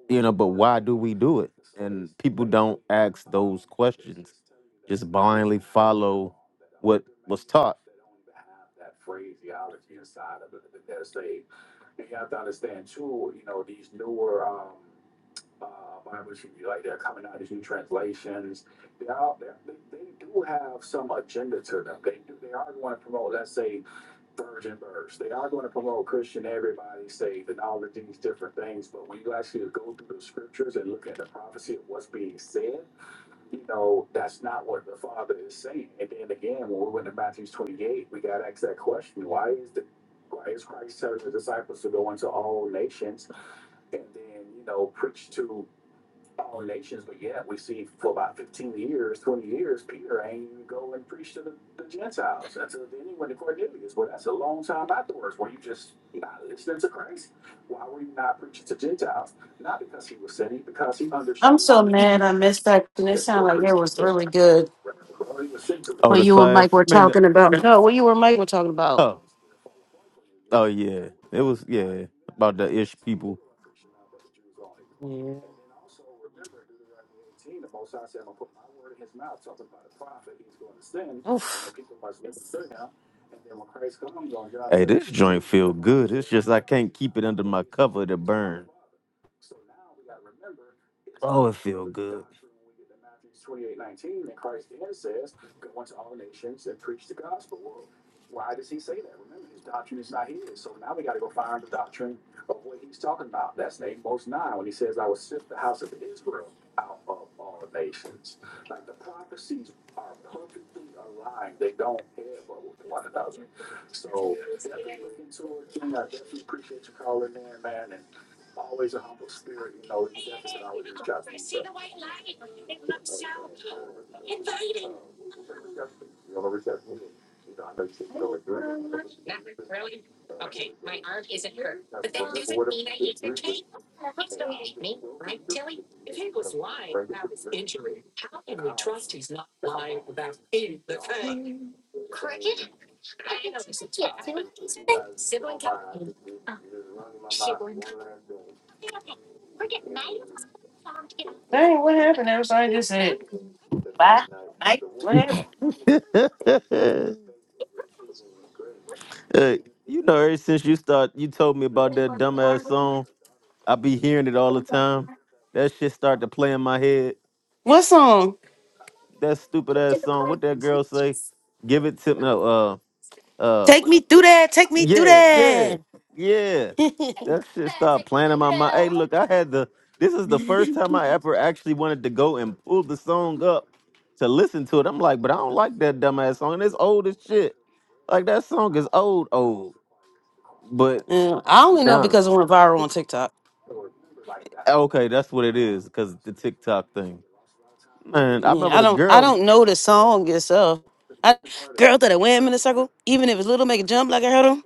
S3: you know. But why do we do it? And people don't ask those questions. Just blindly follow what was taught.
S1: I'm so mad I missed that. And it sounded like it was really good.
S3: Oh,
S1: What
S3: the
S1: you and
S3: class.
S1: Mike were
S3: Man,
S1: talking about. No, what you and Mike were talking about.
S3: oh, oh yeah, it was yeah about the ish people.
S1: Yeah. Oof.
S3: Hey, this joint feel good. It's just I can't keep it under my cover to burn. Oh, it feel
S1: Dang, what happened? Everybody just said bye. Night. What happened?
S3: good. Hey, you know, ever since you start, you told me about that dumbass song. I be hearing it all the time. That shit start to play in my head.
S1: What song?
S3: That stupid ass song. What that girl say? Give it to me. No, uh, uh,
S1: Take
S3: what?
S1: me through that. Take me through
S3: Yeah, yeah,
S1: that.
S3: yeah. That shit start playing in my mind. Hey, look, I had the. This is the first time I ever actually wanted to go and pull the song up to listen to it. I'm like, but I don't like that dumbass song. And it's old as shit. Like that song is old, old. But
S1: Yeah, I only know
S3: now.
S1: because it went viral on TikTok.
S3: Okay, that's what it is, because the TikTok thing. Man, I
S1: Yeah,
S3: remember
S1: I
S3: the
S1: don't. I
S3: girl,
S1: don't know the song itself. I, girl throw that wham in a circle, even if it's little, make a jump like a hurdle.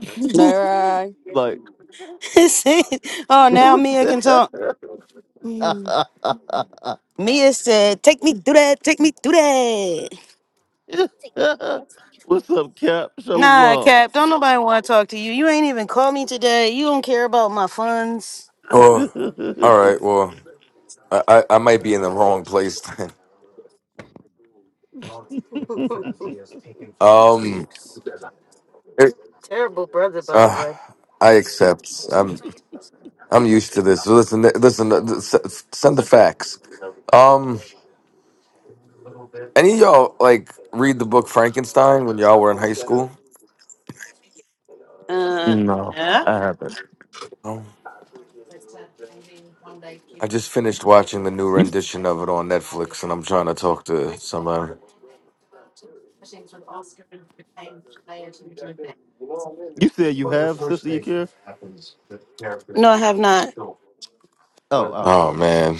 S2: All right.
S3: like,
S1: See? oh, now Mia can talk.
S3: it
S1: Mia said, "Take me through that. Take me through that."
S3: was. What's up, Cap?
S1: Nah,
S3: Shalom.
S1: Cap, don't nobody want to talk to you. You ain't even called me today. You don't care about my funds.
S6: Well, all right. Well, I, I I might be in the wrong place then. Um, it,
S1: Terrible brother, by the
S6: uh,
S1: way.
S6: I accept. I'm I'm used to this. Listen, th- listen. uh, s- s- Send the facts. Um, any of y'all like read the book Frankenstein when y'all were in high school?
S1: Uh,
S3: no,
S1: yeah.
S3: I haven't.
S6: No. I just finished watching the new
S3: You
S6: rendition of it on Netflix, and I'm trying to talk to somebody.
S3: you said you have, Sister Yakira?
S1: No, I have not.
S3: Oh, oh,
S6: Oh
S3: oh.
S6: man.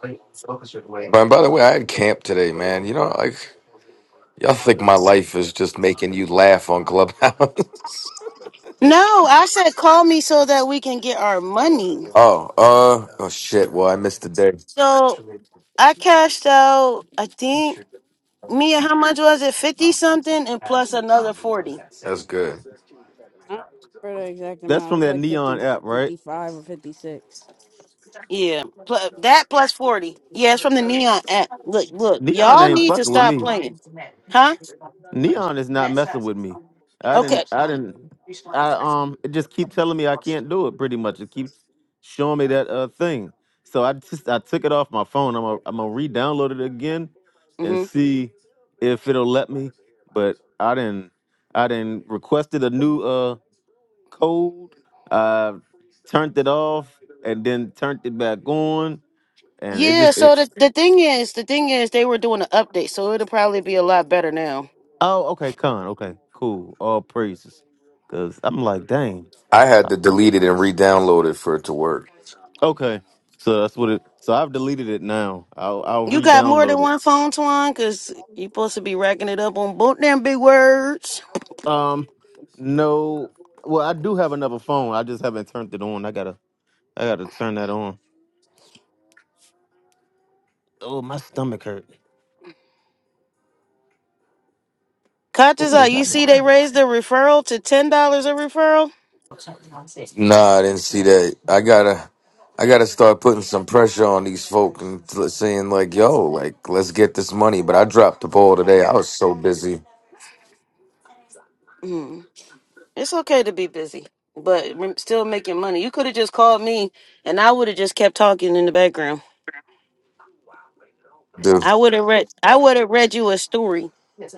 S6: But by the way, I had camp today, man. You know, like y'all think my life is just making you laugh on Clubhouse.
S1: No, I said call me so that we can get our money.
S6: oh, uh, oh shit. Well, I missed the day.
S1: So I cashed out. I think Mia, how much was it? Fifty something, and plus another forty.
S6: That's good.
S2: I don't remember the exact
S3: That's
S2: amount. It
S3: from
S2: was
S3: that
S2: like 50,
S3: Neon app, right?
S2: 55, or 56.
S1: Yeah, plus, that plus forty. Yeah, it's from the Neon app. Look, look,
S3: Neon
S1: y'all
S3: ain't
S1: need to
S3: fucking with
S1: stop
S3: me.
S1: playing, huh?
S3: Neon is not messing with me. I didn't.
S1: Okay.
S3: I didn't. I um. It just keep telling me I can't do it. Pretty much, it keeps showing me that uh thing. So I just I took it off my phone. I'm gonna I'm gonna re-download it again, and
S1: Mm-hmm.
S3: see if it'll let me. But I didn't. I didn't requested a new uh code. I turned it off and then turned it back on, and it
S1: Yeah.
S3: just. It,
S1: So the the thing is, the thing is, they were doing an update, so it'll probably be a lot better now.
S3: oh, okay, con. Okay, cool. All praises. Cause I'm like, dang.
S6: I had to delete it and re-download it for it to work.
S3: Okay, so that's what it. So I've deleted it now. I'll I'll
S1: You got more than
S3: re-download
S1: one phone, Twan? Because you supposed to be racking it up on both them big words.
S3: it. Um, no. Well, I do have another phone. I just haven't turned it on. I gotta I gotta turn that on. Oh, my stomach hurt.
S1: Coaches
S3: Oh,
S1: out. You
S3: that
S1: see, they raised the referral to $10 a referral.
S6: Nah, I didn't see that. I gotta, I gotta start putting some pressure on these folk and t- saying like, "Yo, like, let's get this money." But I dropped the ball today. I was so busy,
S1: Mm. It's okay to be busy, but rem- still making money. You could have just called me and I would have just kept talking in the background. I would have read I would have read you a story.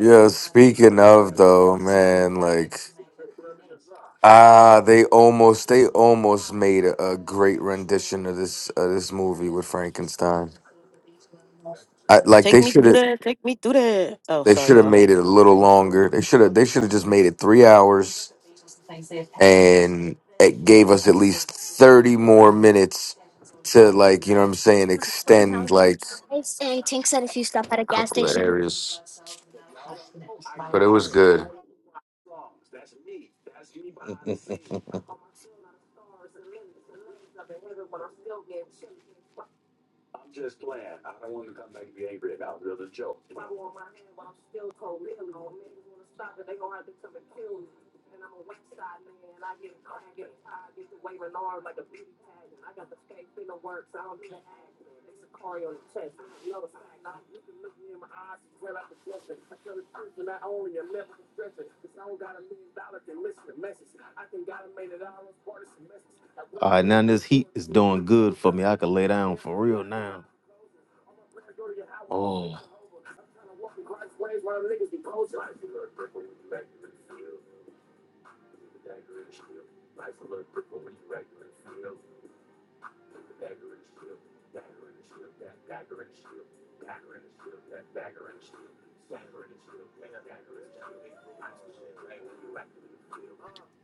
S6: Yeah, speaking of though, man, like ah, they almost they almost made a, a great rendition of this of this movie with Frankenstein. I, like
S1: Take
S6: they
S1: me
S6: should
S1: through
S6: have
S1: that. Take me through that. Oh,
S6: they should
S1: sorry,
S6: have
S1: y'all.
S6: made it a little longer. They should have they should have just made it three hours and it gave us at least thirty more minutes to like you know what I'm saying extend like. But it was good.
S3: one. All right, now this heat is doing good for me. I can lay down for real now. Oh.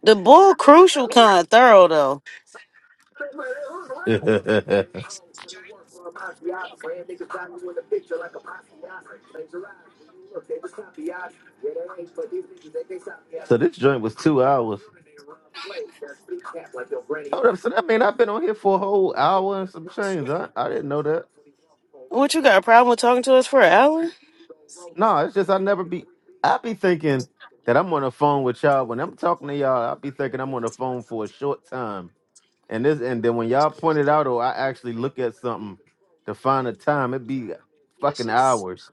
S1: The bull crucial kind of thorough though.
S3: so this joint was two hours. Hold up, so that mean I've been on here for a whole hour and some change. I, I didn't know that.
S1: What you got a problem with talking to us for an hour?
S3: No, it's just I never be. I be thinking that I'm on the phone with y'all. When I'm talking to y'all, I be thinking I'm on the phone for a short time. And this and then when y'all pointed out, or I actually look at something to find a time, it'd be fucking hours.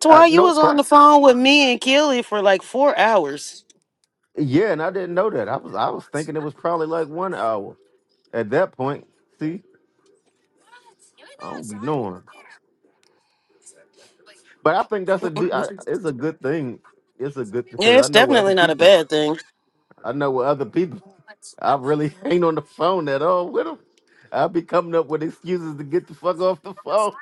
S1: That's
S3: I
S1: why you
S3: no,
S1: was
S3: pro-
S1: on the phone with me and Keely for like four hours.
S3: yeah, and I didn't know that. I was I was thinking it was probably like one hour at that point. See, I don't be knowing, but I think that's a de- I, it's a good thing. It's a good because
S1: Yeah,
S3: I
S1: it's
S3: know where other
S1: definitely not a
S3: people.
S1: bad thing.
S3: I know where other people. I really ain't on the phone at all with them. I be coming up with excuses to get the fuck off the phone.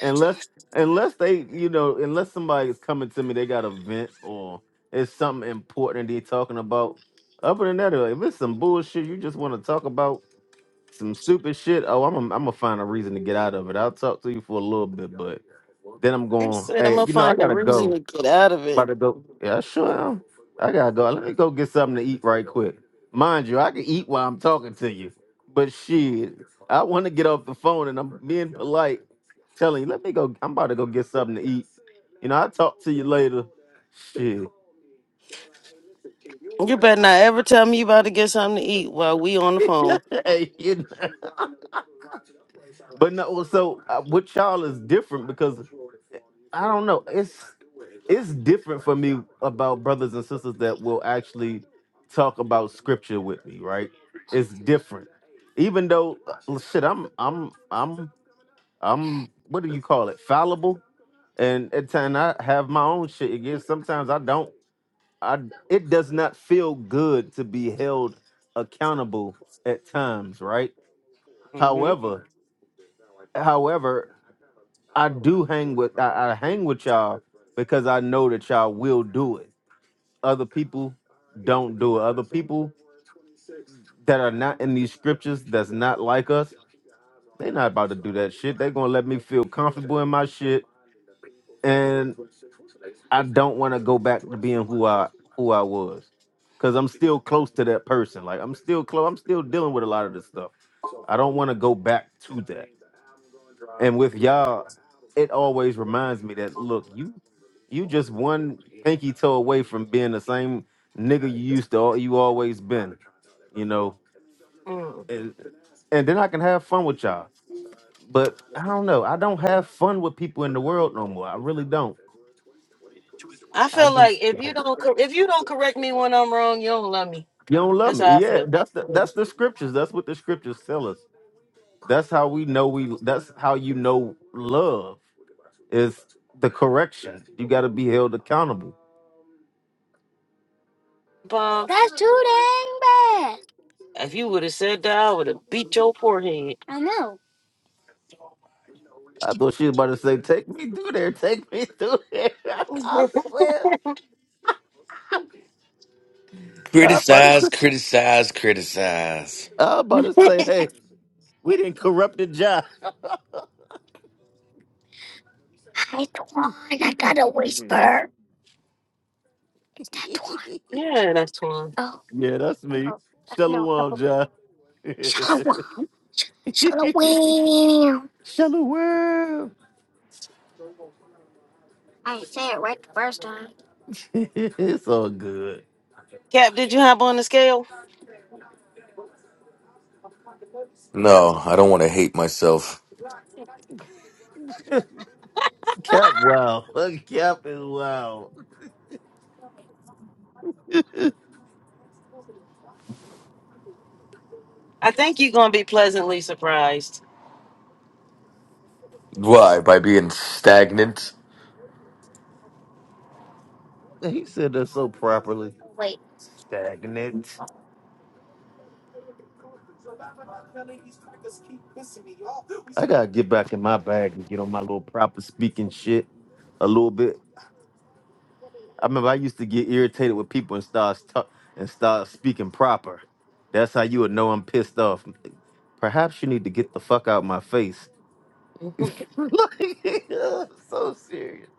S3: unless unless they you know unless somebody is coming to me they got a vent or it's something important they talking about other than that uh, if it's some bullshit you just want to talk about some stupid shit oh i'm a, I'm gonna find a reason to get out of it i'll talk to you for a little bit but then i'm
S1: I
S3: going
S1: said I'm
S3: hey
S1: gonna
S3: you know i
S1: find a
S3: gotta go
S1: reason to get out of
S3: about
S1: it.
S3: to go. Yeah, sure am. I gotta go. Let me go get something to eat right quick. Mind you, I can eat while I'm talking to you. But shit, I want to get off the phone and I'm being polite, telling you, let me go. I'm about to go get something to eat. You know, I'll talk to you later. Shit.
S1: You better not ever tell me you about to get something to eat while we on the phone.
S3: hey, you know. But no, so uh, what y'all is different because I don't know. It's it's different for me about brothers and sisters that will actually talk about scripture with me, right? It's different. Even though uh, shit, I'm I'm I'm I'm what do you call it? Fallible. And at times I have my own shit again. Sometimes I don't I it does not feel good to be held accountable at times, right?
S1: hmm
S3: However, however, I do hang with I, I hang with y'all because I know that y'all will do it. Other people don't do it. Other people that are not in these scriptures that's not like us, they're not about to do that shit. They're gonna let me feel comfortable in my shit, and I don't want to go back to being who I who I was. Cause I'm still close to that person. Like I'm still close. I'm still dealing with a lot of this stuff. I don't want to go back to that. And with y'all, it always reminds me that look, you you just one pinky toe away from being the same nigga you used to al- you always been. You know? And and then I can have fun with y'all. But I don't know. I don't have fun with people in the world no more. I really don't.
S1: I
S3: I
S1: feel
S3: just
S1: like if you don't cor- if you don't correct me when I'm wrong, you don't love me.
S3: you don't love
S1: That's
S3: me.
S1: how I
S3: Yeah,
S1: feel.
S3: that's the that's
S1: Mm.
S3: the scriptures. That's what the scriptures tell us. That's how we know we that's how you know love is the correction. You gotta be held accountable
S1: Bum. That's too dang bad. If you would have said that, I would have beat your forehead.
S3: I thought she was about to say, "Take me through there, take me through there." I swear, I about to, say,
S6: Criticize, criticize, criticize.
S3: I about to say, "Hey, we didn't corrupt the job." yeah,
S1: yeah, that's one.
S3: that's me, Shalom, John. Shalom. it's all good.
S1: Cap, did you hop on the scale?
S6: No, I don't want to hate myself.
S3: Cap, wow, Cap is wow.
S1: I think you're gonna be pleasantly surprised.
S6: Why? By being stagnant?
S3: He said that so properly. Stagnant. I gotta get back in my bag and get on my little proper speaking shit a little bit. I remember I used to get irritated with people and start stu- and start speaking proper. That's how you would know I'm pissed off. Perhaps you need to get the fuck out my face.
S1: I
S3: like, so serious.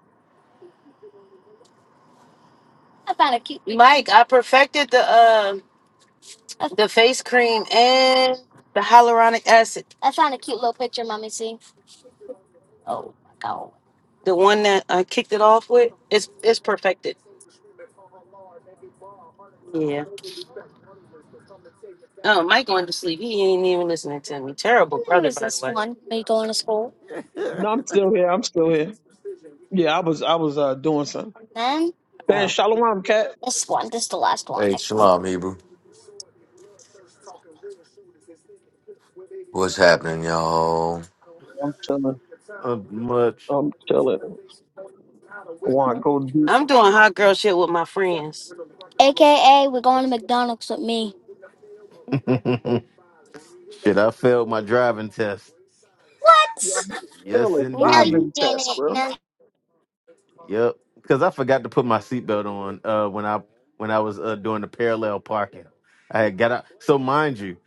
S1: picture. Mike, I perfected the uh, the face cream and the hyaluronic acid. The one that I kicked it off with, it's it's perfected. Yeah. Oh, Mike going to sleep. He ain't even listening to me. Terrible brother, by the way.
S4: No, I'm still here. I'm still here. Yeah, I was I was uh doing something. Man,
S1: Oh,
S4: Shalom cat.
S6: Hey, shalom, Hebrew. What's happening, y'all?
S4: I'm chilling.
S3: Uh, much.
S4: I'm chilling. I wanna go deep.
S1: I'm doing hot girl shit with my friends.
S3: shit, I failed my driving test.
S4: Yo, I'm
S3: Yes,
S4: failing
S3: indeed.
S4: driving test, bro.
S3: Yep. Because I forgot to put my seatbelt on uh, when I when I was uh, doing the parallel parking. I had got out. So mind you,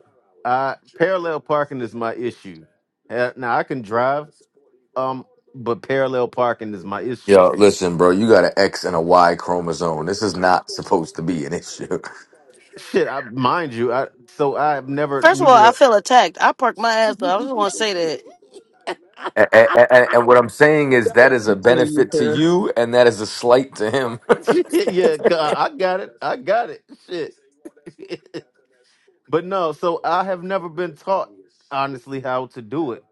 S3: I parallel parking is my issue. Uh, Now I can drive, um, but parallel parking is my issue.
S6: Yo, listen, bro, you got an X and a Y chromosome. This is not supposed to be an issue.
S3: Shit, I mind you, I so I've never
S1: First of all,
S3: needed
S1: I
S3: a.
S1: feel attacked. I parked my ass up. I just want to say that.
S6: And, and, and what I'm saying is
S4: Got a
S6: that is a
S4: calculator
S6: benefit to
S4: there.
S6: you, and that is a slight to him.
S3: yeah, 'cause I I got it. I got it. Shit. but no, so I have never been taught honestly how to do it.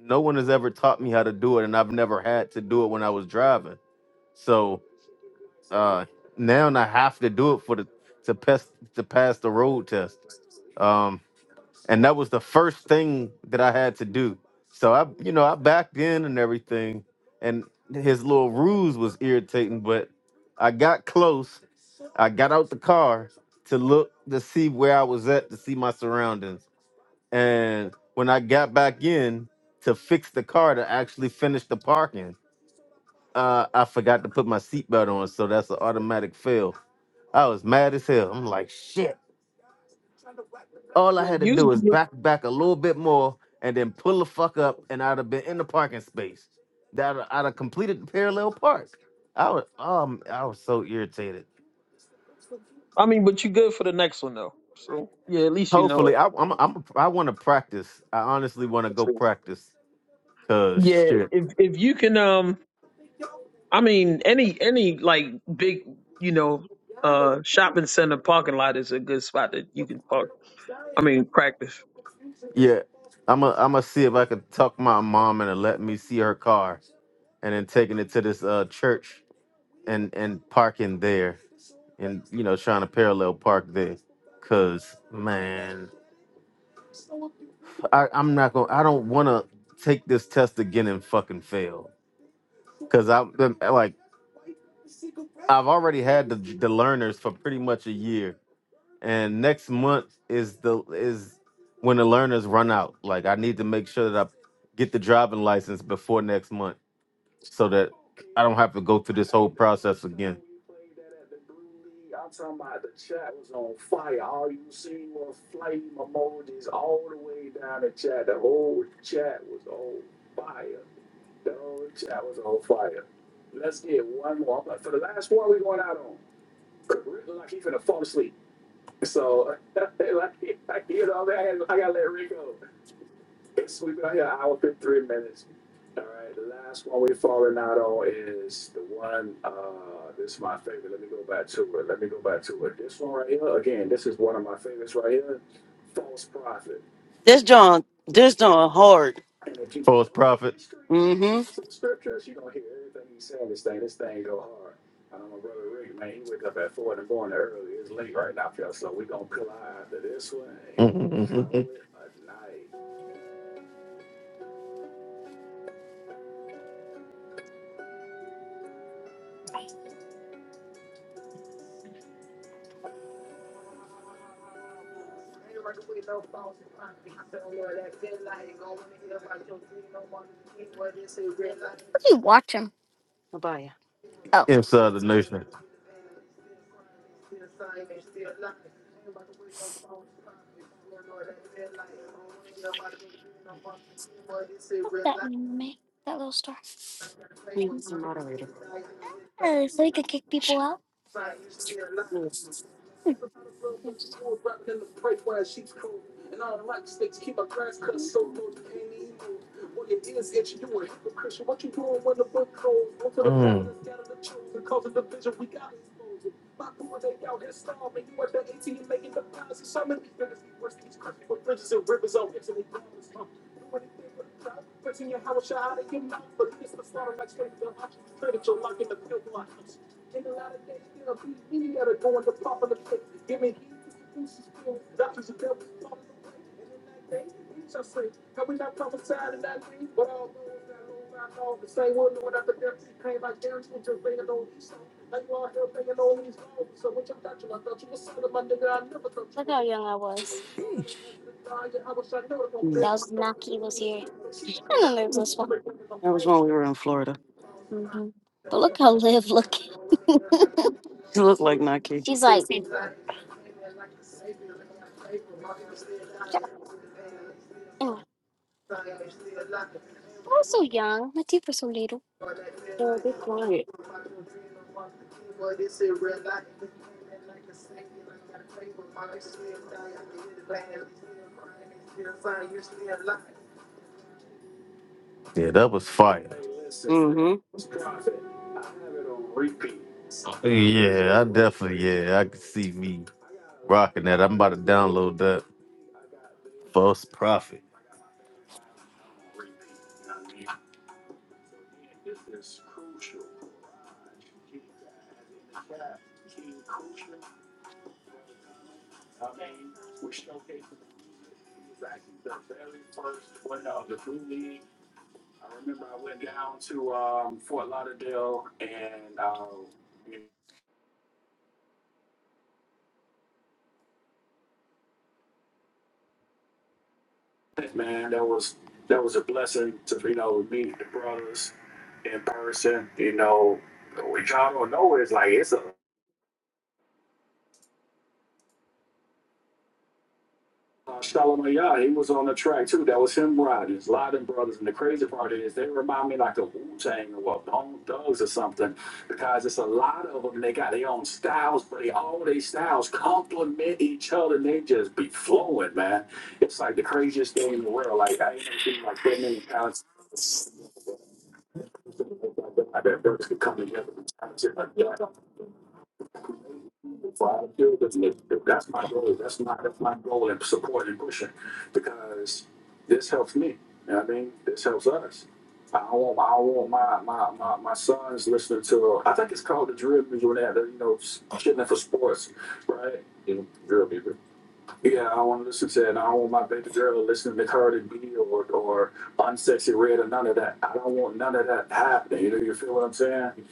S3: no one has ever taught me how to do it and i've never had to do it when i was driving so uh now i have to do it for the to pass to pass the road test um and that was the first thing that i had to do so i you know i backed in and everything and his little ruse was irritating but i got close i got out the car to look to see where i was at to see my surroundings and when I got back in to fix the car to actually finish the parking, uh, I forgot to put my seatbelt on. So that's an automatic fail. I was mad as hell. I'm like, shit. All I
S4: Yeah,
S3: had to
S4: use
S3: do is back back a little bit more and then pull the fuck up and I'd have been in the parking space. That I'd have completed the parallel park. I was um I was so irritated.
S4: I mean, but you good for the next one though. So yeah, at least you know
S3: Hopefully
S4: it.
S3: I I'm, I'm I want to practice. I honestly want to go practice cuz
S4: Yeah,
S3: shit.
S4: if if you can um I mean any any like big, you know, uh shopping center parking lot is a good spot that you can park I mean, practice.
S3: Yeah, I'm going to i I'm gonna see if I can talk my mom into let me see her car, and then taking it to this uh church and and parking there, and you know trying to parallel park there, cause man, I I'm not gonna I don't wanna take this test again and fucking fail, cause I'm been- like I've already had the the learners for pretty much a year, and next month is the is when the learners run out. Like I need to make sure that I get the driving license before next month so that have to go through
S1: This John, this John hard. Mm-hmm.
S3: inside the nation. Mm.
S1: That was when we were in Florida. He looked like Nike. She's like
S3: Yeah, that was fire. Yeah, I definitely, yeah, I could see me rocking that. I'm about to download that false prophet.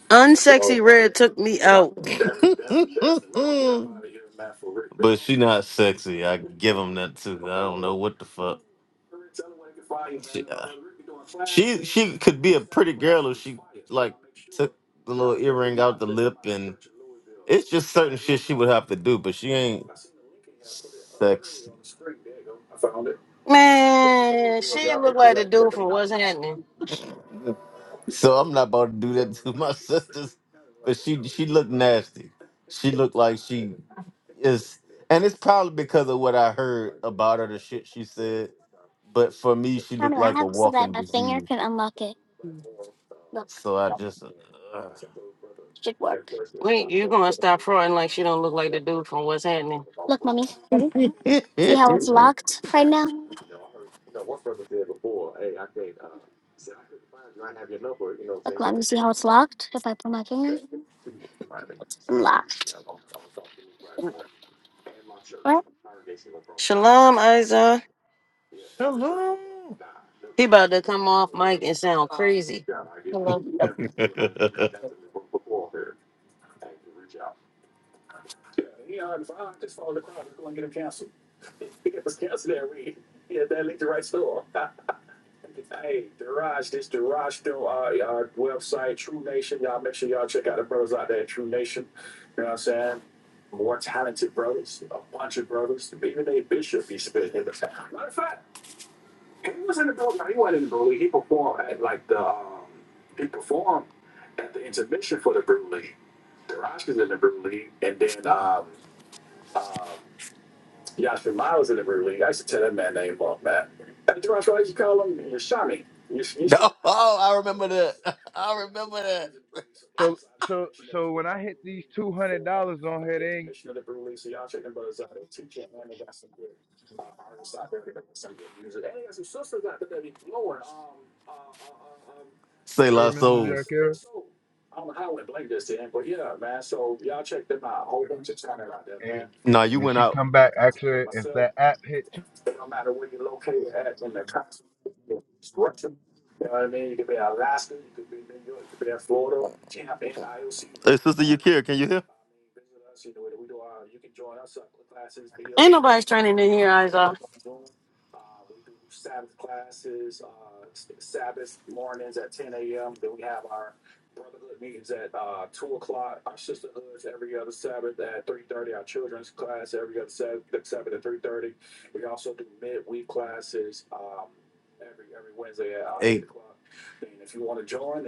S1: unsexy. Red took me out.
S3: but she not sexy. I give him that too. I don't know what the fuck. She, uh, she she could be a pretty girl if she like took the little earring out the lip and it's just certain shit she would have to do, but she ain't sexy.
S1: Man, she looked like the dude from What's Happening.
S3: So I'm not about to do that to my sisters. But she she looked nasty. She looked like she is and it's probably because of what I heard about her, the shit she said. But for me, she looked like a walking disease. So I just
S1: Wait, you gonna stop fronting like she don't look like the dude from what's happening. Shalom, Isa.
S3: Hello.
S1: He about to come off mic and sound crazy.
S3: No, oh, I remember that. I remember that.
S7: So so so when I hit these two hundred dollars on her, they ain't
S3: Say
S7: her
S3: La
S7: Mrs.
S3: Soul.
S7: Yakira. And,
S3: Nah, you
S7: and
S3: went
S7: she
S3: out.
S7: come back ask her
S3: Hey,
S7: if
S3: Sister
S7: that app hit. two-
S3: Yakira, can you hear?
S1: Ain't nobody's training in here, Isa.
S3: Hey, Con. Oh,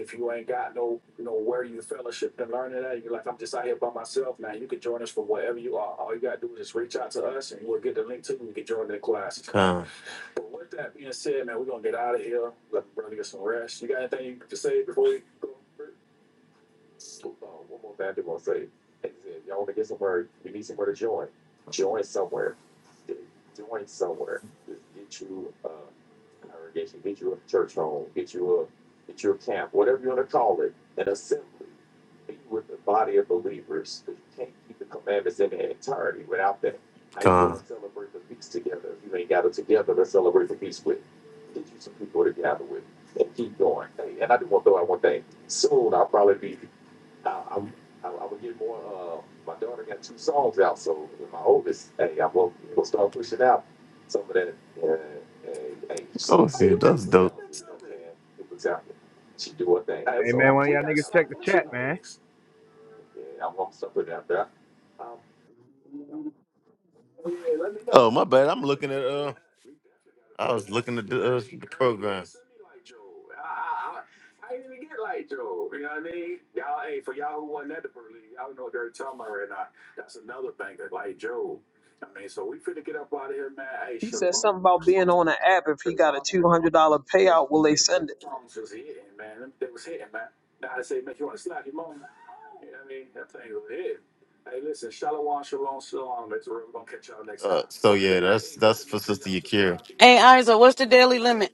S3: shit, that's dope.
S7: Hey man, one of y'all niggas check the chat, man.
S3: Oh, my bad. I'm looking at uh I was looking at the, uh, the program.
S4: He said something about being on an app. If he got a two hundred dollar payout, will they send it?
S3: Uh, so yeah, that's that's for Sister Yakira.
S1: Hey, Isa, what's the daily limit?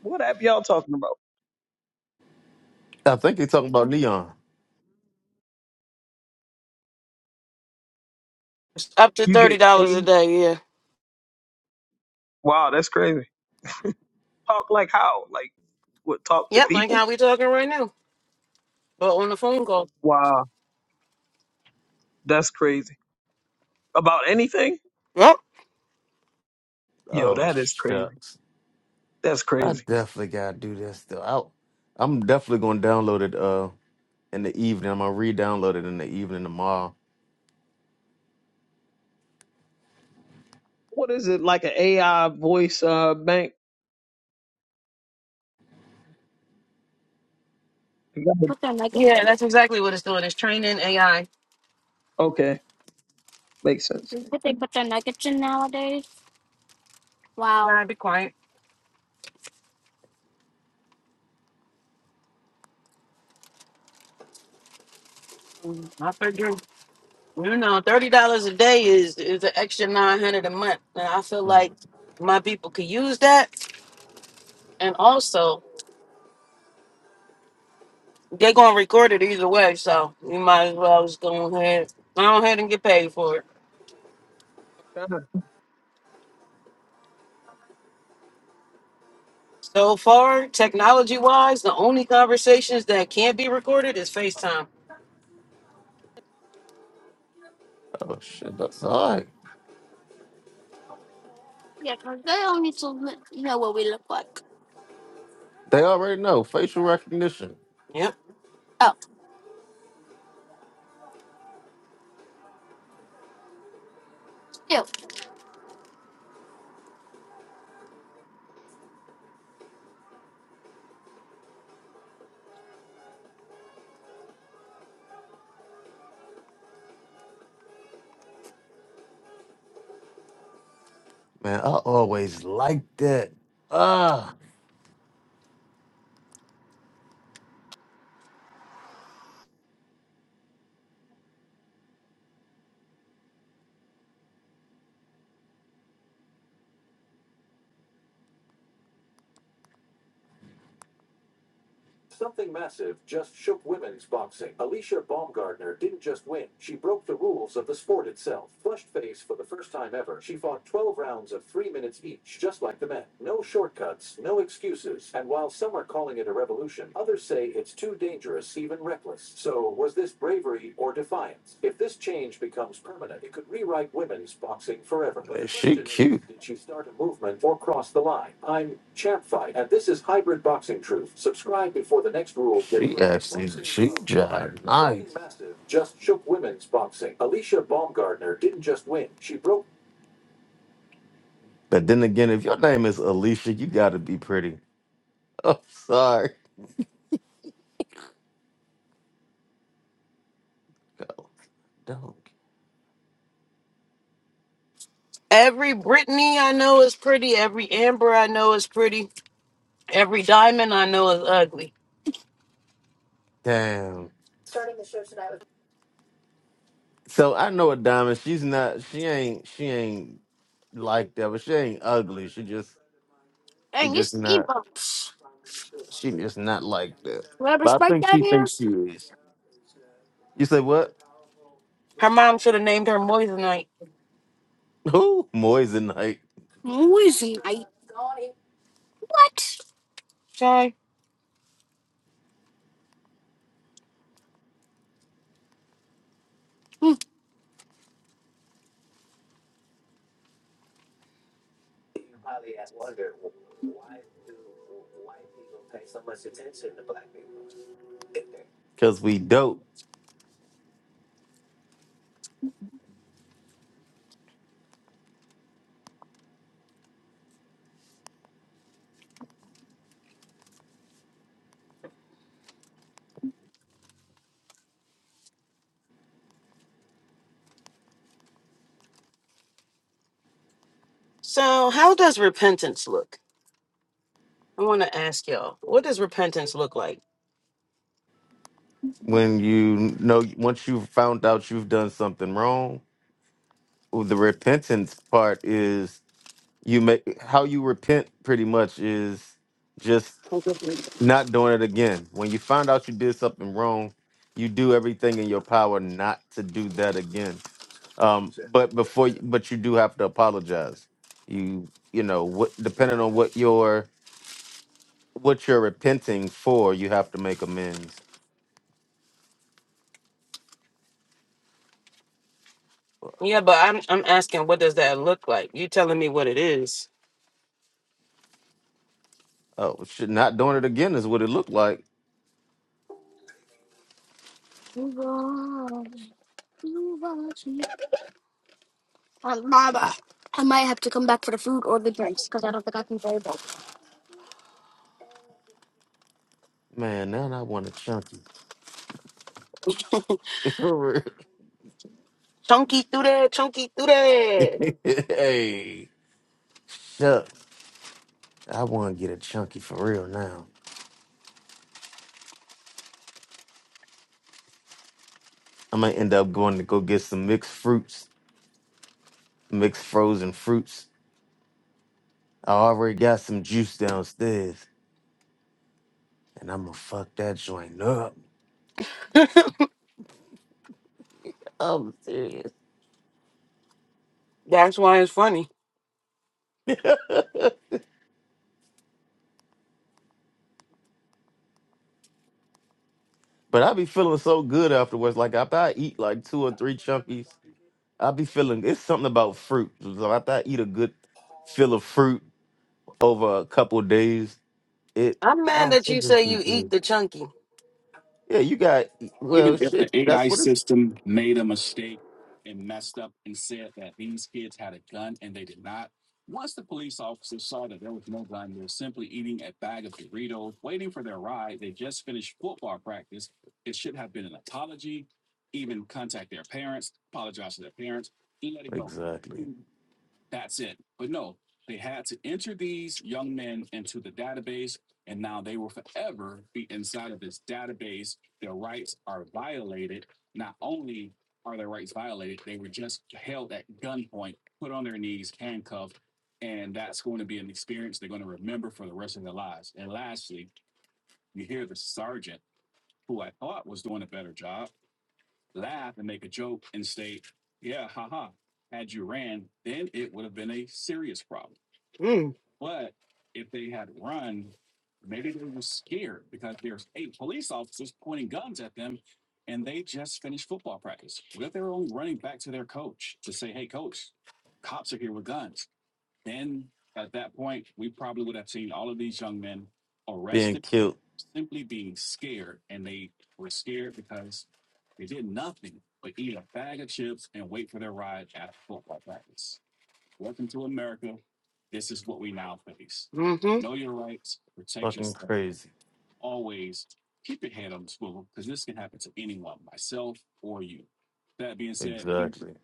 S4: What app y'all talking about?
S3: I think they talking about Neon.
S1: Up to
S4: You
S1: thirty
S4: get
S1: dollars a
S4: paid?
S1: day, yeah.
S4: Wow, that's crazy. Talk like how? Like what? Talk to
S1: Yep, like
S4: people?
S1: how we talking right now. But on the phone call.
S4: Wow, that's crazy. About anything?
S1: Yep.
S4: Yo,
S3: Oh
S4: that is crazy.
S3: shucks.
S4: That's
S3: I
S4: crazy.
S3: definitely gotta do this though. I, I'm definitely gonna download it uh in the evening. I'm gonna re-download it in the evening tomorrow.
S4: What is it like an AI voice uh bank?
S1: Put that mic Yeah, that's exactly what it's doing. It's training AI.
S4: Okay, makes sense.
S1: Wow. All right, be quiet. I figure you know, thirty dollars a day is is an extra nine hundred a month. And I feel like my people could use that. And also They're gonna record it either way, so you might as well just go ahead. Go ahead and get paid for it.
S4: Kinda.
S1: So far, technology wise, the only conversations that can't be recorded is FaceTime.
S3: Oh shit, that's all right. They already know facial recognition.
S1: Yep.
S3: Man, I always liked that. Ah, is a cheek job. But then again, if your name is Alicia, you gotta be pretty. I'm sorry. No, don't.
S1: Every Brittany I know is pretty. Every Amber I know is pretty. Every Diamond I know is ugly.
S3: Damn. So I know a diamond. She's not. She ain't. She ain't. like that, but she ain't ugly. She just she just not she just not like that. But I think she thinks she is. You say what?
S1: Her mom should have named her Moissanite.
S3: Who? Moissanite.
S1: Okay.
S3: Cause we dope.
S1: So how does repentance look? I want to ask y'all, what does repentance look like?
S3: When you know once you found out you've done something wrong, well, the repentance part is you make how you repent pretty much is just not doing it again. When you find out you did something wrong, you do everything in your power not to do that again Um, but before, but you do have to apologize. You, you know, what depending on what you're what you're repenting for, you have to make amends.
S1: Yeah, but I'm I'm asking, what does that look like? You telling me what it is?
S3: Oh, shit, not doing it again is what it looked like. Man, now I want a chunky. For
S1: Chunky through there, chunky through
S3: real.
S1: there.
S3: hey, shucks, I want to get a chunky for real now. I might end up going to go get some mixed fruits, mixed frozen fruits. I already got some juice downstairs, and I'm gonna fuck that joint up. I'm serious.
S1: That's why it's funny.
S3: But I be feeling so good afterwards. Like after I eat like two or three chunkies, I be feeling it's something about fruit. So after I eat a good fill of fruit over a couple of days, it.
S1: I'm
S3: I
S1: mad
S3: don't
S1: that you
S3: think it's
S1: say
S3: too
S1: you eat
S3: good.
S1: the chunky.
S3: Yeah, you got well shit. That's what it's exactly
S1: Mm,
S3: being killed.
S1: mm-hmm.
S3: Fucking crazy. Exactly.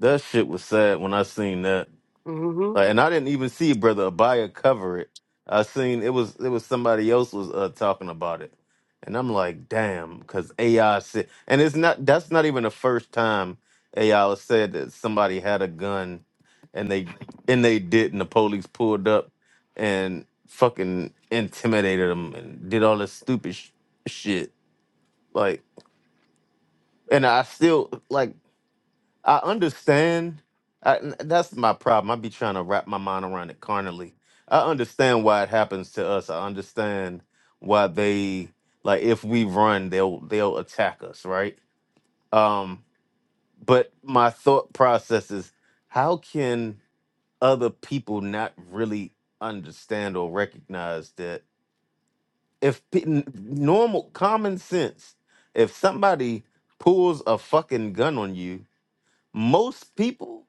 S3: That shit was sad when I seen that.
S1: Mm-hmm.
S3: Like, and I didn't even see Brother Abaya cover it. I seen it was it was somebody else was uh, talking about it, and I'm like, damn, because AI said, and it's not that's not even the first time AI said that somebody had a gun, and they and they did, and the police pulled up and fucking intimidated them and did all this stupid sh- shit. Like, and I still like I understand. I, n- that's my problem. I be trying to wrap my mind around it carnally. I understand why it happens to us. I understand why they like if we run, they'll they'll attack us, right? Um, but my thought process is how can other people not really understand or recognize that if pe- n- normal common sense, if somebody pulls a fucking gun on you, most people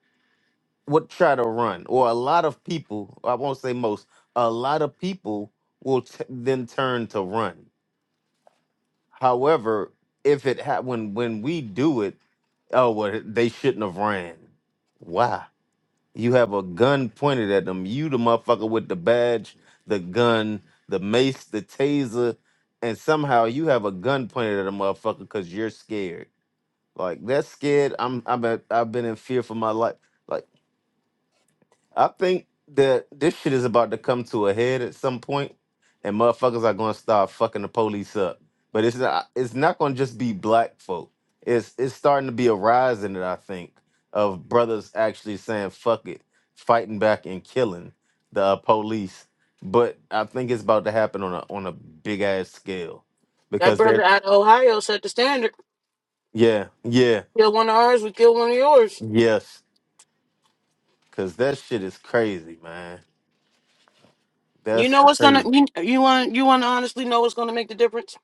S3: would try to run, or a lot of people, I won't say most, a lot of people will t- then turn to run. However, if it ha- when when we do it, oh well, they shouldn't have ran. Why? You have a gun pointed at them. You the motherfucker with the badge, the gun, the mace, the taser, and somehow you have a gun pointed at a motherfucker because you're scared. Like that's scared. I'm I'm at, I've been in fear for my life. Like. I think that this shit is about to come to a head at some point, and motherfuckers are gonna start fucking the police up. But it's not it's not gonna just be black folk. It's it's starting to be a rise in it, I think, of brothers actually saying fuck it, fighting back and killing the uh, police. But I think it's about to happen on a on a big ass scale
S1: That
S3: because
S1: brother
S3: they're
S1: out of Ohio set the standard.
S3: yeah yeah
S1: Kill one of ours, we kill one of yours.
S3: yes because that shit is crazy, man.
S1: You
S3: That's
S1: know what's gonna you, you want you want to honestly know what's gonna make the difference?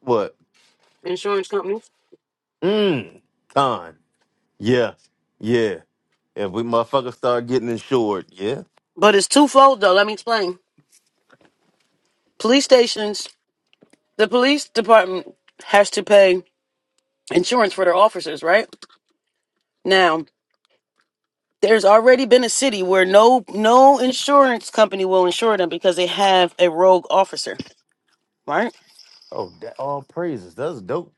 S3: what
S1: Insurance companies.
S3: mm, done. Yeah, yeah. If we motherfuckers start getting insured, yeah.
S1: But it's twofold though. Let me explain. Police stations, the police department has to pay insurance for their officers, right? Now There's already been a city where no no insurance company will insure them because they have a rogue officer, right?
S3: Oh, that, all praises. That's dope.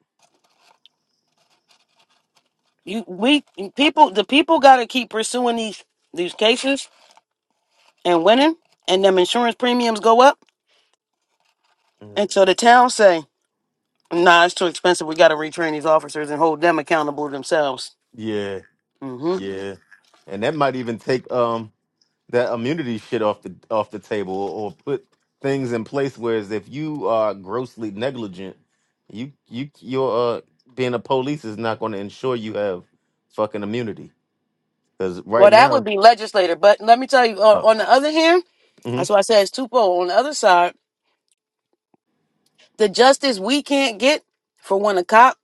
S1: You we people the people got to keep pursuing these these cases and winning, and them insurance premiums go up,
S3: Mm.
S1: and so the town say, "Nah, it's too expensive. We got to retrain these officers and hold them accountable themselves."
S3: Yeah,
S1: hmm
S3: yeah. And that might even take um that immunity shit off the off the table or put things in place whereas if you are grossly negligent you you your uh being a police is not going to ensure you have fucking immunity because
S1: Well,
S3: right
S1: that would
S3: now
S1: be legislator, but let me tell you.
S3: oh
S1: On, on the other hand,
S3: mhm,
S1: that's why I said it's twofold. On the other side, the justice we can't get for when a cop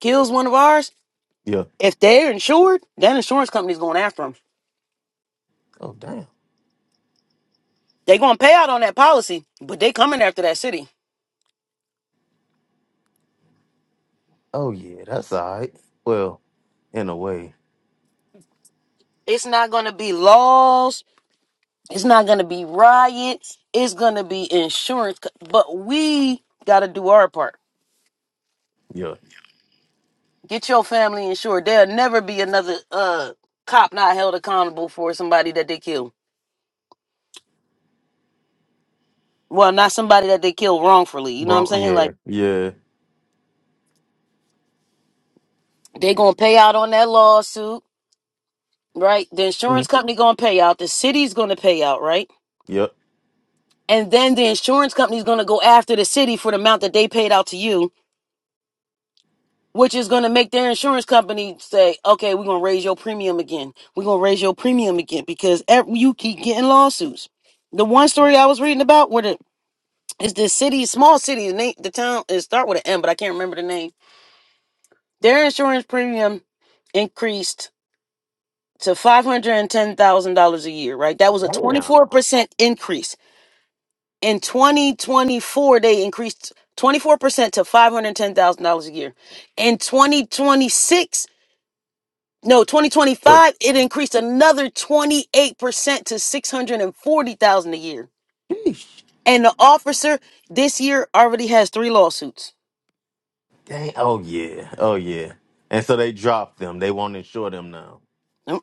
S1: kills one of ours
S3: yeah
S1: If they're insured, that insurance company's going after them.
S3: oh damn
S1: They're going to pay out on that policy, but they coming after that city.
S3: oh yeah that's all right well in a way
S1: It's not going to be laws. It's not going to be riots. It's going to be insurance. co- But we got to do our part.
S3: yeah
S1: Get your family insured. There'll never be another uh cop not held accountable for somebody that they killed. Well, not somebody that they killed wrongfully. You know what I'm
S3: wrong
S1: saying?
S3: yeah
S1: Like
S3: yeah,
S1: they
S3: yeah.
S1: gonna pay out on that lawsuit, right? The insurance
S3: Mhm,
S1: company gonna pay out. The city's gonna pay out, right?
S3: yep
S1: and then the insurance company is going to go after the city for the amount that they paid out to you which is going to make their insurance company say okay we're going to raise your premium again we're going to raise your premium again because ev- you keep getting lawsuits the one story i was reading about where the is this city small city the, name, the town it start with an m but i can't remember the name their insurance premium increased to $510000 a year right that was a
S3: damn
S1: 24% increase In 2024, they increased 24% to $510,000 a year. In 2026, no,
S3: oh,
S1: 2025, it increased another 28% to 640,000 a year.
S3: sheesh.
S1: And the officer this year already has three lawsuits.
S3: dang oh yeah oh yeah and so they dropped them they won't insure them now
S1: Mm.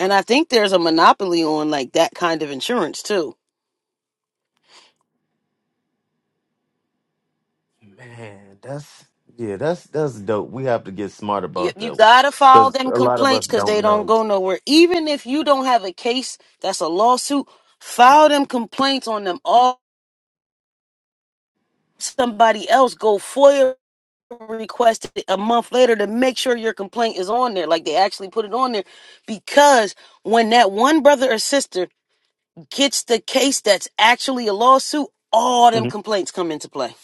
S1: And I think there's a monopoly on like that kind of insurance too.
S3: Man, that's yeah, that's that's dope. We have to get smart
S1: You,
S3: about
S1: you
S3: that
S1: gotta file
S3: because
S1: them
S3: a lot of us
S1: complaints because they
S3: don't
S1: don't
S3: know.
S1: go nowhere. Even if you don't have a case that's a lawsuit, file them complaints on them all somebody else go FOIA request it a month later to make sure your complaint is on there. Like they actually put it on there because when that one brother or sister gets the case that's actually a lawsuit, all them complaints come into play.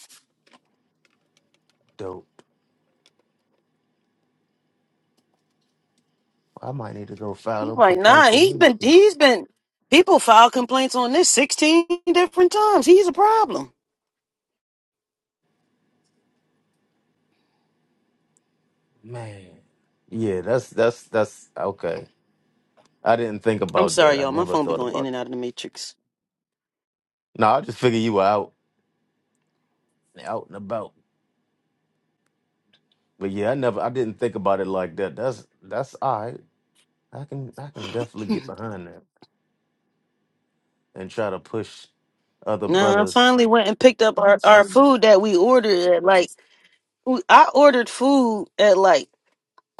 S1: I'm Like, nah, he's been he's been people file complaints on this 16 different times. He's a problem.
S3: Man, yeah, that's that's that's okay. I didn't think
S1: I'm
S3: about that.
S1: sorry,
S3: I
S1: y'all. My
S3: never
S1: phone be
S3: thought
S1: going in
S3: about
S1: and
S3: it.
S1: out of the matrix.
S3: No, I just figured you were out out and about. But yeah, I never I didn't think about it like that. That's that's all right. I can I can definitely get behind that and try to push other
S1: No, I
S3: brothers
S1: finally went and picked up our, our
S3: sisters.
S1: food that we ordered at like we- I ordered food at like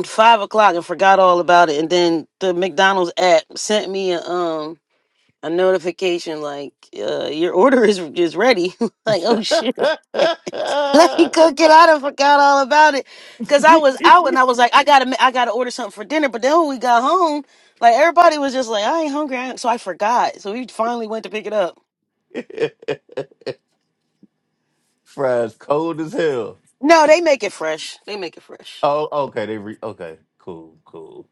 S1: five o'clock and forgot all about it. And then the McDonald's app sent me a um a notification like uh, your order is is ready. like oh shit. Let me cook it. I done forgot all about it, cause I was out and I was like, I gotta, ma- I gotta order something for dinner. But then when we got home, like everybody was just like, I ain't hungry, I ain't- so I forgot. So we finally went to pick it up.
S3: Fries cold as hell.
S1: No, they make it fresh. They make it fresh.
S3: Oh, okay. They re okay. Cool, cool.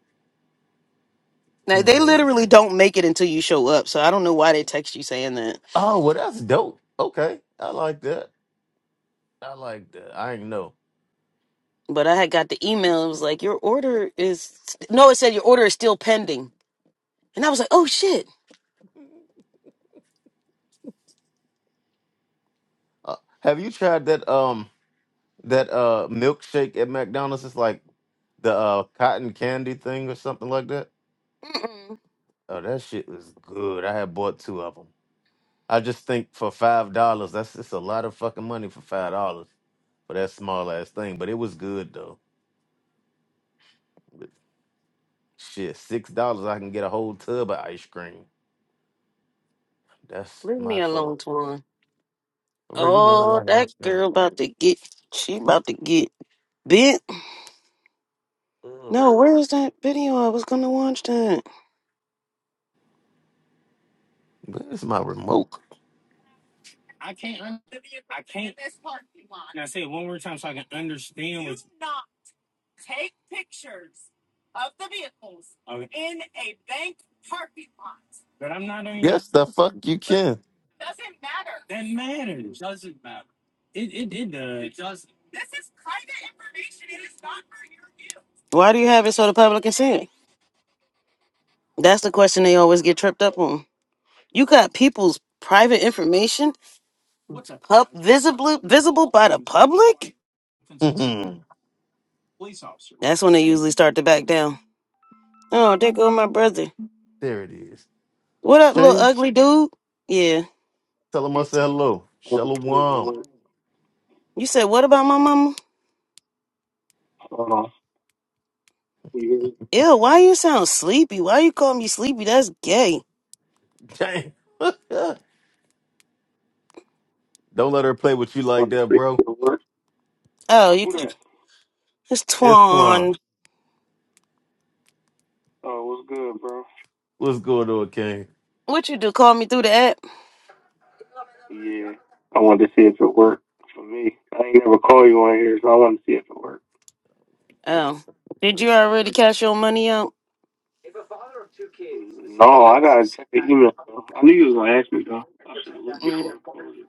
S1: Now, they
S3: Man.
S1: literally don't make it until you show up. So I don't know why they text you saying that.
S3: Oh, well, that's dope. Okay, I like that. I like that. I ain't know.
S1: but I had got the email. It was like, your order is, no, it said your order is still pending. And I was like, oh shit.
S3: Uh, have you tried that um that uh milkshake at McDonald's? It's like the uh cotton candy thing or something like that.
S1: Mm-mm.
S3: Oh, that shit was good. I had bought two of them. I just think for five dollars, that's just a lot of fucking money for five dollars for that small ass thing. But it was good though. Shit, six dollars I can get a whole tub of ice cream. That's
S1: Leave
S3: my
S1: me
S3: thought.
S1: alone, Twan.
S3: Where you know I
S1: Oh,
S3: like
S1: that
S3: ice cream.
S1: girl about to get, she about to get bit.
S3: Ugh.
S1: No, where is that video? I was going to watch that.
S3: Where's my remote? Yes, the fuck you can.
S1: Why do you have it so the public can see it? That's the question they always get tripped up on. You got people's private information pub- visible, visible by the public?
S3: Mhm.
S1: That's when they usually start to back down. Oh, there go my brother.
S3: there it is.
S1: What up, little
S3: Shane,
S1: ugly dude? Yeah.
S3: tell him I said hello. Shalom.
S1: You said, what about my mama? Ew, why you sound sleepy? Why you call me sleepy? That's gay.
S3: Dang. Don't let her play with you like that, bro.
S1: Oh, you. Who that? It's
S3: It's fun.
S1: Twan. Oh, what's good, bro?
S3: What's going on, King?
S1: What you do? Call me through the app? Yeah, I wanted to see if it worked for me. I ain't never call you on here, so I wanted to see if it worked. Oh. Did you already cash your money out? No, I gotta check the email. Though. I knew you was gonna ask me though. I should have looked Mm. before I called you.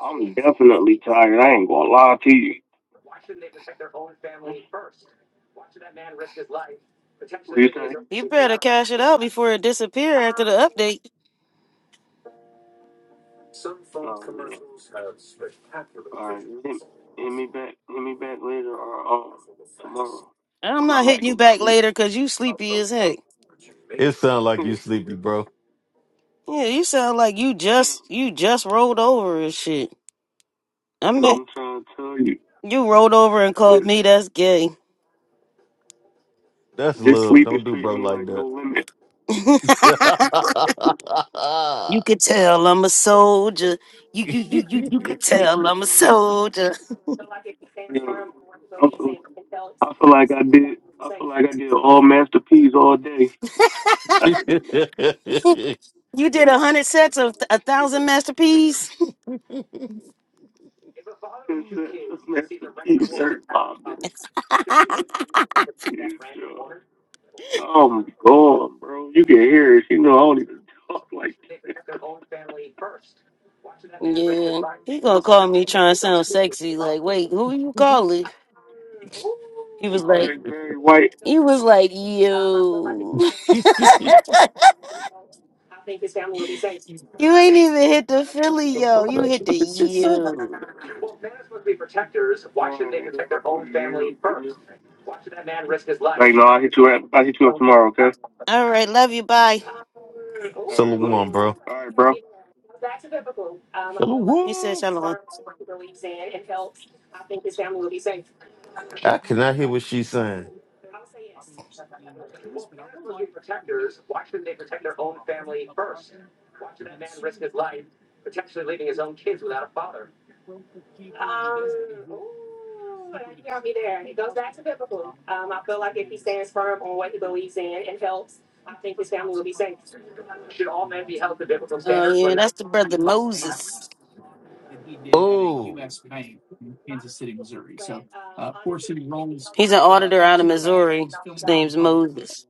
S1: I'm definitely tired. I ain't gonna lie to you. What do you say? You better cash it out before it disappear after the update. Oh yeah. All right. Hit, hit me back. Hit me back later or um tomorrow. I'm Cause not I'm hitting you actually back asleep. later because you sleepy as heck.
S3: It sound like you sleepy, bro.
S1: Yeah, you sound like you just you just rolled over and shit. I'm I'm trying to tell you. you rolled over and called This me. That's gay.
S3: That's
S1: this
S3: love.
S1: sleep is
S3: Don't do
S1: treating
S3: bro
S1: me
S3: like
S1: like no limit.
S3: that.
S1: you could tell I'm a soldier. You you you you
S3: Salute
S1: you could tell I'm a soldier. Yeah, I feel, I feel like I did. I feel like I did all masterpiece all day. I did you did a hundred sets of a thousand masterpiece. ten sets of masterpiece. Eric Poppins. Huge job. I'm gone, bro. You can hear it. You know I don't even talk like that. Yeah, he gonna call me trying to sound sexy. Like, wait, who you calling? He was like, Like Barry White. he was like, you. You ain't even hit the Philly, yo. You hit the U. Right. You. Like, no, I'll hit you up. I'll hit you up tomorrow, okay? All right, love you. Bye. All right, love
S3: one,
S1: you.
S3: bro.
S1: All right, bro.
S3: Salute
S1: He said
S3: one.
S1: shalom.
S3: I cannot hear what she's saying.
S1: Oh yeah, that's the brother Moses.
S3: Oh,
S1: He's an auditor out of Missouri. His name's Moses.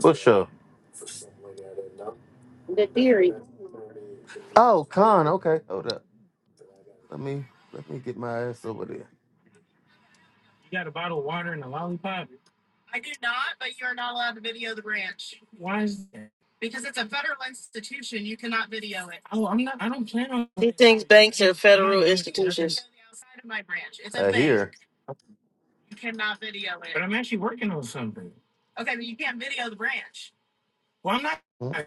S3: for sure. Oh, Con. Okay, hold up. Let me let me get my ass over there.
S1: He thinks banks are federal institutions.
S3: I hear. Mm,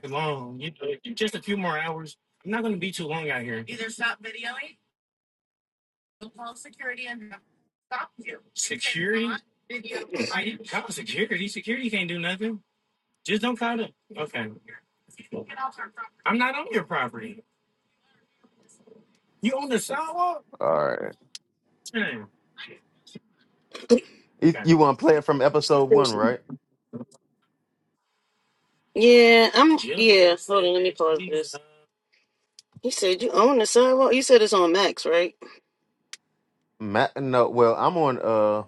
S3: All right. You, you want to play it from episode one, right?
S1: Yeah, I'm. Yeah, hold on. Let me pause this. He said you own the sidewalk. You said it's on Max, right?
S3: Matt, no. Well, I'm on. Uh,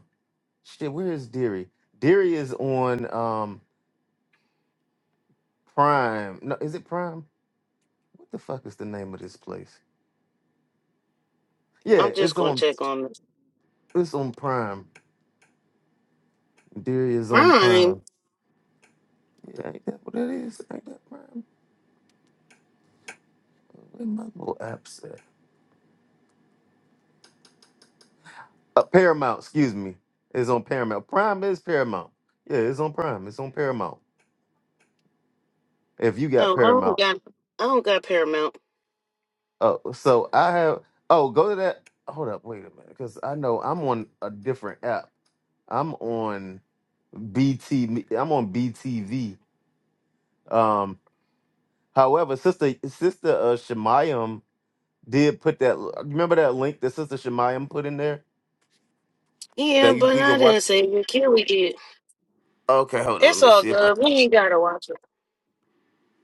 S3: shit. Where is Deary? Deary is on. Um. Prime. No, is it Prime? What the fuck is the name of this place? Yeah, it's on
S1: Oh,
S3: it's on Prime. Dairy is on Prime. Yeah, ain't that what that is? Ain't that Prime? Where my little app at? Uh, Paramount, excuse me. It's on Paramount. Prime is Paramount. Yeah, it's on Prime. It's on Paramount. If you
S1: I
S3: got
S1: don't
S3: Paramount.
S1: got. I don't got Paramount.
S3: Oh, so I have oh, go to that. Hold up, wait a minute. Because I know I'm on a different app. I'm on BT I'm on BTV. Um. However, sister sister uh, Shemayim did put that. Remember that link that sister Shemayim put in there
S1: Yeah,
S3: that you
S1: but
S3: we
S1: I
S3: could watch.
S1: didn't say you can we get.
S3: Okay, hold on. Let
S1: It's
S3: me
S1: all
S3: see if I
S1: good.
S3: can
S1: We ain't gotta watch it.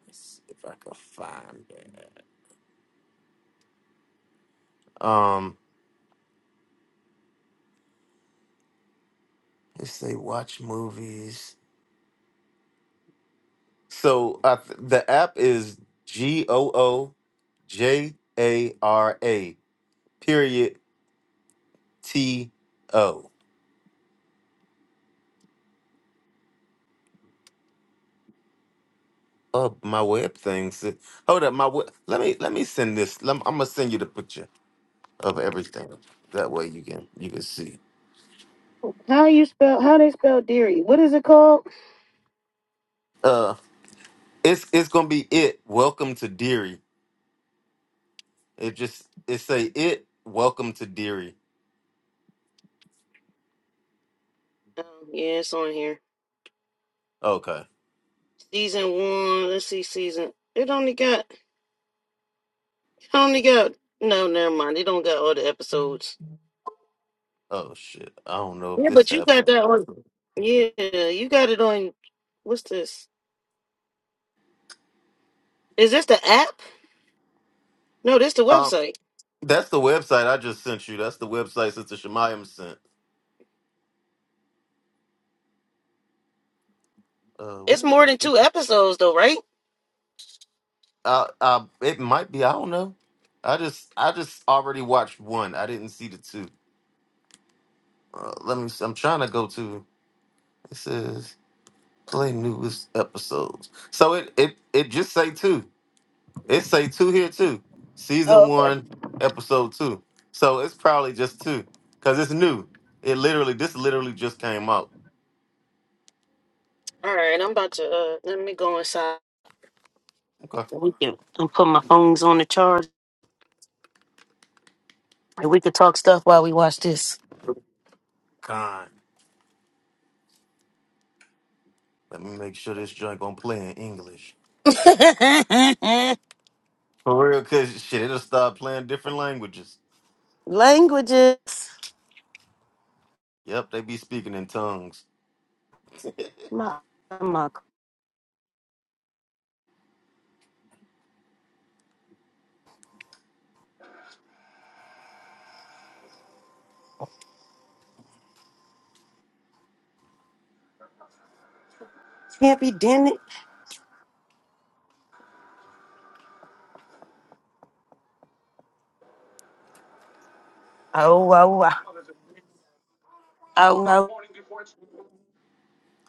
S3: let's see if I can find it. Um, let's say watch movies. So uh, the app is G O O J A R A period T O. Oh, my web things. Hold up, my web. Let me let me send this. Let I'm gonna send you the picture. of everything. That way you can you can see.
S1: How you spell? How they spell dairy? What is it called?
S3: Uh it's it's gonna be it. Welcome to Deary. It just it say it welcome to Deary.
S1: Um, yeah, it's on here.
S3: Okay.
S1: Season one. Let's see, season. It only got. It only got. No, never mind. It don't got all the episodes.
S3: Oh shit. I don't know if
S1: Yeah,
S3: this
S1: but you got
S3: happened.
S1: that on. Yeah, you got it on. What's this? Is this the app? No, this the
S3: Um
S1: website.
S3: that's the website I just sent you. That's the website Sister Shemayim sent. Uh
S1: It's
S3: where
S1: more
S3: is
S1: than
S3: it?
S1: two episodes though, right?
S3: Uh uh it might be, I don't know. I just I just already watched one. I didn't see the two. Uh, let me I'm trying to go to it says play newest episodes. So it it it just say two. It say two here too. Season
S1: Oh, okay.
S3: one, episode two. So it's probably just two. Cause it's new. It literally this literally just came out.
S1: All right, I'm about to. Uh, let me go inside.
S3: Okay.
S1: so We can. I'm putting my phones on the charge. And we could talk stuff while we watch this.
S3: God. Let me make sure this joint gonna play in English. For real, cause shit, it'll start playing different languages.
S1: Languages.
S3: Yep, they be speaking in tongues.
S1: My, my.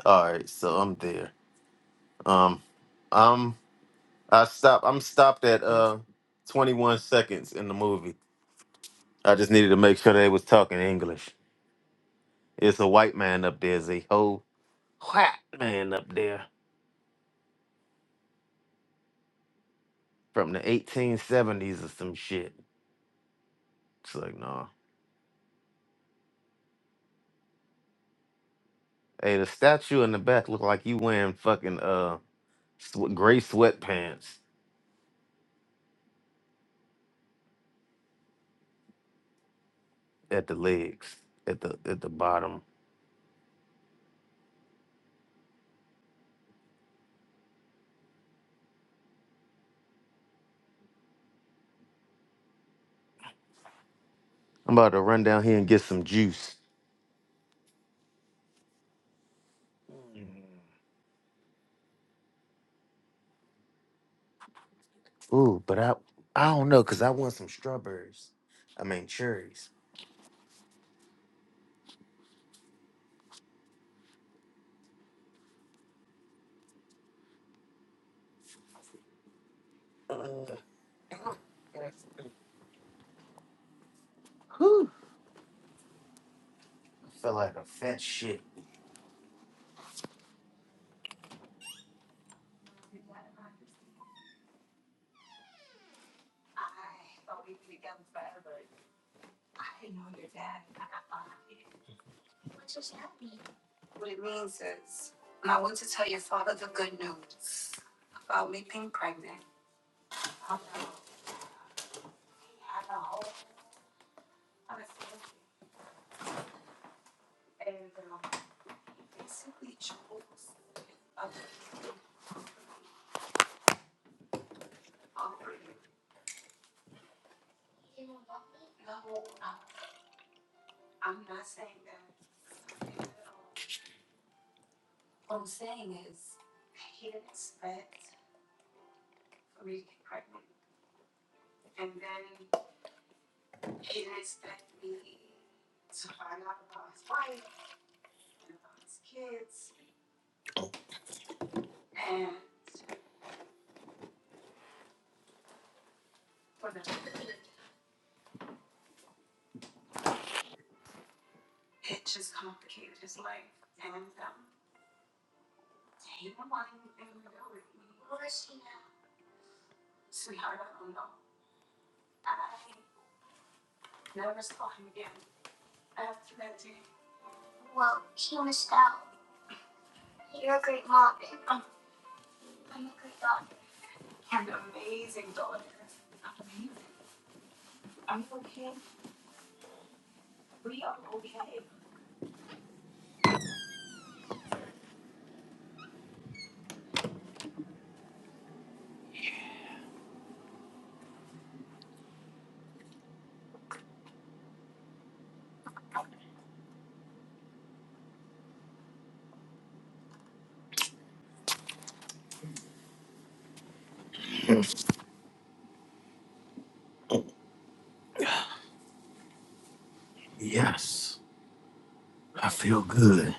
S3: Alright, so I'm there. Um I'm I stop I'm stopped at uh 21 seconds in the movie. I just needed to make sure they was talking English. It's a white man up there, Z. whack man up there from the 1870s or some shit. It's like, nah. Hey, the statue in the back look like you wearing fucking uh sw- gray sweatpants at the legs, at the at the bottom. I'm about to run down here and get some juice. Ooh, but I I don't know because I want some strawberries. I mean cherries. I feel like a fat shit. I feel good.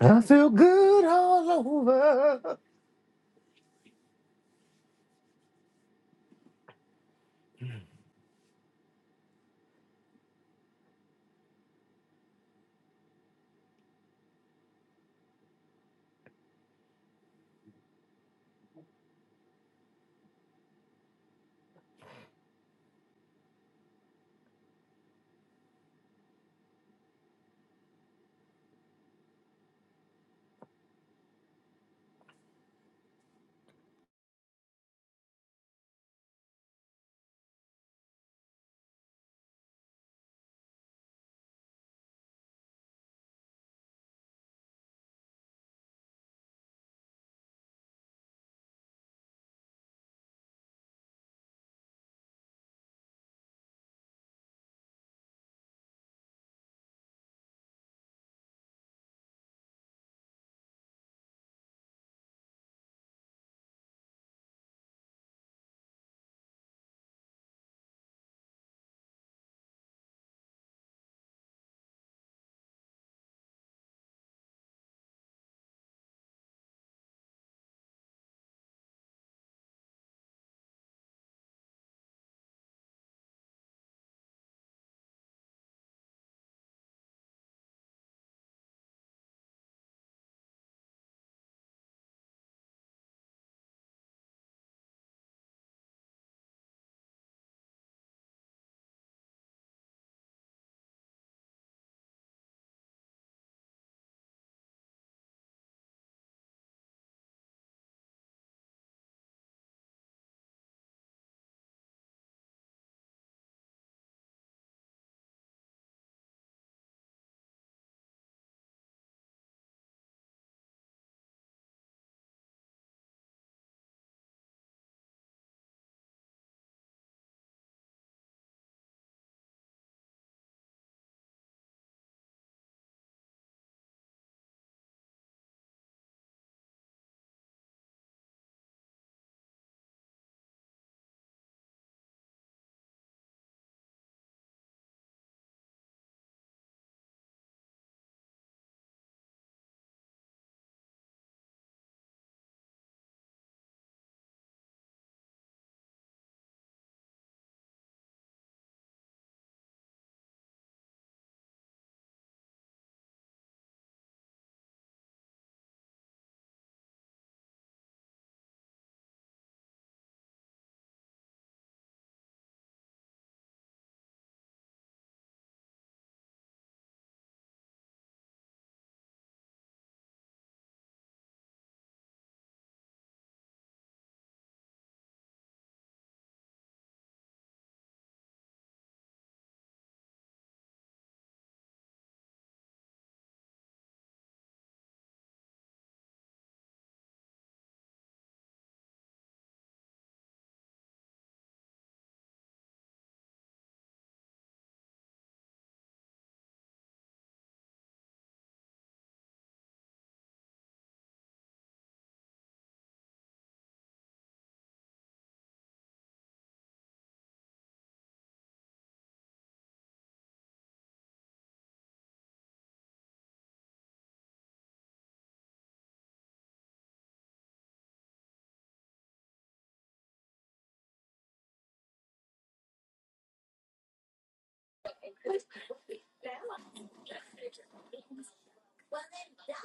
S3: I feel good all over.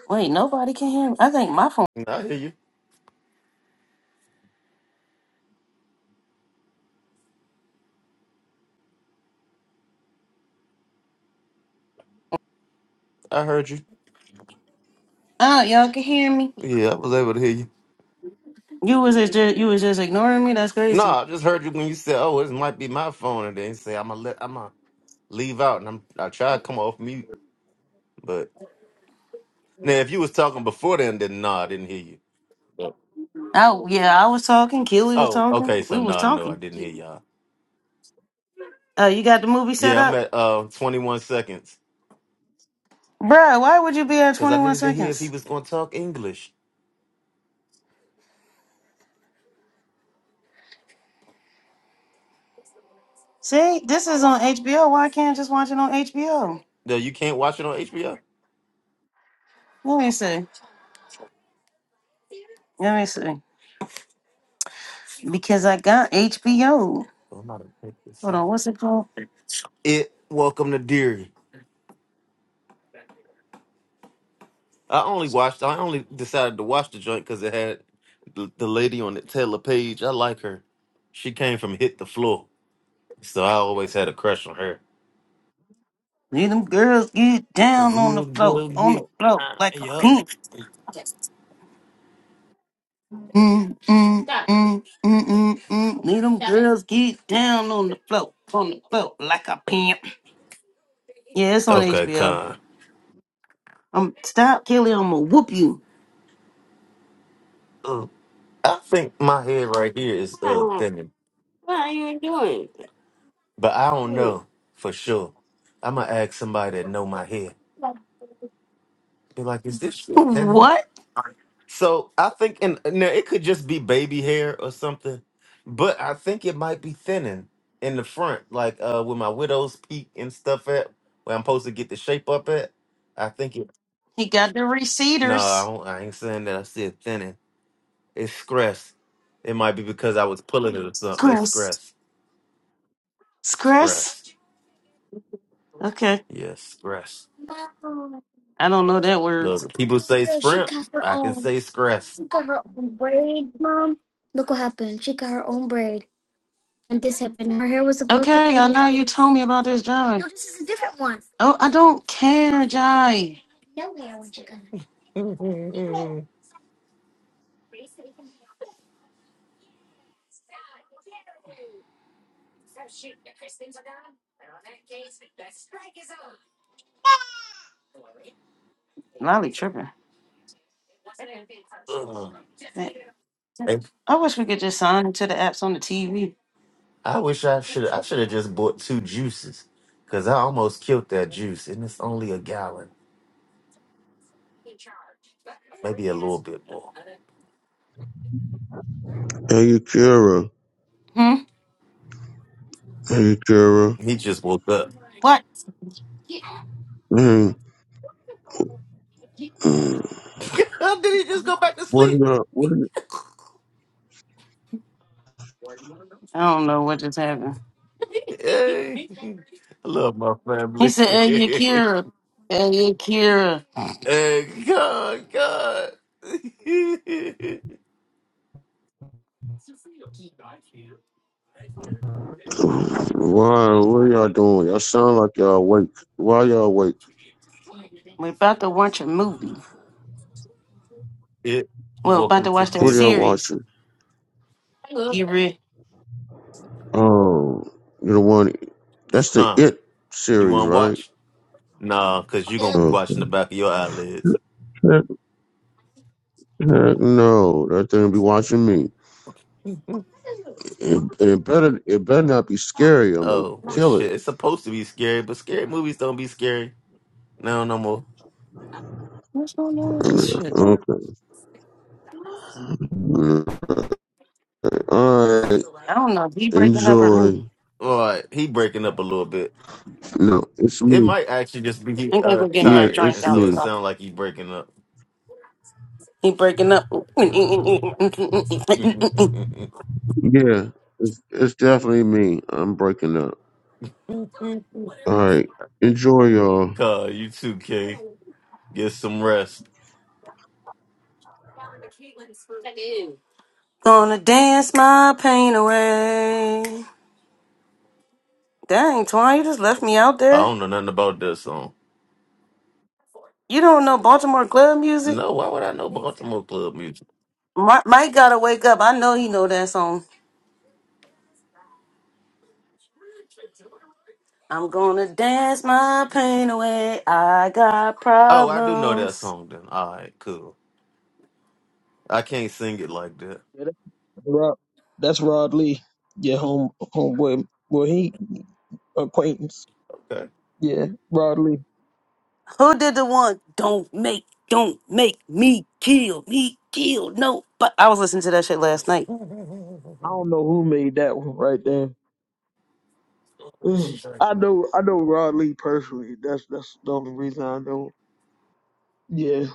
S1: Wait, nobody can hear me. I think my phone.
S3: I hear you. I heard you.
S1: Oh, y'all can hear me.
S3: Yeah, I was able to hear you.
S1: You was just you was just ignoring me. That's
S3: No,
S1: crazy.
S3: I just heard you when you said, "Oh, this might be my phone," and then you say, "I'm gonna let, I'm gonna leave out," and I'm I try to come off mute, but now if you was talking before then, then no, I didn't hear you. Yep.
S1: Oh yeah, I was talking. Keely was
S3: Oh,
S1: talking.
S3: okay,
S1: We
S3: so
S1: was
S3: no, no, I
S1: talking.
S3: didn't hear y'all.
S1: Oh, you got the movie set
S3: Yeah, I'm
S1: up,
S3: at uh 21 seconds
S1: Bruh, Why would you be at
S3: because I
S1: twenty one
S3: needed to hear if he
S1: seconds?
S3: was gonna talk English.
S1: See, this is on HBO. Why can't I just watch it on HBO?
S3: No, you can't watch it on HBO.
S1: Let me see. Let me see. Because I got HBO.
S3: Oh, I'm not gonna pick this
S1: Hold on.
S3: song.
S1: What's it called?
S3: It Welcome to Deary. I only watched. I only decided to watch the joint because it had the, the lady on it, Taylor Page. I like her. She came from Hit the Floor. So I always had a crush on her.
S1: Let them girls get down on the
S3: Real
S1: floor,
S3: good
S1: on
S3: big.
S1: the floor
S3: Uh,
S1: like a
S3: yup.
S1: pimp. Mm, mm, Stop. mm, mm, mm, mm. Let them Stop. girls get down on the floor, floor like a pimp. Yeah, it's on
S3: Okay,
S1: HBO.
S3: con.
S1: Um, stop, Kelly. I'm gonna whoop you.
S3: Uh, I think my head right here is uh thinning, but I don't know for sure. I'm gonna ask somebody that know my hair. Be like, is this shit thinning? So I think, and now it could just be baby hair or something, but I think it might be thinning in the front, like uh where my widow's peak and stuff at, where I'm supposed to get the shape up at. I think it.
S1: He got the
S3: No, I,
S1: receders.
S3: don't, I ain't saying that. I said thinning. It's stress. It might be because I was pulling it or something. It's
S1: Scress.
S3: stress.
S1: Scress.
S3: Stress.
S1: Okay,
S3: Yes, stress.
S1: I don't know that word.
S3: Look, people say sprint. I can say stress.
S1: And this happened. Her hair was supposed to Okay, I be. know you told me about this, Jai. No, this is a different one. Oh, I don't care, Jai. Lolly tripping.
S3: Ugh.
S1: Man,
S3: And
S1: I wish we could just sign into the apps on the TV.
S3: I wish I should. I should have just bought two juices because I almost killed that juice, and it's only a gallon, maybe a little bit more.
S5: Hey, you, Kira.
S1: Hmm?
S5: Hey, you, Kira.
S3: He just woke up.
S1: What?
S5: Mm, mm.
S3: Did he just go back to
S5: What are
S3: sleep?
S5: y'all? What are you?
S1: I don't know what just happened.
S3: Hey, I love my
S1: He
S3: family.
S1: said, Hey, Akira. Hey, Akira.
S3: hey, God, God.
S5: Why? What are y'all doing? Y'all sound like y'all awake. Why y'all awake?
S1: We're about to watch a movie.
S3: it.
S1: Well, about
S3: Welcome
S1: to
S3: to
S1: watch that
S5: What are
S3: Divi
S5: y'all
S1: series.
S5: watching?
S1: He re-
S5: Oh, you the one. That's the
S3: Con.
S5: It
S3: You
S5: series,
S3: want to
S5: right?
S3: watch? Nah, because you going to be
S5: Oh.
S3: watching the back of your
S5: Heck
S3: eyelids.
S5: heck no, that thing be watching me. It, it better, it better not be scary. I'm gonna
S3: Oh, well,
S5: kill it.
S3: shit. It's supposed to be scary, but scary movies don't be scary. No, no more.
S5: Okay. All right.
S1: I don't know. If He breaking up or me.
S5: Enjoy.
S3: All right. He breaking up a little bit.
S5: No, it's
S3: It
S5: me.
S3: might actually just be
S1: I'm going to
S3: uh,
S1: go get my
S5: Yeah,
S3: tired,
S1: drink
S5: it's
S3: and
S1: out
S3: so
S1: the
S3: it
S5: me.
S1: car.
S3: sounds like he breaking up.
S1: He breaking up.
S5: Yeah, it's it's definitely me. I'm breaking up.
S3: Cuz,
S5: All right. Enjoy y'all.
S3: you too, K. Get some rest.
S1: Gonna dance my pain away. Dang, Twan, you just left me out
S3: I
S1: there.
S3: don't know nothing about that song.
S1: You don't know Baltimore club music?
S3: No, why would I know Baltimore Club music?
S1: Mike, Mike gotta wake up. I know he know that song. I'm gonna dance my pain away. I got
S3: Oh, I do know that
S1: problems.
S3: song then. All right, cool. I can't sing it like that.
S4: Rob, that's Rod Lee, your home homeboy. Well, well, he acquaintance.
S3: Okay.
S4: Yeah, Rod Lee.
S1: Who did the one? Don't make, don't make me kill me kill. No, but I was listening to that shit last night.
S4: I don't know who made that one right there. Ugh. I know, I know Rod Lee personally. That's that's the only reason I know. Yeah.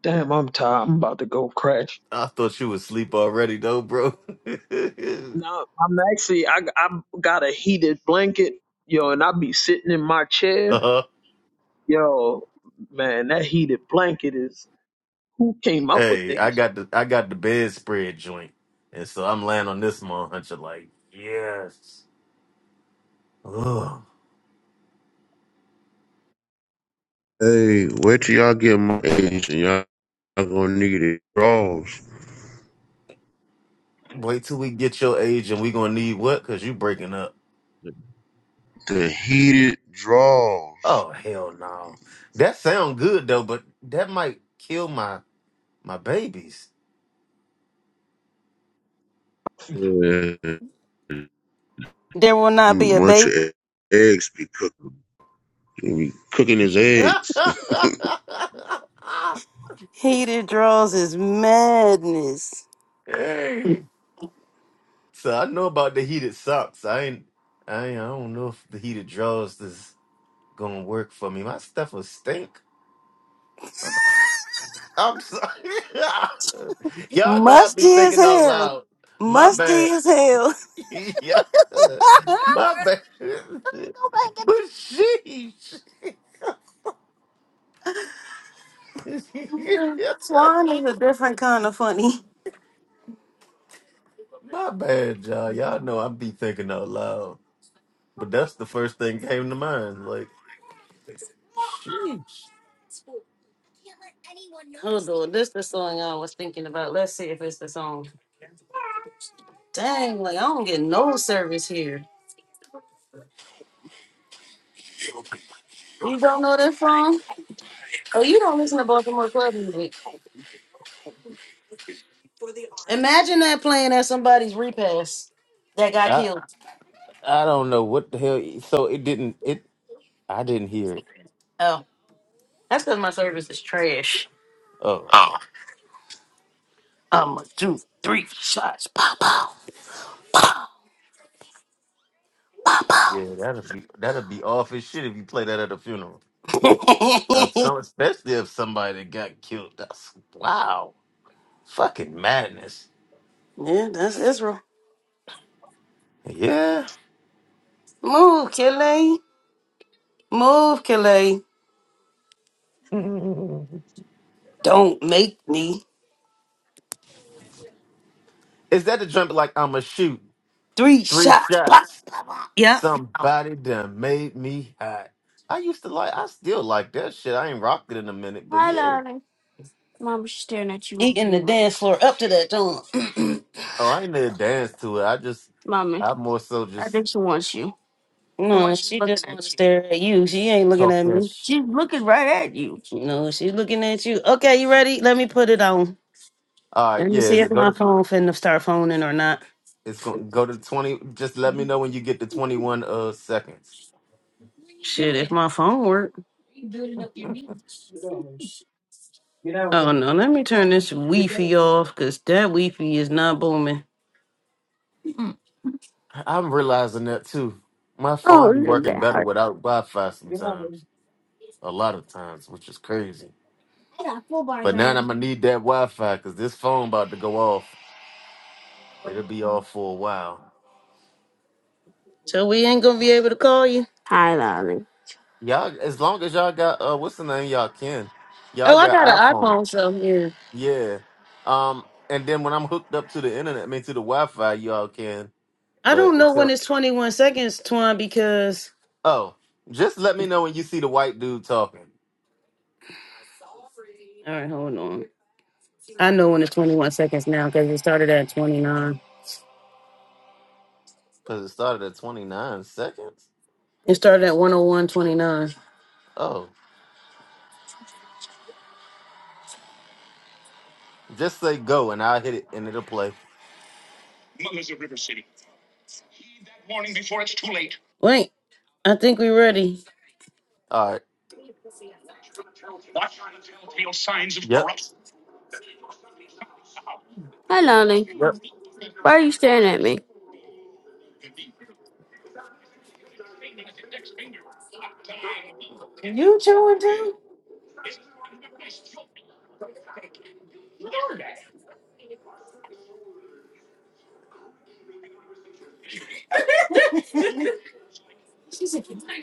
S4: Damn, I'm tired. I'm about to go crash.
S3: I thought you was asleep already though, bro.
S4: No, I'm actually. I I got a heated blanket, yo, and I be sitting in my chair,
S3: uh-huh.
S4: yo. Man, that heated blanket is. Who came up with
S3: Hey, I
S4: these?
S3: got the I got the bedspread joint. And so I'm laying on this hunter like, yes. Ugh.
S5: Hey, wait till y'all get my age and y'all, y'all gonna need it. Draws.
S3: Wait till we get your age and we gonna need what? Cause you breaking up.
S5: The heated draws.
S3: Oh hell no. That sound good though, but that might kill my my babies.
S5: Yeah.
S1: There will not be a
S5: Bunch
S1: baby.
S5: your eggs be cooking. Be cooking his eggs.
S1: He that draws is madness.
S3: hey. So I know about the heated socks. I ain't, I ain't, I don't know if the heated drawers is gonna work for me. My stuff will stink. I'm sorry. Y'all know I be
S1: Musty as
S3: thinking out
S1: hell.
S3: loud. My
S1: Musty
S3: bad.
S1: as hell.
S3: yeah. My bad. but sheesh.
S1: Swan is a different kind of funny.
S3: My bad, y'all. Y'all know I be thinking out loud. But that's the first thing came to mind. Like, sheesh.
S1: Hold on, this the song I was thinking about. Let's see if it's the song. Dang, like I don't get no service here. Imagine that playing at somebody's repass that got killed.
S3: I don't know what the hell. So it didn't. It I didn't hear it.
S1: Oh, that's because my service is trash.
S3: Oh
S1: I'ma do three shots. Pow, pow.
S3: yeah, that'll be that'll be off as shit if you play that at a funeral. Of some, especially if somebody got killed. That's wow, fucking madness.
S1: yeah, that's Israel.
S3: Yeah,
S1: Move, Kelly. Move, Kelly.
S3: Mm.
S1: Don't make me.
S3: is that the trumpet? Like I'ma shoot
S1: Three
S3: three
S1: shots. Pop.
S3: shots.
S1: Yeah.
S3: Somebody done made me hot. I used to like. I still like that shit. I ain't rocked it in a minute, but yeah.
S1: Eating the dance floor up to that, don't.
S3: Oh, I ain't never danced to it. I just, I more so just
S1: No, no, she just want to stare at you. She ain't looking
S3: talk
S1: at
S3: that
S1: me.
S3: shit.
S1: at you. You know, she's looking at you. Okay, you ready? Let me put it on.
S3: All right,
S1: Let me
S3: yeah,
S1: see
S3: it's
S1: if
S3: go
S1: my
S3: to
S1: phone finna start phoning or not.
S3: it's going to go to twenty. Just let me know when you get to twenty one uh seconds.
S1: Shit, if my phone work.
S4: Get out! Get out!
S1: Oh no, let me turn this
S4: Get
S1: Wi-Fi off, cause that Wi-Fi is not booming.
S3: I'm realizing that too. My phone be working better without Wi-Fi
S4: out!
S3: sometimes, a lot of times, which is crazy. But now I'm gonna need that Wi-Fi because this phone about to go off. It'll be off for a while.
S1: So we
S4: Watch
S1: ain't gonna be able to call you.
S3: Y'all, as long as y'all got uh, what's the name? Y'all can. Y'all
S1: Oh, I
S3: got
S1: got an
S3: iPhone.
S1: iPhone, so yeah.
S3: Yeah. Um, and then when I'm hooked up to the internet, I mean to the Wi-Fi, y'all can.
S1: I
S3: But
S1: don't know
S3: until
S1: when it's 21 seconds, Twan, because
S3: Oh, just let me know when you see the white dude talking.
S1: all right, hold on. I know when it's 21 seconds now, cause it started at 29.
S3: Because it started at 29 seconds.
S1: It started at 101.29.
S3: Oh, just say go and I'll hit it and it'll play.
S1: Wait, I think we ready,
S3: All right. Yep. Yep.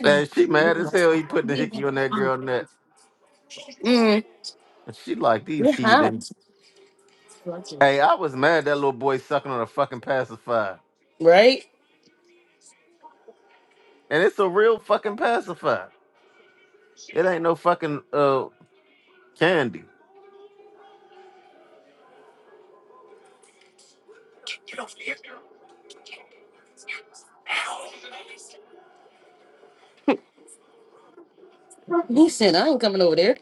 S3: And she mad as hell. He putting the hickey on that girl neck. And she like these heathens. Hey, I was mad that little boy sucking on a fucking pacifier.
S1: right?
S3: And it's a real fucking pacifier. It ain't no fucking uh candy.
S4: it.
S1: He said I ain't coming over there.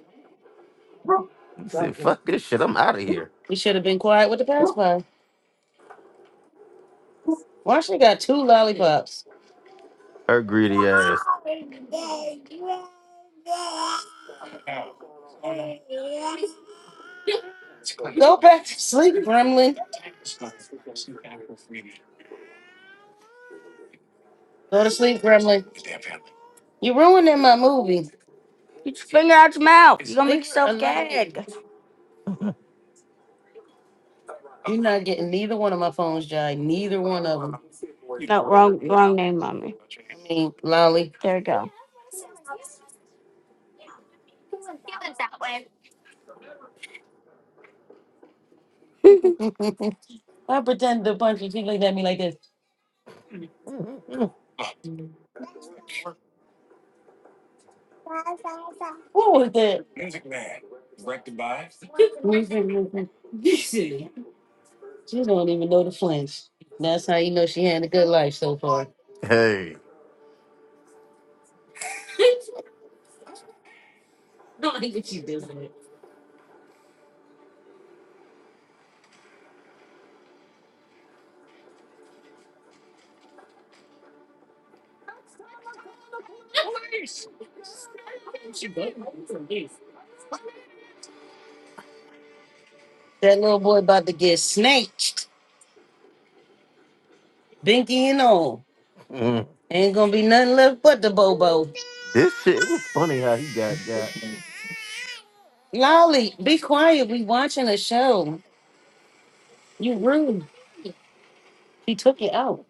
S3: He said, fuck this shit. I'm out of here.
S1: You should have been quiet with the pacifier. Why she got two lollipops?
S3: Her greedy ass.
S1: Go back to sleep, Gremlin. Go to sleep, Gremlin. You ruining my movie. Oh, you're gonna make Leave yourself gag. You're not getting neither one of my phones, Jai. Neither one of them. I mean, Lolly. There you go. I pretend to punch you. She looked at me like this. What was that? She don't even know the flinch. That's how you know she had a good life so far.
S3: Hey.
S1: That little boy about to get snatched, binky and all.
S3: Mm.
S1: Ain't gonna be nothing left but the bobo.
S3: This shit, it was funny how he got got.
S1: Lolly, be quiet. We watching a show. You rude. She took it out.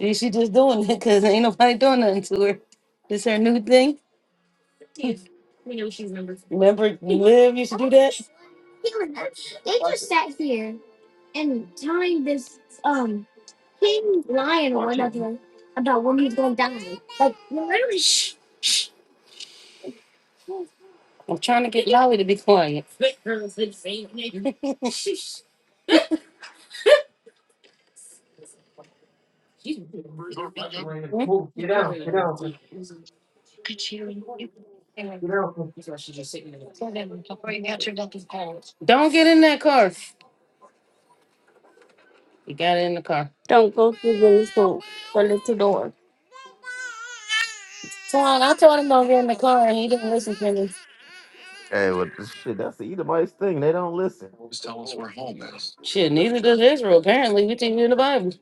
S1: See, she just doing it because ain't nobody doing nothing to her. This her new thing. Remember, Liv used to do that.
S4: Watch it. Watch it, Raymond. Move. Get down. Get down. Get down.
S1: Don't get in that car. He got in the car. Swan, I told him don't get in the car, and he didn't listen to me.
S3: Hey, well, this shit, that's the Edomites thing. They don't listen.
S1: Shit, neither does Israel. Apparently, we teach you in the Bible.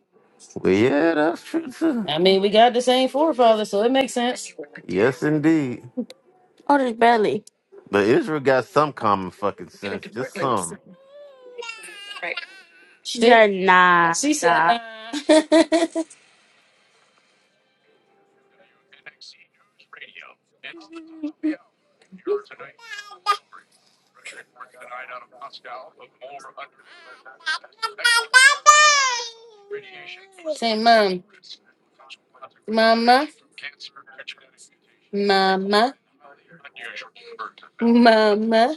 S3: Well, yeah, that's true, too.
S1: I mean, we got the same forefathers, so it makes sense.
S3: Yes, indeed. But Israel got some common fucking sense, just some.
S1: Say, mom, mama, mama. Mama.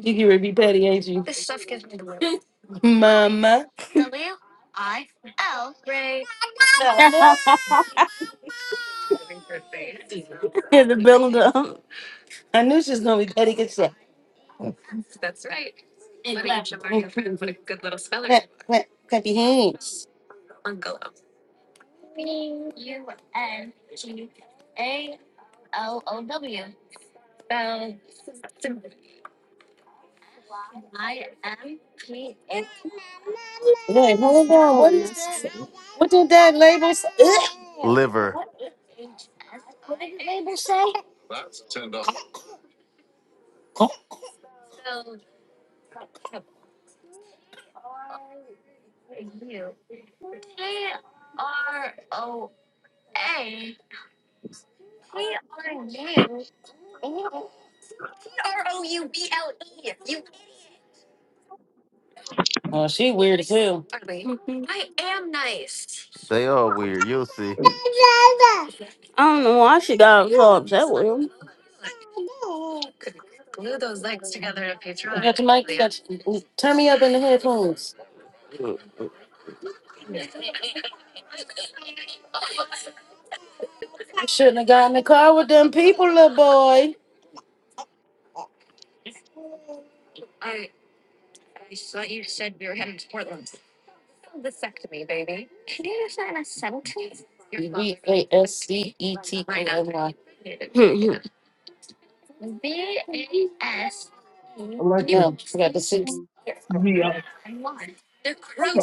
S1: You get ready to be petty, ain't you? Mama. In the build up. I knew she was gonna be petty Good because clap, clap clap your hands.
S3: Liver.
S1: Oh, she weird as hell.
S3: They are weird. You'll see.
S1: I don't know why she got so upset with him. I got your mic. You got your, turn me up in the headphones. I got in the car with them people, little boy.
S4: Alexa, me up. Okay.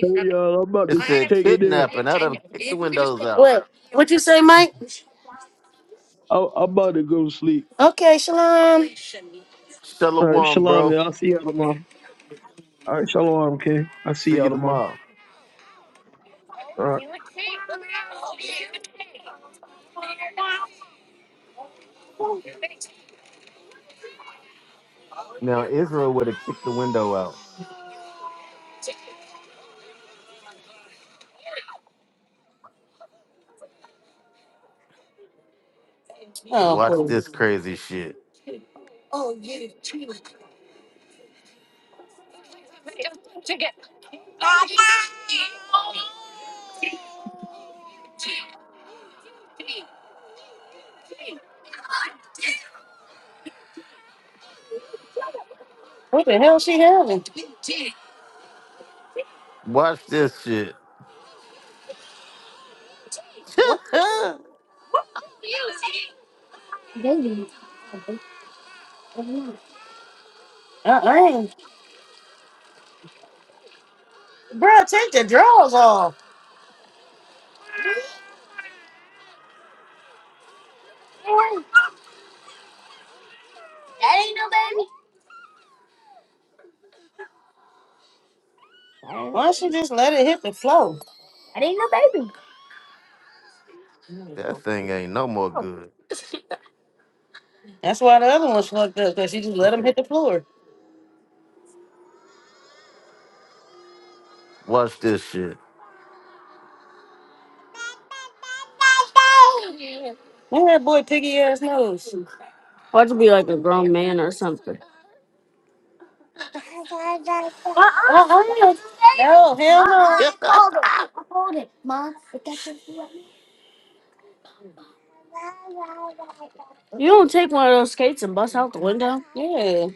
S4: Hey y'all, I'm about
S3: It
S4: to
S3: said
S4: take it in.
S3: kidnapping. I'd have kicked the windows out.
S4: I, I'm about to go to sleep.
S1: Okay, Shalom.
S4: All right.
S3: Shalom,
S4: Shalom,
S3: bro.
S4: y'all. I'll see y'all tomorrow. All right. Shalom, King. I'll see
S3: See you
S4: y'all tomorrow.
S3: tomorrow.
S4: All right.
S3: Now, Israel would have kicked the window out. Watch this crazy shit. Watch this shit. that
S1: Why don't you just let it hit the floor?
S3: thing ain't no more good.
S1: That's why the other one's fucked up because she just let him hit the floor.
S3: Watch this shit.
S1: Man, that boy piggy ass nose. Like a grown man or Hell, You don't take one of those skates and bust out the window. told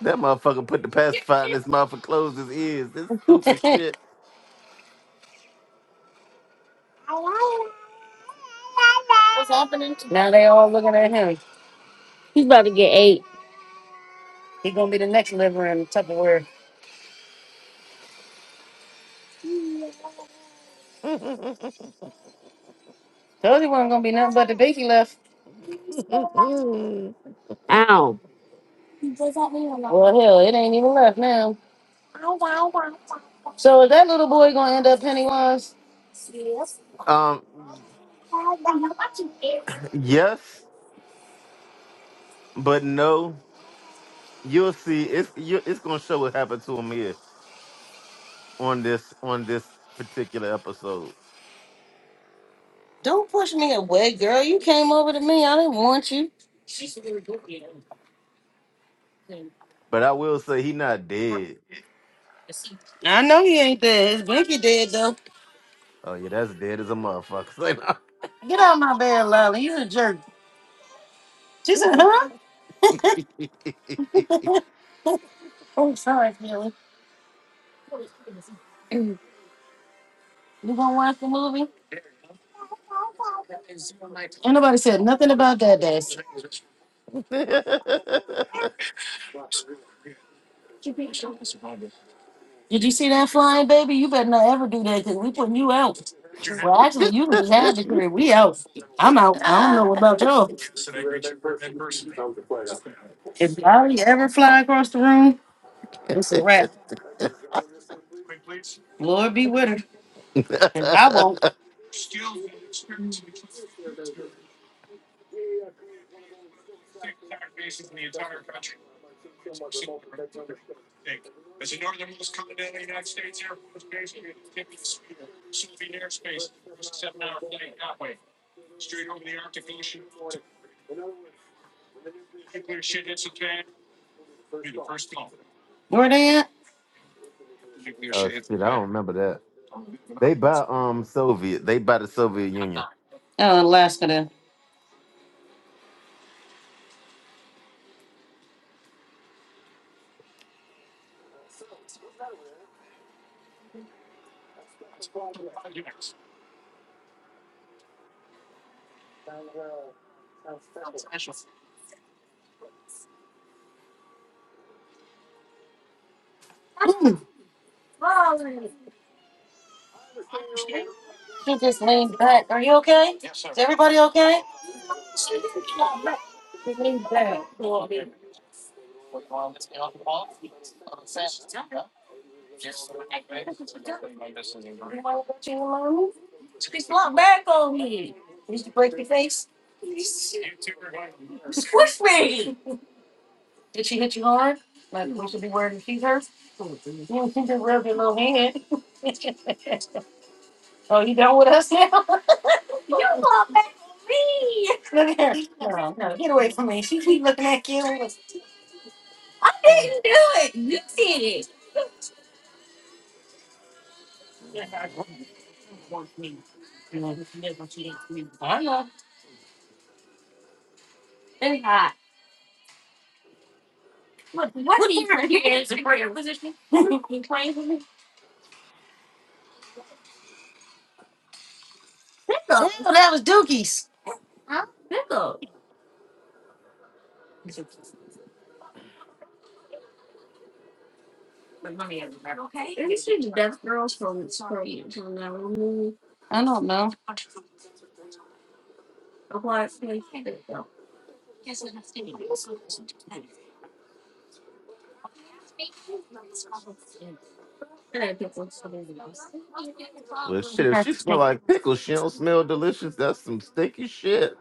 S3: That motherfucker put the pacifier in this motherfucker closed his ears. This stupid shit.
S1: you wasn't gonna be nothing but the best. Well, hell, it ain't even left now. So is that little boy gonna end up Pennywise?
S3: Um, yes, but no. You'll see. It's you, it's gonna show what happened to him here on this on this particular episode.
S1: Don't push me away, girl. You came over to me. I didn't want you.
S3: But I will say he not dead.
S1: I know he ain't dead. His blinky dead though.
S3: Oh yeah, that's dead as a motherfucker.
S1: Get out of my bed, Lolly. You a jerk. Huh? If Lolly ever fly across the room, Lord be with her.
S3: Say no.
S1: Where they at?
S3: oh shit, I don't remember that. They buy um Soviet. They buy the Soviet Union.
S1: Oh, Alaska then.
S3: Well, shit, if she smell like pickles, she don't smell delicious. That's some stinky shit.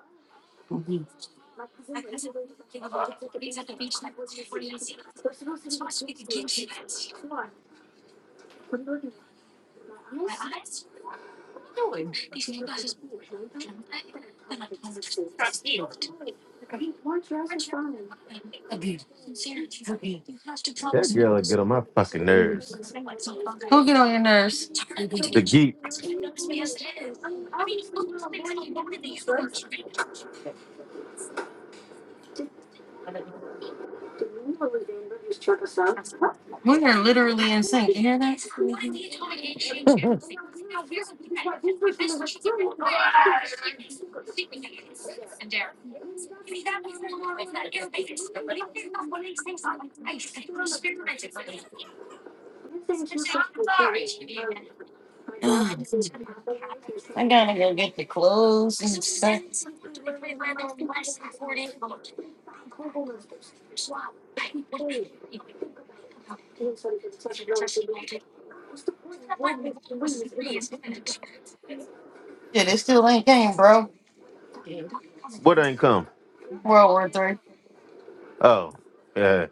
S3: That girl will get on my fucking nerves.
S1: Who get on your nerves?
S3: The geek. What ain't come? Oh, yeah.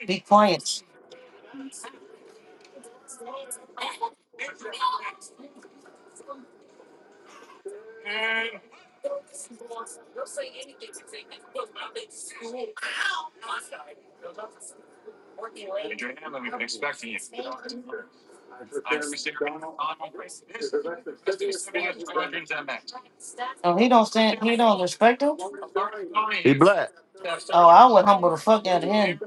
S1: He- Oh, he don't stand. He don't respect him.
S3: He black.
S1: Oh, I would humble the fuck out of him.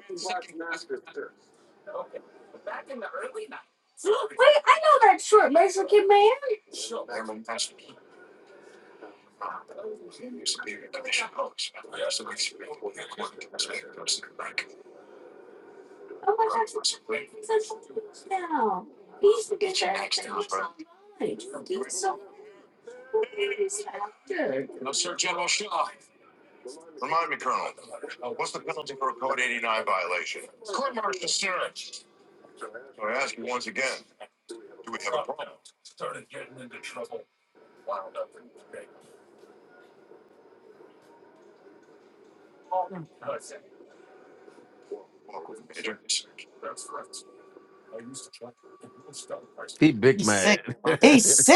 S3: He big man.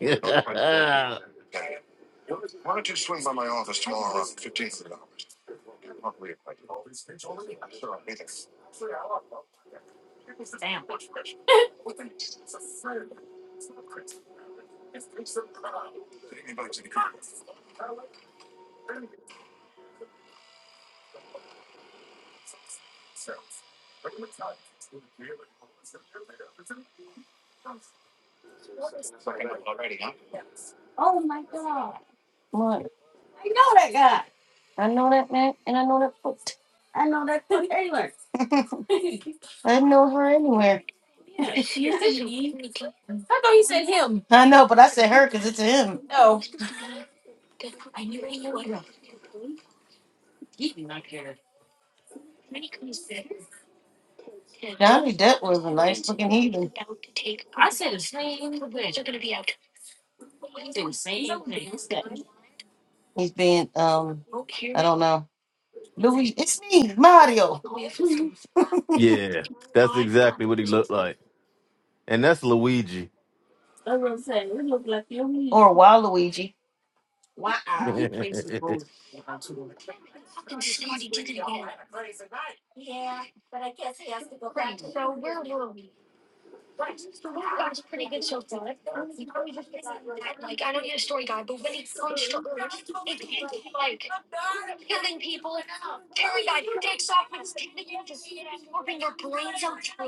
S3: yeah,
S1: I know, but I said her because it's him. Johnny Depp was a nice looking heathen. He's being, um, I don't know. Louis, it's me, Mario, That's
S3: that's exactly what he looked like. And that's Luigi.
S1: what I'm saying. It look like you and me. or Waluigi.
S3: hey,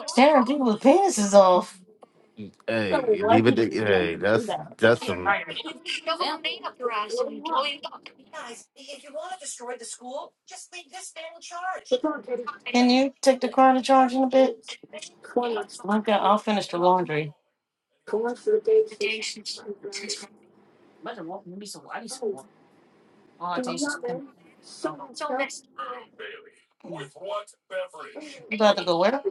S1: Sarah, people's penises off.
S3: leave it. To, hey, that's that's some.
S1: Can you take the car to charge in a bit? I've got, I'll finish the laundry. You about to go where?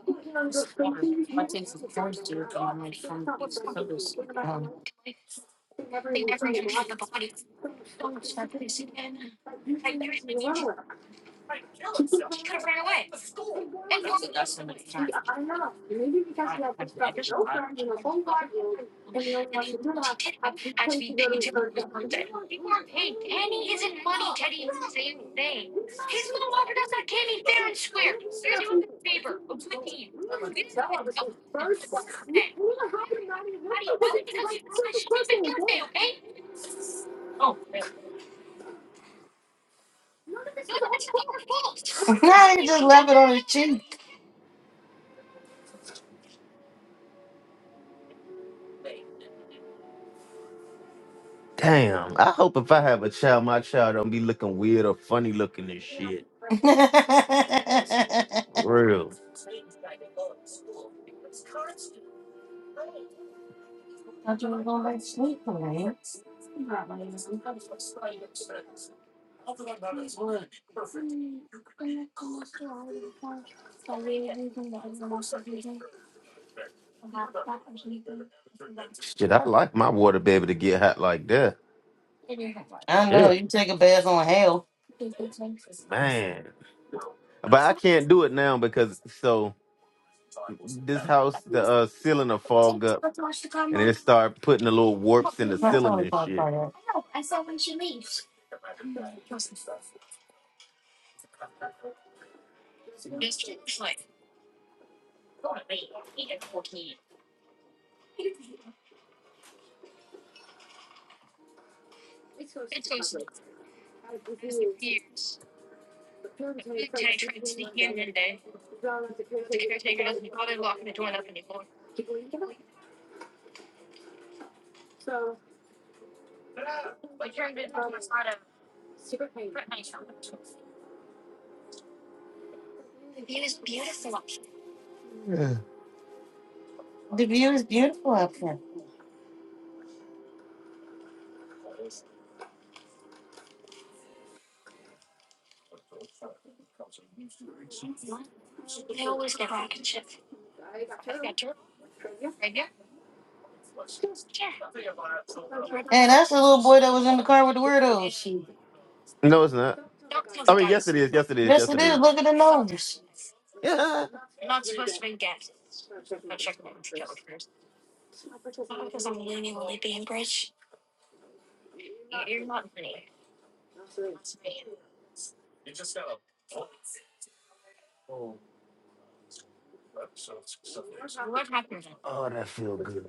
S1: nah, you just left it on his cheek.
S3: Damn. I hope if I have a child, my child don't be looking weird or funny looking and shit.
S1: I
S3: Real. Shit, I like my water baby to get hot like that.
S1: know,
S3: Yeah,
S1: you take a bath on hell.
S3: man. But I can't do it now because so this house the uh, ceiling will fog up and it start putting the little warps in the ceiling and shit.
S1: The view is beautiful up here. Hey, that's the little boy that was in the car with the weirdos.
S3: No, it's not. I mean, yes, it is. Yes, it is.
S1: Yes,
S3: Yes,
S1: it
S3: it
S1: is.
S3: is.
S1: Look at the numbers.
S3: Yeah. Oh, that feel good.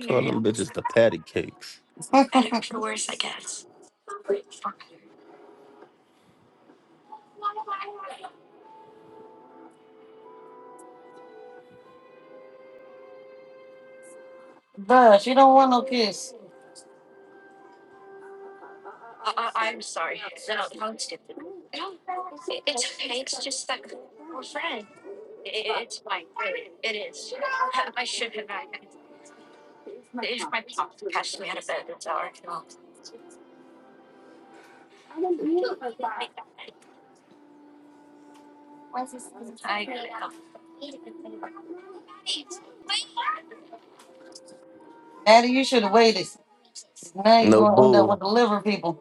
S3: Call them bitches the patty cakes.
S1: Maddie, you should have waited. Now you're
S3: No
S1: going to end up
S3: bull.
S1: with the liver people.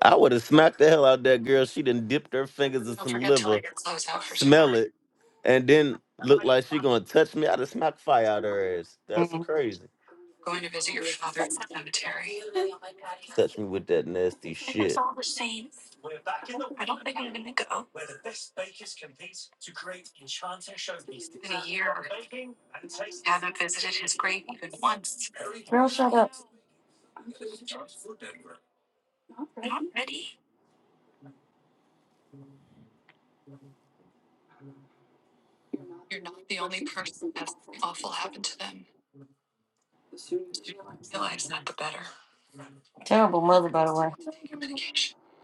S3: I would have smacked the hell out that girl. She done dipped her fingers in some liver smell it, and then look like she gonna touch me. I just smack fire out her ass. That's
S1: Mhm.
S3: crazy. Touch me with that nasty shit.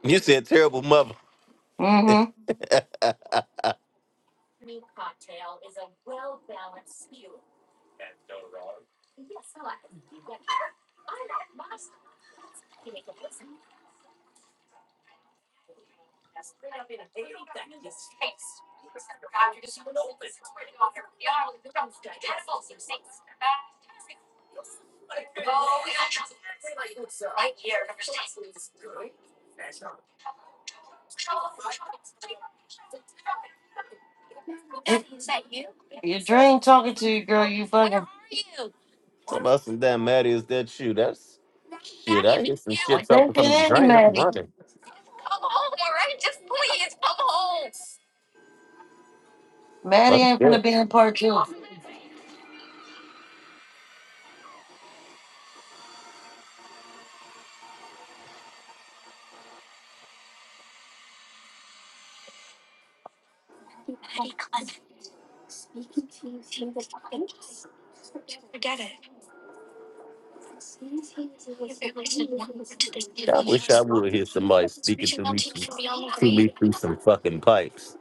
S3: You said terrible mother. talking
S1: It- Your dream talking to you, girl. You fucking.
S3: about some damn Maddie, is that you? That's shit. I hear some shit
S1: I
S3: talking
S1: think
S3: from the
S1: it is
S3: drain. I'm
S1: Maddie.
S3: running.
S1: Maddie
S3: Fuck
S1: ain't going to
S3: that.
S1: be in part two.
S3: Yeah, I wish I would hear somebody speaking to me through, to me through some fucking pipes.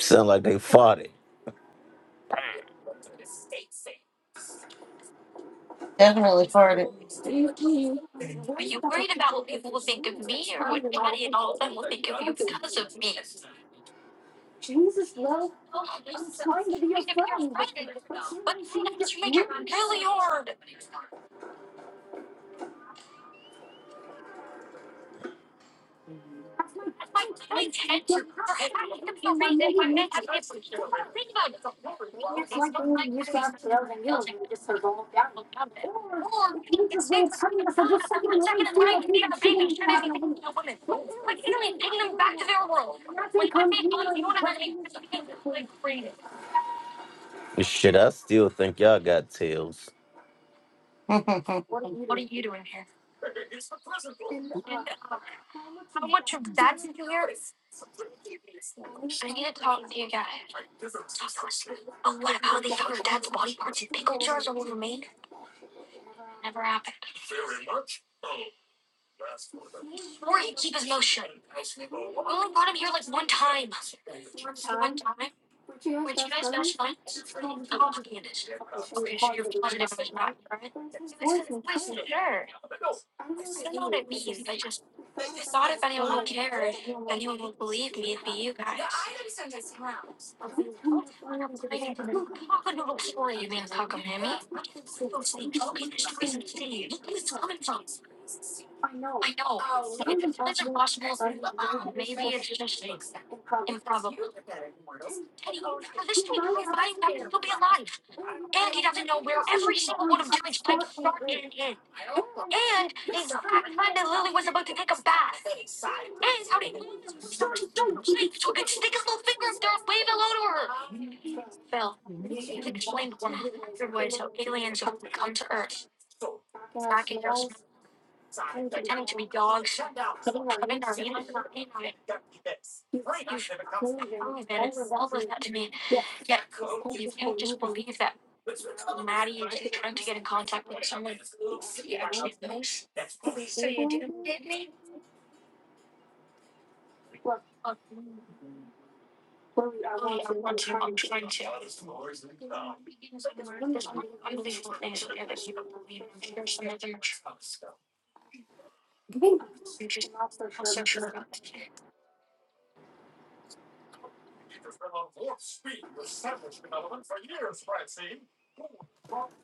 S3: Sound like they farted.
S1: Definitely part it.
S3: Shit, I still think y'all got tails.
S1: Olivia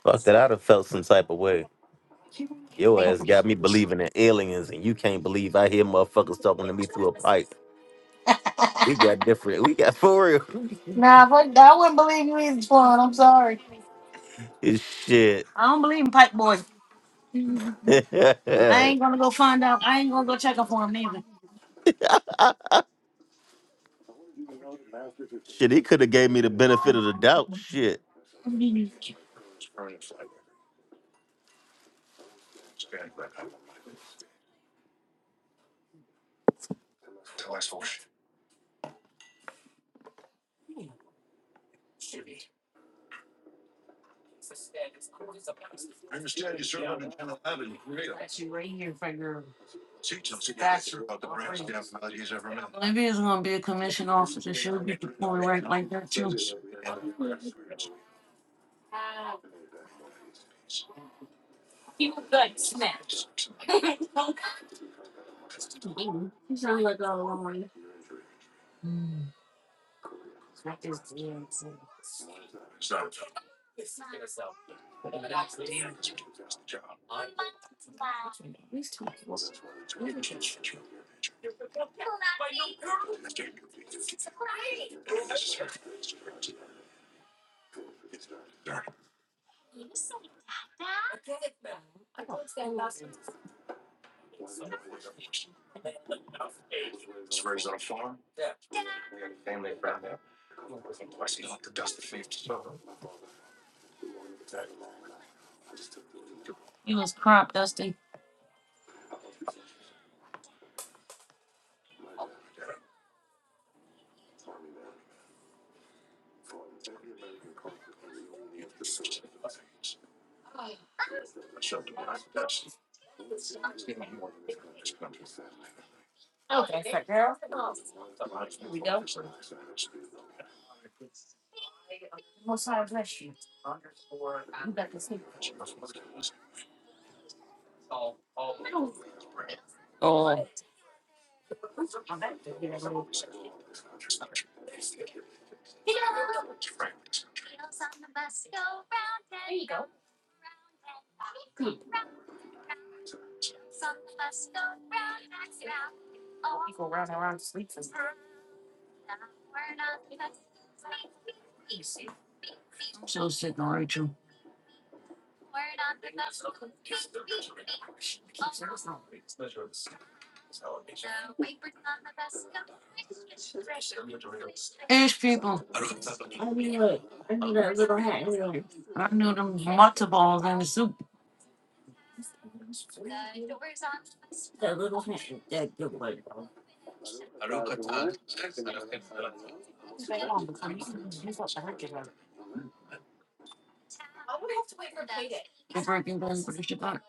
S3: Fuck that. I'd have felt some type of way. Your ass got me believing in aliens, and you can't believe I hear motherfuckers talking to me through a pipe. We got different. We got for real. It's shit. shit, he could have gave me the benefit of the doubt. Shit.
S1: is going to be a commission officer. She'll get the point right like that, too. He was crop dusting. Sitting on Rachel. Ish people. I knew them matzo balls in the soup. That little hand, that good one. The broken down for the Shabbat.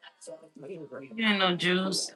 S1: you ain't no juice.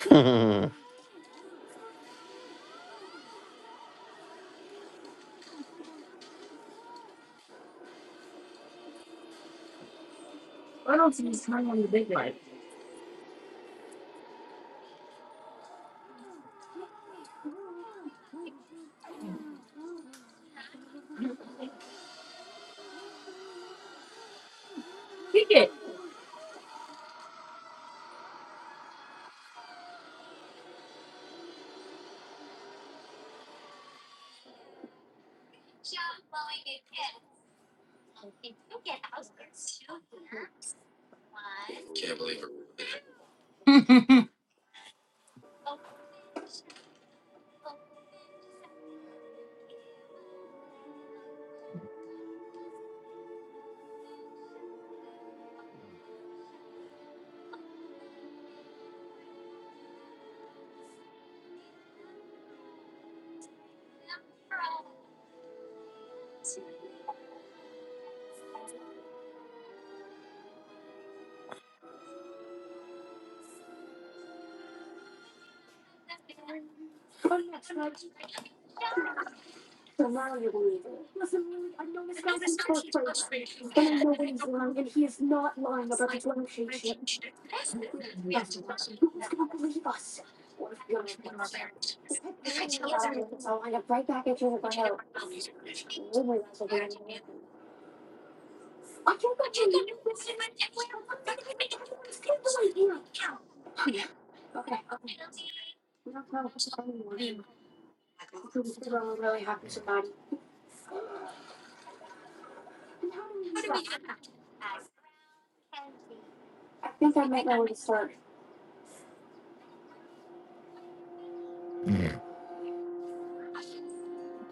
S3: huh?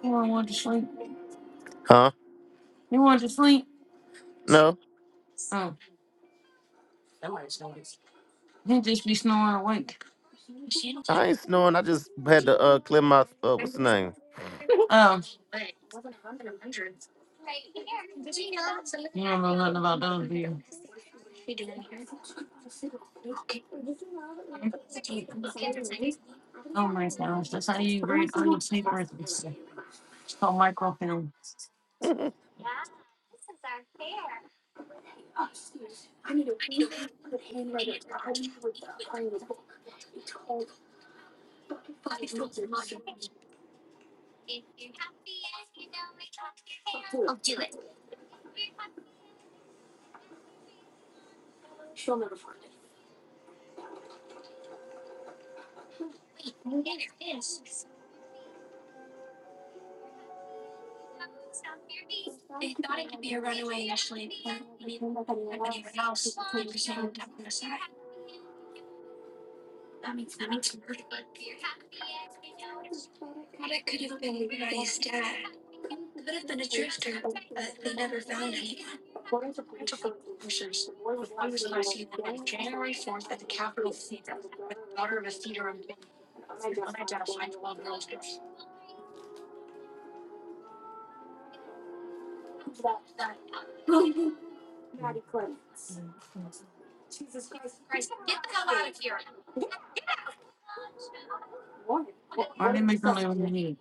S1: You want to want to sleep? You want to sleep?
S3: No,
S1: Oh, he just be snoring awake.
S3: I ain't snoring. I just had to uh, clear my uh, what's the name?
S1: Um, you don't know nothing about those, do you? Or they make them live in the head.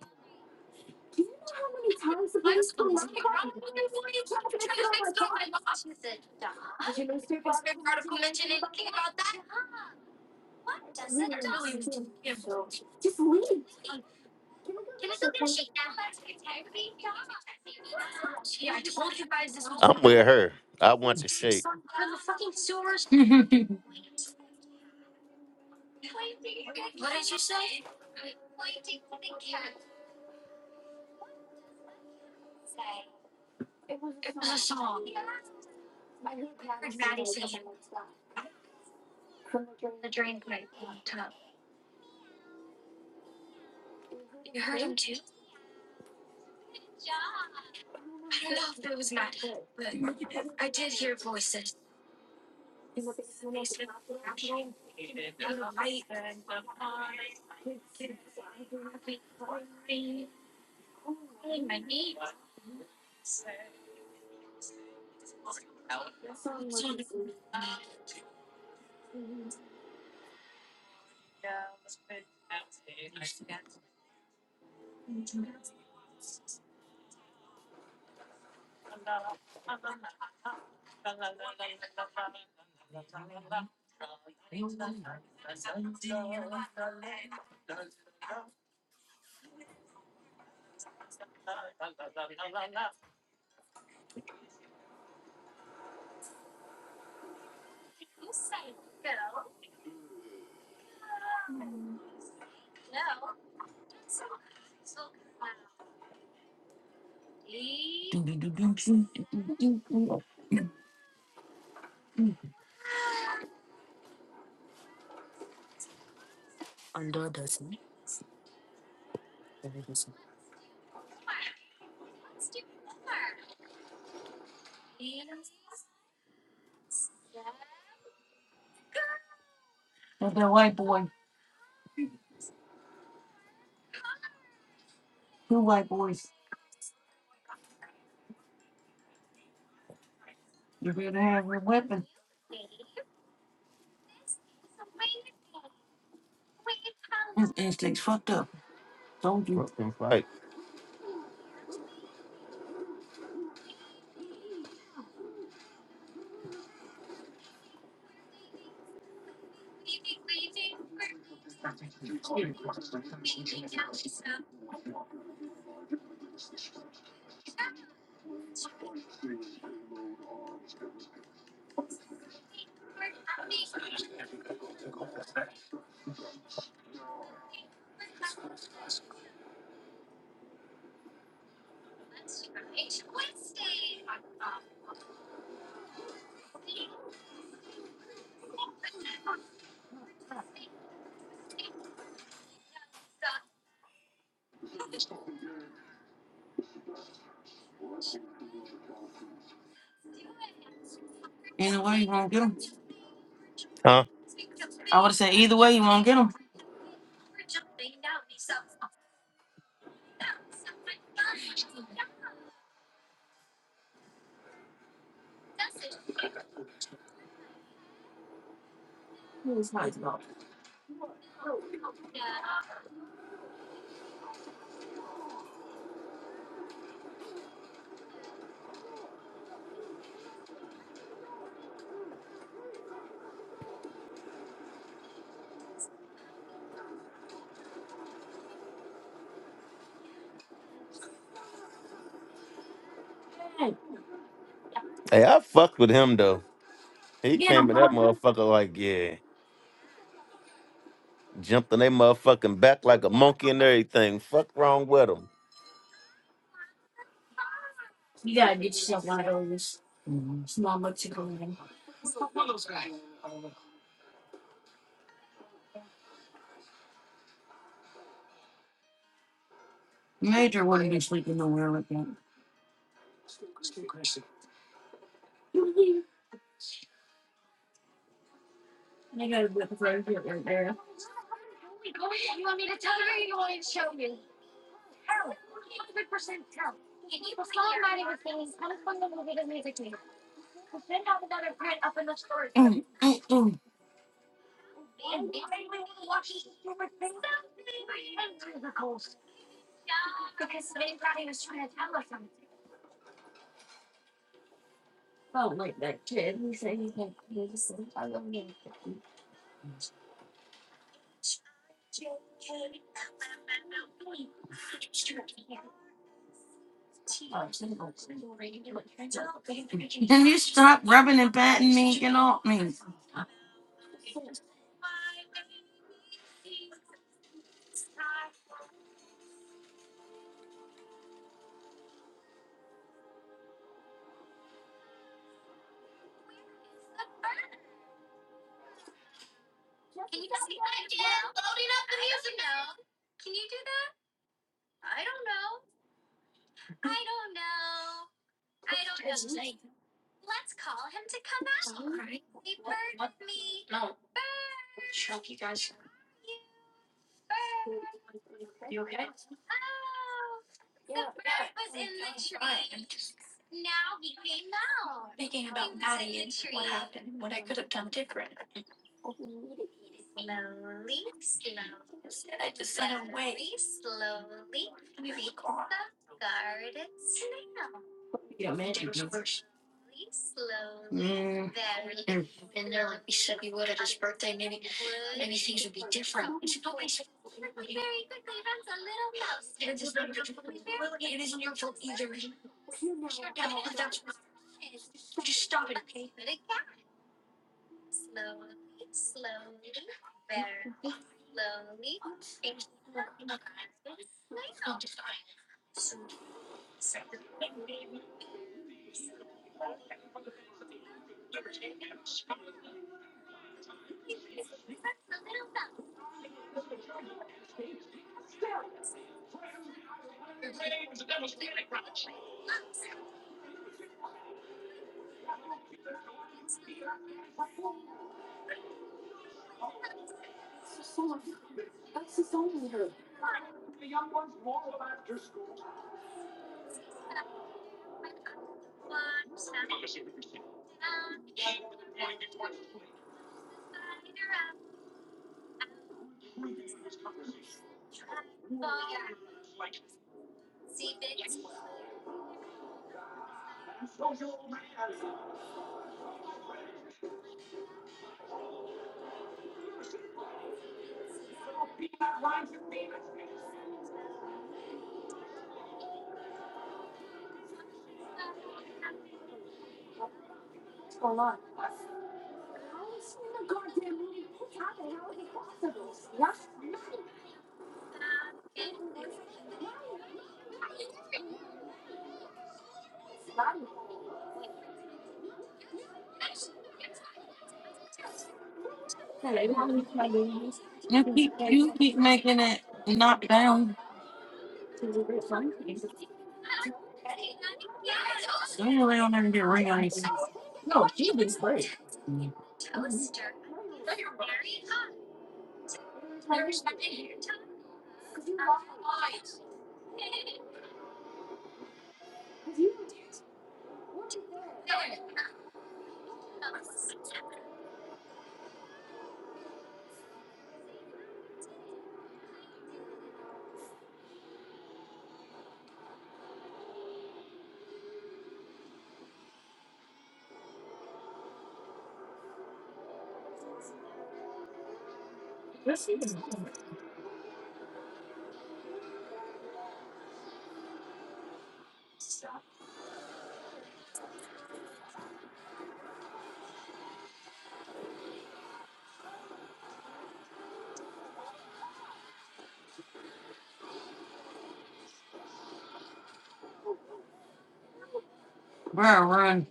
S3: I'm with her. I want the shake.
S1: But that way, two way,
S3: Right.
S1: either way, you won't get them. I would have said either way, you won't get them.
S3: Hey, I fucked with him though. He came in that motherfucker like, yeah. Jumping they motherfucking back like a monkey and everything. Fuck wrong with
S1: Can you stop rubbing and patting me? Get off me. Run, run.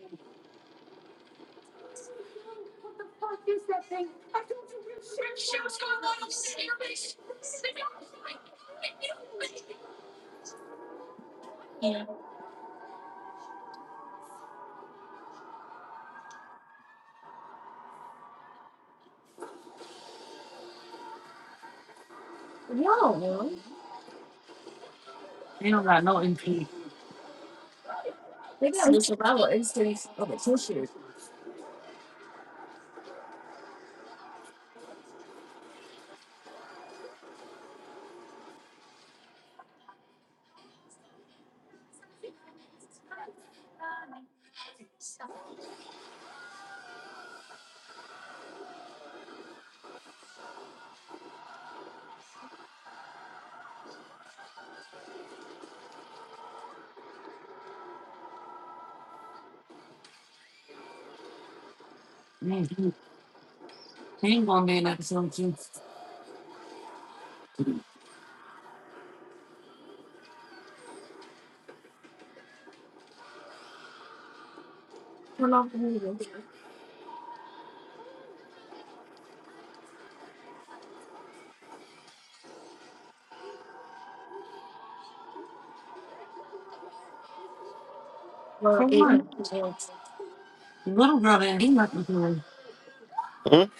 S3: them.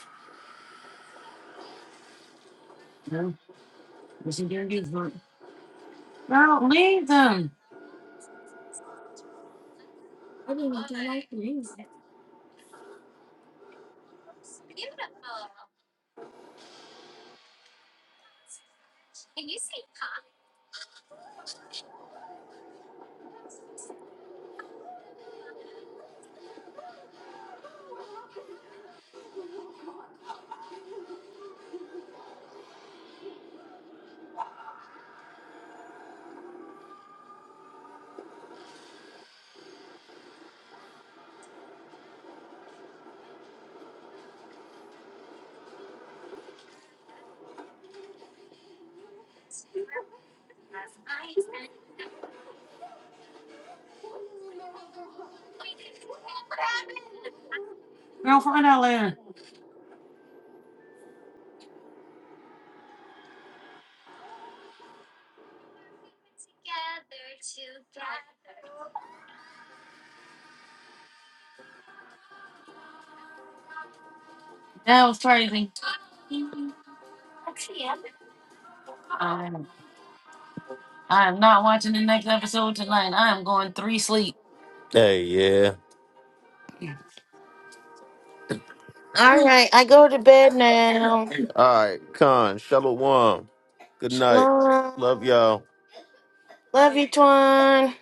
S3: Hey, yeah.
S1: All right, I go to bed now.
S3: All right, Con, Shalom. Good night. Love
S1: Shalom.
S3: y'all.
S1: Love you, Twan.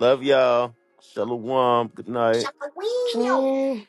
S3: Love y'all. Shalom. Good night.
S1: Shalom.